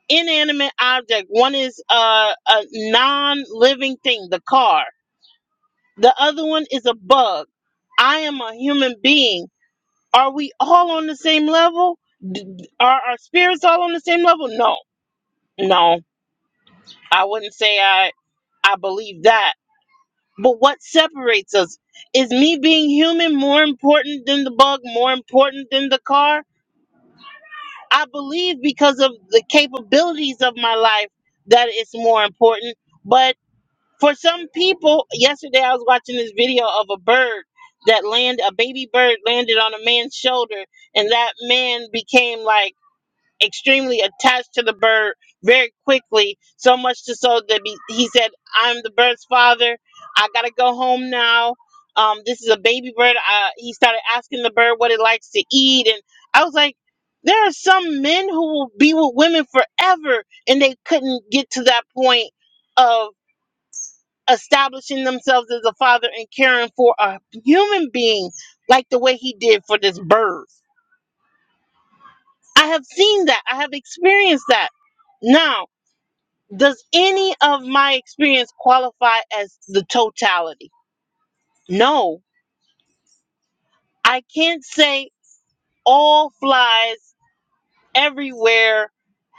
Speaker 1: inanimate object. One is a, a non-living thing, the car. The other one is a bug. I am a human being. Are we all on the same level? D- Are our spirits all on the same level? No, no. I wouldn't say I I believe that. But what separates us? Is me being human more important than the bug, more important than the car? I believe because of the capabilities of my life that it's more important. But for some people, yesterday I was watching this video of a bird that land a baby bird landed on a man's shoulder and that man became like extremely attached to the bird very quickly, so much to so that be, he said, "I'm the bird's father. I gotta go home now. Um, this is a baby bird." Uh, he started asking the bird what it likes to eat, and I was like, "There are some men who will be with women forever, and they couldn't get to that point of." Establishing themselves as a father and caring for a human being like the way he did for this bird. I have seen that. I have experienced that. Now, does any of my experience qualify as the totality? No, I can't say all flies everywhere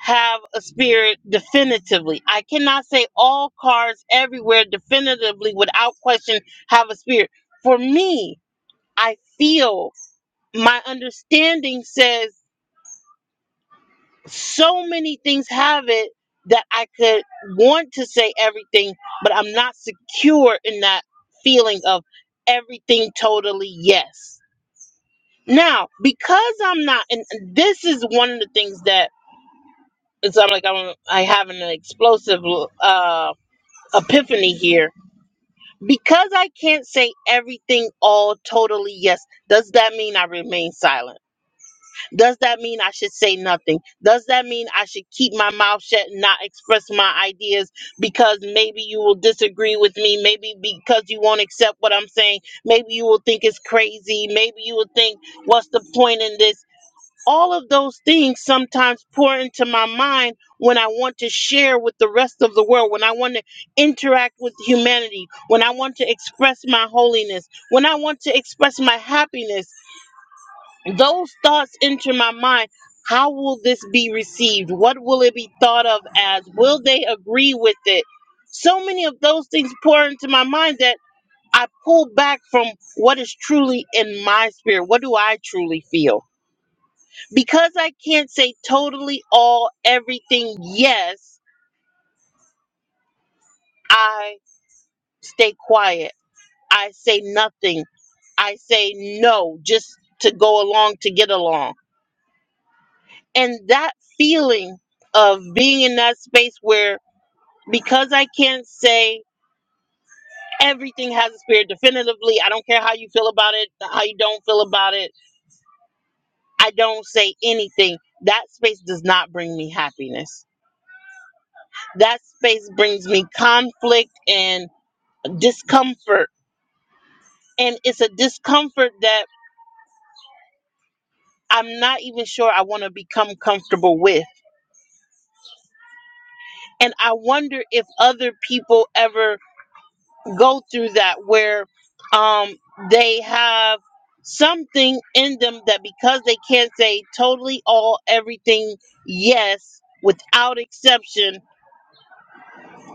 Speaker 1: have a spirit definitively. I cannot say all cars everywhere definitively without question have a spirit. For me, I feel my understanding says. so many things have it that I could want to say everything, but I'm not secure in that feeling of everything totally yes. Now, because I'm not, and this is one of the things that it's not like I'm I having an explosive uh, epiphany here. Because I can't say everything all totally yes, does that mean I remain silent? Does that mean I should say nothing? Does that mean I should keep my mouth shut and not express my ideas because maybe you will disagree with me? Maybe because you won't accept what I'm saying? Maybe you will think it's crazy? Maybe you will think, what's the point in this? All of those things sometimes pour into my mind when I want to share with the rest of the world, when I want to interact with humanity, when I want to express my holiness, when I want to express my happiness those thoughts enter my mind how will this be received what will it be thought of as will they agree with it so many of those things pour into my mind that i pull back from what is truly in my spirit what do i truly feel because i can't say totally all everything yes i stay quiet i say nothing i say no just to go along to get along and that feeling of being in that space where because I can't say everything has a spirit definitively, I don't care how you feel about it, how you don't feel about it, I don't say anything. That space does not bring me happiness. That space brings me conflict and discomfort. And it's a discomfort that I'm not even sure I want to become comfortable with. And I wonder if other people ever go through that where um they have something in them that because they can't say totally all everything yes without exception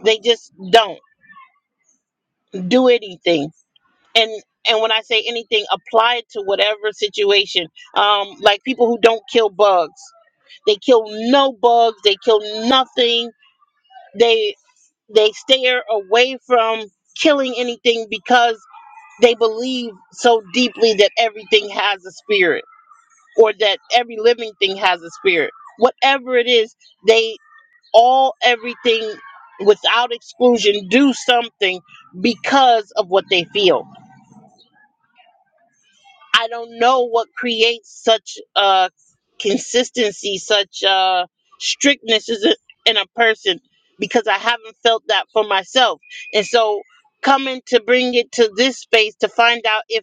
Speaker 1: they just don't do anything and and when i say anything apply it to whatever situation um like people who don't kill bugs they kill no bugs they kill nothing they they stare away from killing anything because They believe so deeply that everything has a spirit or that every living thing has a spirit. Whatever it is, they all, everything without exclusion, do something because of what they feel. I don't know what creates such uh, consistency, such uh, strictness is a- in a person because I haven't felt that for myself. And so coming to bring it to this space to find out if.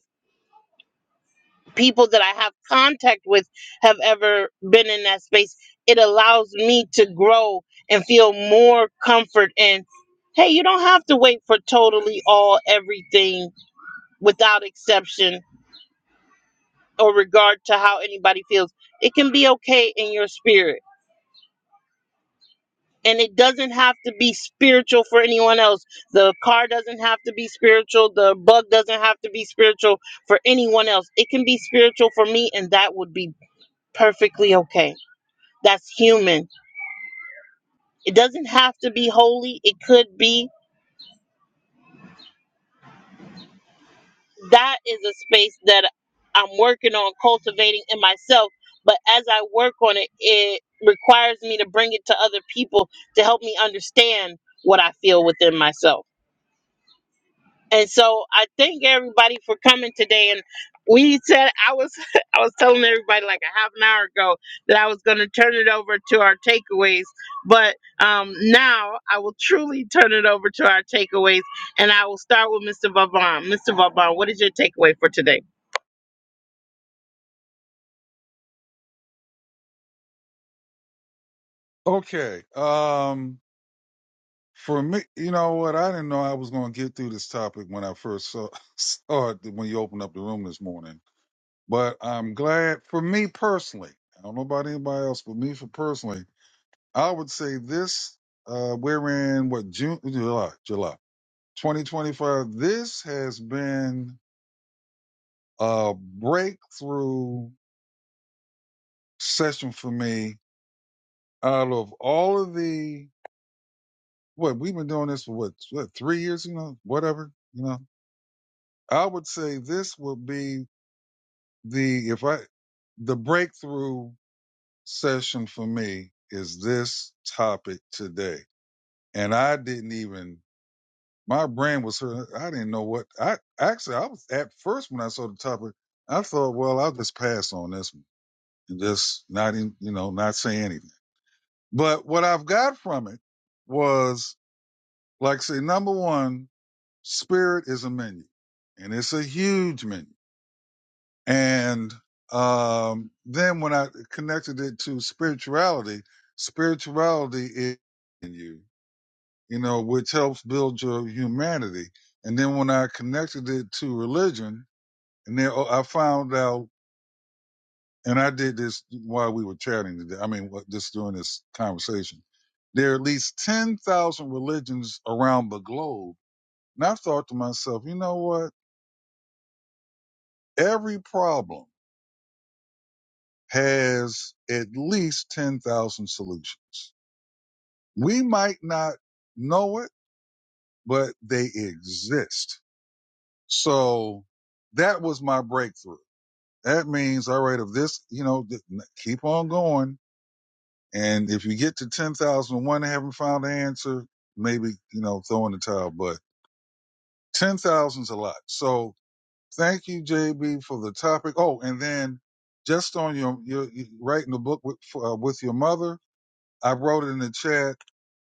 Speaker 1: people that I have contact with have ever been in that space, it allows me to grow and feel more comfort and hey, you don't have to wait for totally all everything without exception or regard to how anybody feels. It can be okay in your spirit. And it doesn't have to be spiritual for anyone else. The car doesn't have to be spiritual. The bug doesn't have to be spiritual for anyone else. It can be spiritual for me, and that would be perfectly okay. that's human. It doesn't have to be holy, it could be. That is a space that I'm working on cultivating in myself. But as I work on it, it requires me to bring it to other people to help me understand what I feel within myself. And so I thank everybody for coming today. And we said I was I was telling everybody like a half an hour ago that I was going to turn it over to our takeaways, but um, now I will truly turn it over to our takeaways, and I will start with Mr. Vavon. Mr. Vavon, what is your takeaway for today?
Speaker 2: Okay. Um, for me, you know what? I didn't know I was going to get through this topic when I first saw, saw it when you opened up the room this morning, but I'm glad for me personally. I don't know about anybody else, but me for personally, I would say this, uh, we're in what, June, July, July 2025. This has been a breakthrough session for me out of all of the, what, we've been doing this for what, what three years, you know, whatever, you know. I would say this would be the, if I, the breakthrough session for me is this topic today. And I didn't even my brain was hurt. I didn't know what I actually I was at first when I saw the topic, I thought, well, I'll just pass on this one and just not in, you know, not say anything. But what I've got from it was like I say number one, spirit is a menu and it's a huge menu. And um then when I connected it to spirituality, spirituality is in you. you know, which helps build your humanity. And then when I connected it to religion, and then oh, I found out, and I did this while we were chatting today. I mean, just during this conversation, there are at least ten thousand religions around the globe. And I thought to myself, you know what? Every problem has at least ten thousand solutions. We might not know it, but they exist. So that was my breakthrough that means all right if this you know th- keep on going and if you get to 10,001 and haven't found the answer maybe you know throw in the towel but 10,000's a lot so thank you JB for the topic oh and then just on your your you writing the book with uh, with your mother I wrote it in the chat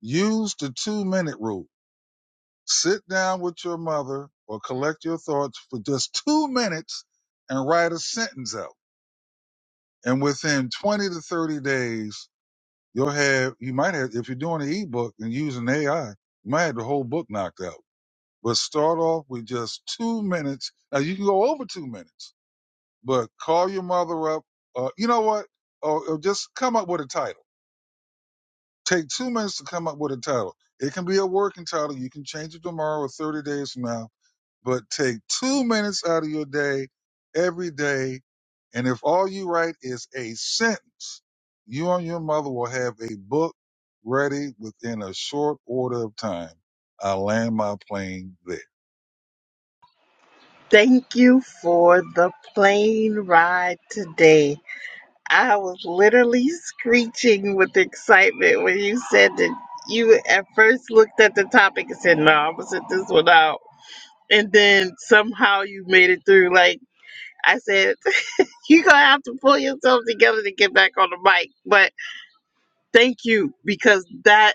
Speaker 2: use the 2 minute rule sit down with your mother or collect your thoughts for just 2 minutes and write a sentence out and within 20 to 30 days you'll have you might have if you're doing an ebook and using ai you might have the whole book knocked out but start off with just two minutes now you can go over two minutes but call your mother up uh, you know what or, or just come up with a title take two minutes to come up with a title it can be a working title you can change it tomorrow or 30 days from now but take two minutes out of your day every day. And if all you write is a sentence, you and your mother will have a book ready within a short order of time. I land my plane there.
Speaker 1: Thank you for the plane ride today. I was literally screeching with excitement when you said that you at first looked at the topic and said, No, I'm gonna sit this one out. And then somehow you made it through. Like I said, you're gonna have to pull yourself together to get back on the mic. But thank you because that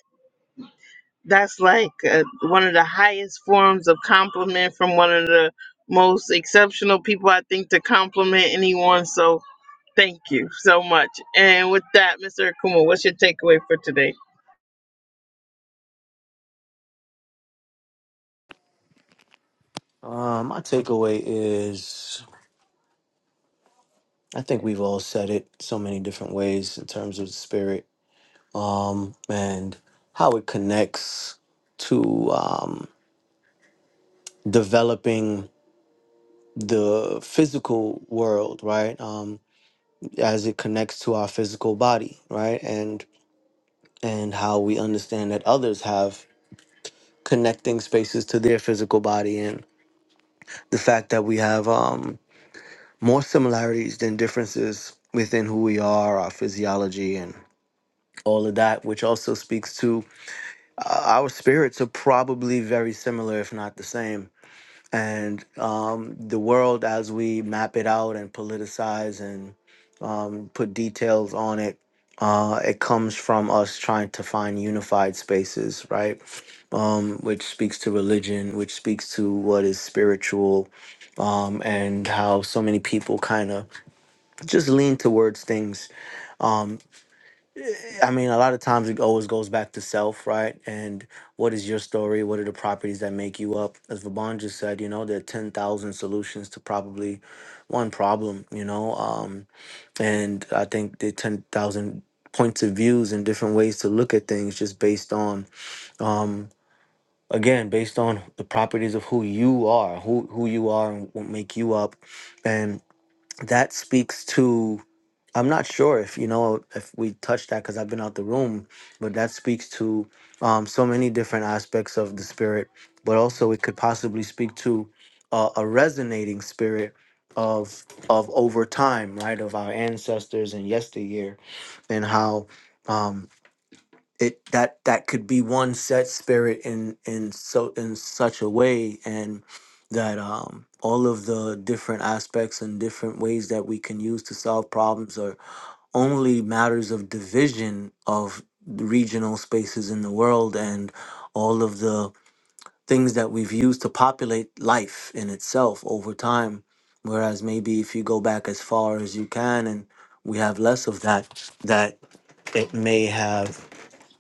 Speaker 1: that's like uh, one of the highest forms of compliment from one of the most exceptional people I think to compliment anyone. So Thank you so much. And with that, Mr. Akuma, what's your takeaway for today?
Speaker 6: Um, my takeaway is I think we've all said it so many different ways in terms of the spirit um, and how it connects to um, developing the physical world, right? Um, as it connects to our physical body, right? And and how we understand that others have connecting spaces to their physical body and the fact that we have um more similarities than differences within who we are, our physiology and all of that, which also speaks to uh, our spirits are probably very similar, if not the same. And um, the world, as we map it out and politicize um, put details on it. Uh, it comes from us trying to find unified spaces, right? Um, which speaks to religion, which speaks to what is spiritual, um, and how so many people kind of just lean towards things. Um, I mean, a lot of times it always goes back to self, right? And what is your story? What are the properties that make you up? As Vaban just said, you know, there are 10,000 solutions to probably one problem, you know? Um, and I think the ten thousand points of views and different ways to look at things just based on um again based on the properties of who you are who who you are and what make you up and that speaks to I'm not sure if you know if we touched that because I've been out the room but that speaks to um so many different aspects of the spirit but also it could possibly speak to uh, a resonating spirit of of over time right of our ancestors and yesteryear and how um, it that that could be one set spirit in in so in such a way and that um, all of the different aspects and different ways that we can use to solve problems are only matters of division of the regional spaces in the world and all of the things that we've used to populate life in itself over time. Whereas maybe if you go back as far as you can and we have less of that, that it may have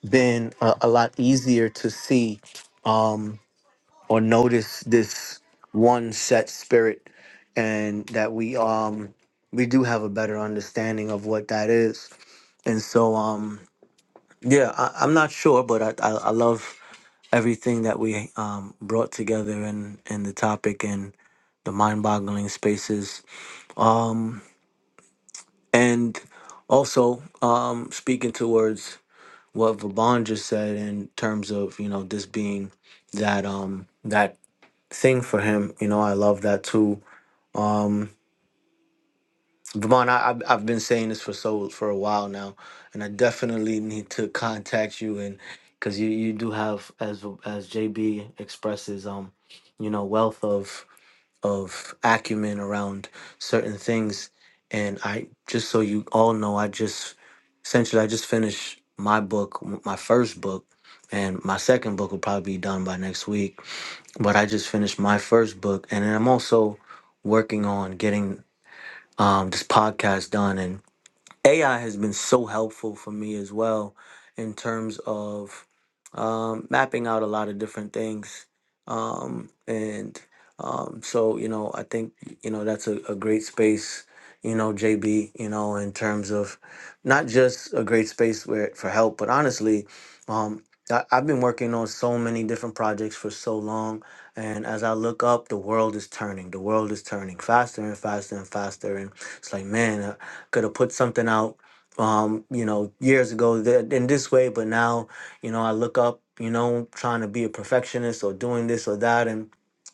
Speaker 6: been a, a lot easier to see um, or notice this one set spirit and that we um we do have a better understanding of what that is and so um yeah I, i'm not sure but I, I i love everything that we um, brought together in, in the topic and the mind-boggling spaces. Um, and also um, speaking towards what Vaban just said in terms of you know this being that um, that thing for him. You know, I love that too. Um, Vaban, I, I've I've been saying this for so for a while now, and I definitely need to contact you and because you you do have as as JB expresses um you know wealth of of acumen around certain things. And I just so you all know, I just essentially I just finished my book, m- my first book, and my second book will probably be done by next week. But I just finished my first book, and then I'm also working on getting um, this podcast done. And AI has been so helpful for me as well in terms of um, mapping out a lot of different things. Um, and um, so, you know, I think, you know, that's a, a great space, you know, JB, you know, in terms of not just a great space where, for help, but honestly, um, I, I've been working on so many different projects for so long. And as I look up, the world is turning. The world is turning faster and faster and faster. And it's like, man, I could have put something out, um, you know, years ago th- in this way, but now you know, I look up, you know, trying to be a perfectionist or doing this or that and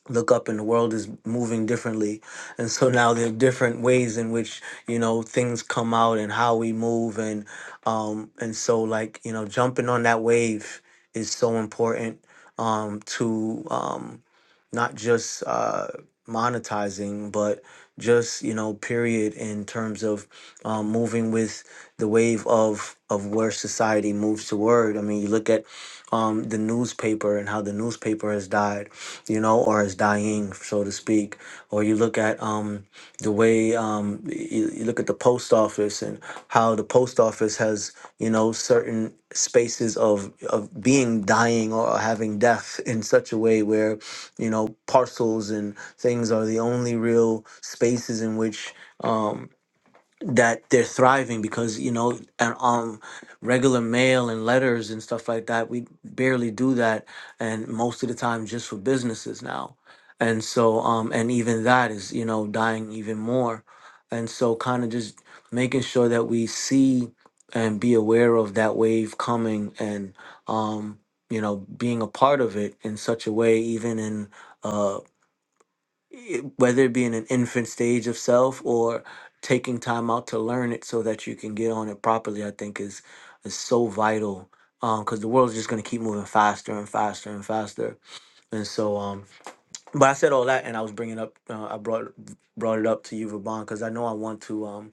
Speaker 6: look up and the world is moving differently. And so now there are different ways in which, you know, things come out and how we move and um and so like, you know, jumping on that wave is so important um to um not just uh, monetizing, but just you know, period, in terms of um, moving with the wave of of where society moves toward. I mean, you look at um, the newspaper and how the newspaper has died, you know, or is dying, so to speak. Or you look at um, the way um, you, you look at the post office and how the post office has, you know, certain spaces of of being dying or having death in such a way where you know parcels and things are the only real spaces in which um, that they're thriving because you know and um regular mail and letters and stuff like that we barely do that and most of the time just for businesses now and so um and even that is you know dying even more and so kind of just making sure that we see and be aware of that wave coming and um you know being a part of it in such a way even in uh, whether it be in an infant stage of self or taking time out to learn it so that you can get on it properly, I think is is so vital. Um, because the world's just gonna keep moving faster and faster and faster, and so um. But I said all that, and I was bringing up, uh, I brought brought it up to you, Vaban, because I know I want to. um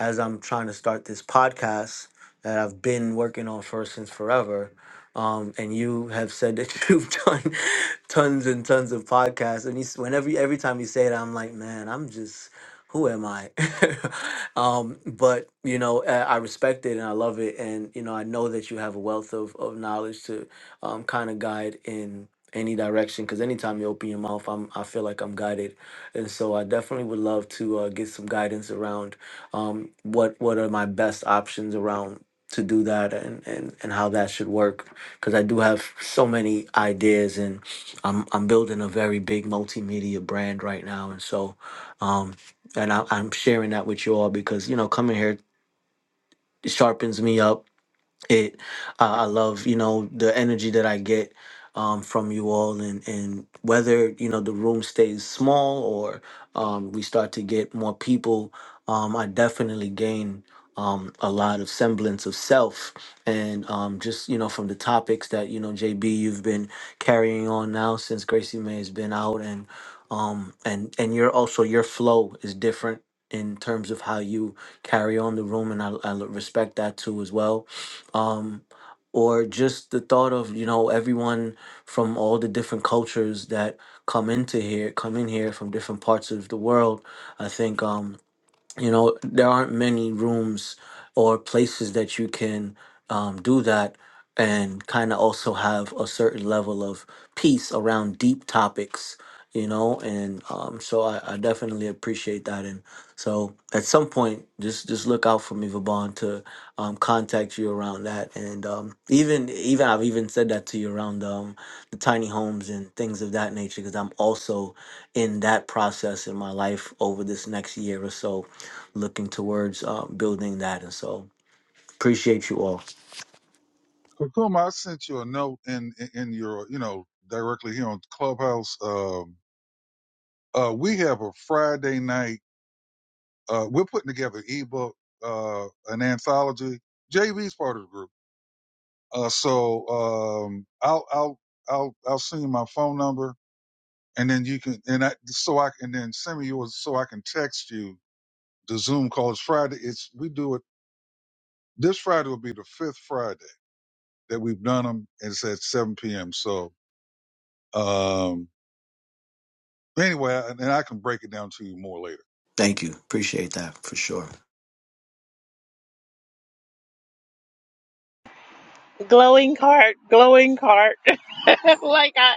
Speaker 6: as I'm trying to start this podcast that I've been working on for since forever. Um, and you have said that you've done tons and tons of podcasts. And he's, whenever every time you say it, I'm like, man, I'm just who am I? um, but you know, I I respect it and I love it, and you know, I know that you have a wealth of of knowledge to um, kind of guide in any direction. Because anytime you open your mouth, I'm I feel like I'm guided, and so I definitely would love to uh, get some guidance around um, what what are my best options around to do that and and, and how that should work because I do have so many ideas and I'm I'm building a very big multimedia brand right now and so um and I, I'm sharing that with you all because you know coming here sharpens me up it I i love you know the energy that i get um, from you all and and whether you know the room stays small or um, we start to get more people um, i definitely gain um, a lot of semblance of self and um, just you know from the topics that you know jb you've been carrying on now since gracie may has been out and um, and and your also your flow is different in terms of how you carry on the room and i, I respect that too as well um, or just the thought of you know everyone from all the different cultures that come into here come in here from different parts of the world i think um, you know there aren't many rooms or places that you can um, do that and kind of also have a certain level of peace around deep topics you know and um, so I, I definitely appreciate that and so at some point just just look out for me Vabon to um, contact you around that and um, even even I've even said that to you around um, the tiny homes and things of that nature because I'm also in that process in my life over this next year or so looking towards uh, building that. And so appreciate you all.
Speaker 2: Kakuma, I sent you a note in, in, in your, you know, directly here on Clubhouse. Um, uh, we have a Friday night. Uh, we're putting together an ebook, uh, an anthology. JB's part of the group Uh, so um, I'll I'll I'll I'll send you my phone number, and then you can and I so I and then send me yours so I can text you the Zoom call. It's Friday. It's we do it this Friday will be the fifth Friday that we've done them, and it's at seven p.m. So um, anyway, and I can break it down to you more later.
Speaker 6: Thank you. Appreciate that for sure.
Speaker 1: Glowing heart, glowing heart. like I,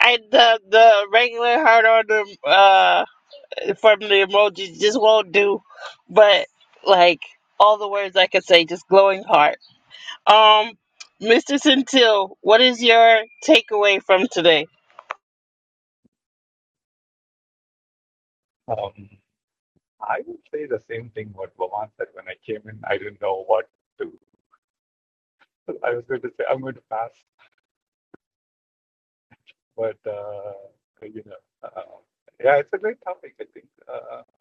Speaker 1: I the the regular heart on the uh from the emojis just won't do. But like all the words I could say, just glowing heart. Um, Mr. Centil, what is your takeaway from today?
Speaker 8: um, I would say the same thing what Vaman said when I came in. I didn't know what to. I was going to say I'm going to pass, but uh, you know, uh, yeah, it's a great topic. I think. Uh, I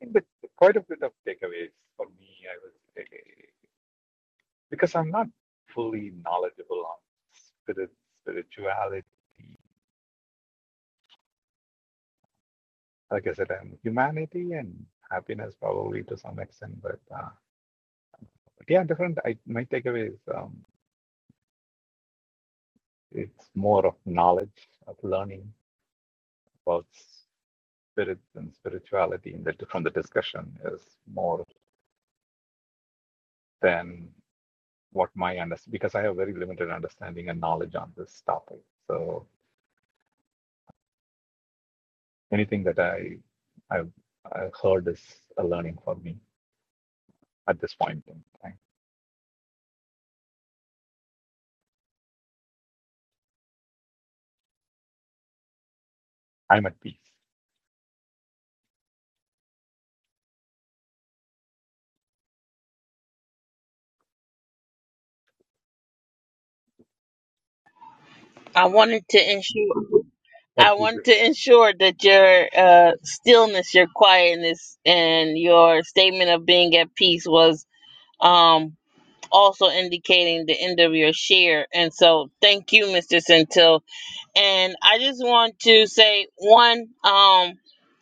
Speaker 8: think that quite a bit of takeaways for me. I was because I'm not fully knowledgeable on spirit, spirituality. Like I said, and humanity and happiness probably to some extent, but, uh, but yeah, different. I, my takeaway is um, it's more of knowledge of learning about spirits and spirituality in the, from the discussion is more than what my understanding because I have very limited understanding and knowledge on this topic. So anything that I I've, I've heard is a learning for me at this point in time. I'm at peace.
Speaker 1: I wanted to ensure. I
Speaker 8: affected
Speaker 1: want to ensure that your uh, stillness, your quietness, and your statement of being at peace was um, also indicating the end of your share. And so, thank you, Mr. Centil. And I just want to say one, um,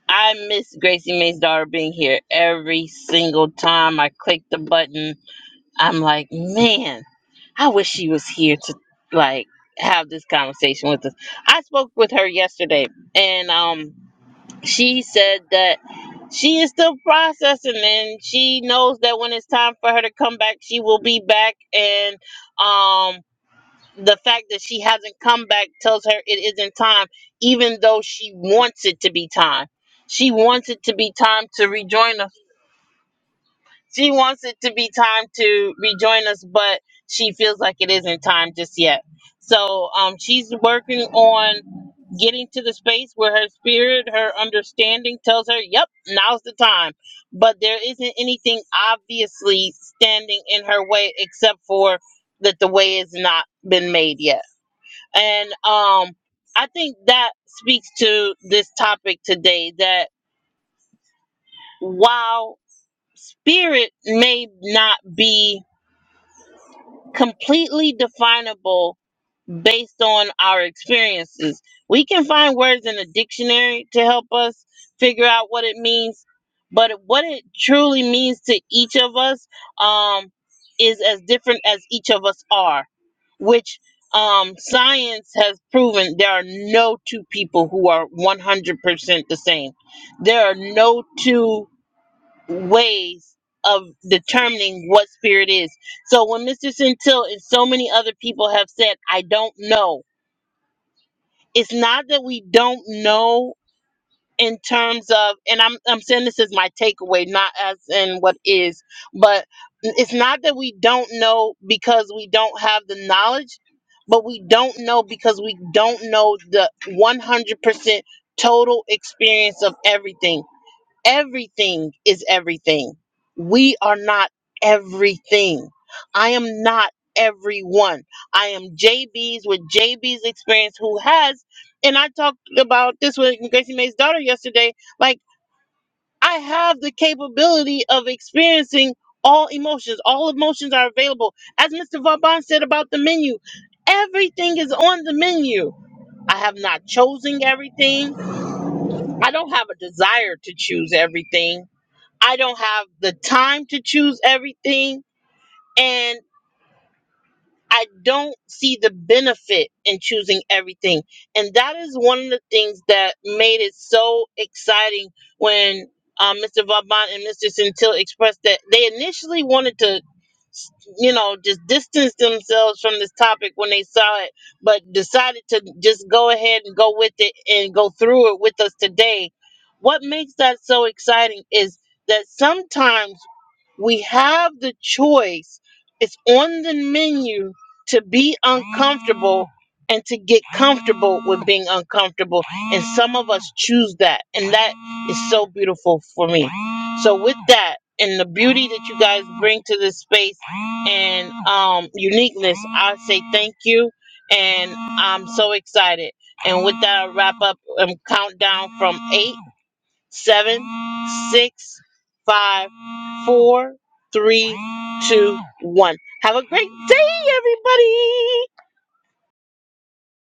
Speaker 1: I miss Gracie Mae's daughter being here every single time I click the button I'm like, man, I wish she was here to like have this conversation with us. I spoke with her yesterday, and um, she said that she is still processing, and she knows that when it's time for her to come back, she will be back. And um, the fact that she hasn't come back tells her it isn't time, even though she wants it to be time. She wants it to be time to rejoin us she wants it to be time to rejoin us, but she feels like it isn't time just yet. So um, she's working on getting to the space where her spirit, her understanding tells her, yep, now's the time. But there isn't anything obviously standing in her way except for that the way has not been made yet. And um, I think that speaks to this topic today that while spirit may not be completely definable based on our experiences. We can find words in a dictionary to help us figure out what it means, but what it truly means to each of us um, is as different as each of us are, which um, science has proven there are no two people who are 100% the same. There are no two ways of determining what spirit is. So when Mr. Centil and so many other people have said, I don't know, it's not that we don't know in terms of and I'm I'm saying this is my takeaway, not as in what is, but it's not that we don't know because we don't have the knowledge, but we don't know because we don't know the 100% total experience of everything everything is everything. We are not everything. I am not everyone. I am JB's with JB's experience who has, and I talked about this with Gracie May's daughter yesterday. Like, I have the capability of experiencing all emotions. All emotions are available. As Mr. Vauban said about the menu, everything is on the menu. I have not chosen everything. I don't have a desire to choose everything I don't have the time to choose everything, and I don't see the benefit in choosing everything. And that is one of the things that made it so exciting when um, Mr. Vaughn and Mr. Centil expressed that they initially wanted to, you know, just distance themselves from this topic when they saw it, but decided to just go ahead and go with it and go through it with us today. What makes that so exciting is that sometimes we have the choice. It's on the menu to be uncomfortable and to get comfortable with being uncomfortable. And some of us choose that. And that is so beautiful for me. So with that and the beauty that you guys bring to this space and um uniqueness, I say thank you. And I'm so excited. And with that, I'll wrap up and count down from eight seven, six, five, four, three, two, one. Have a great day, everybody.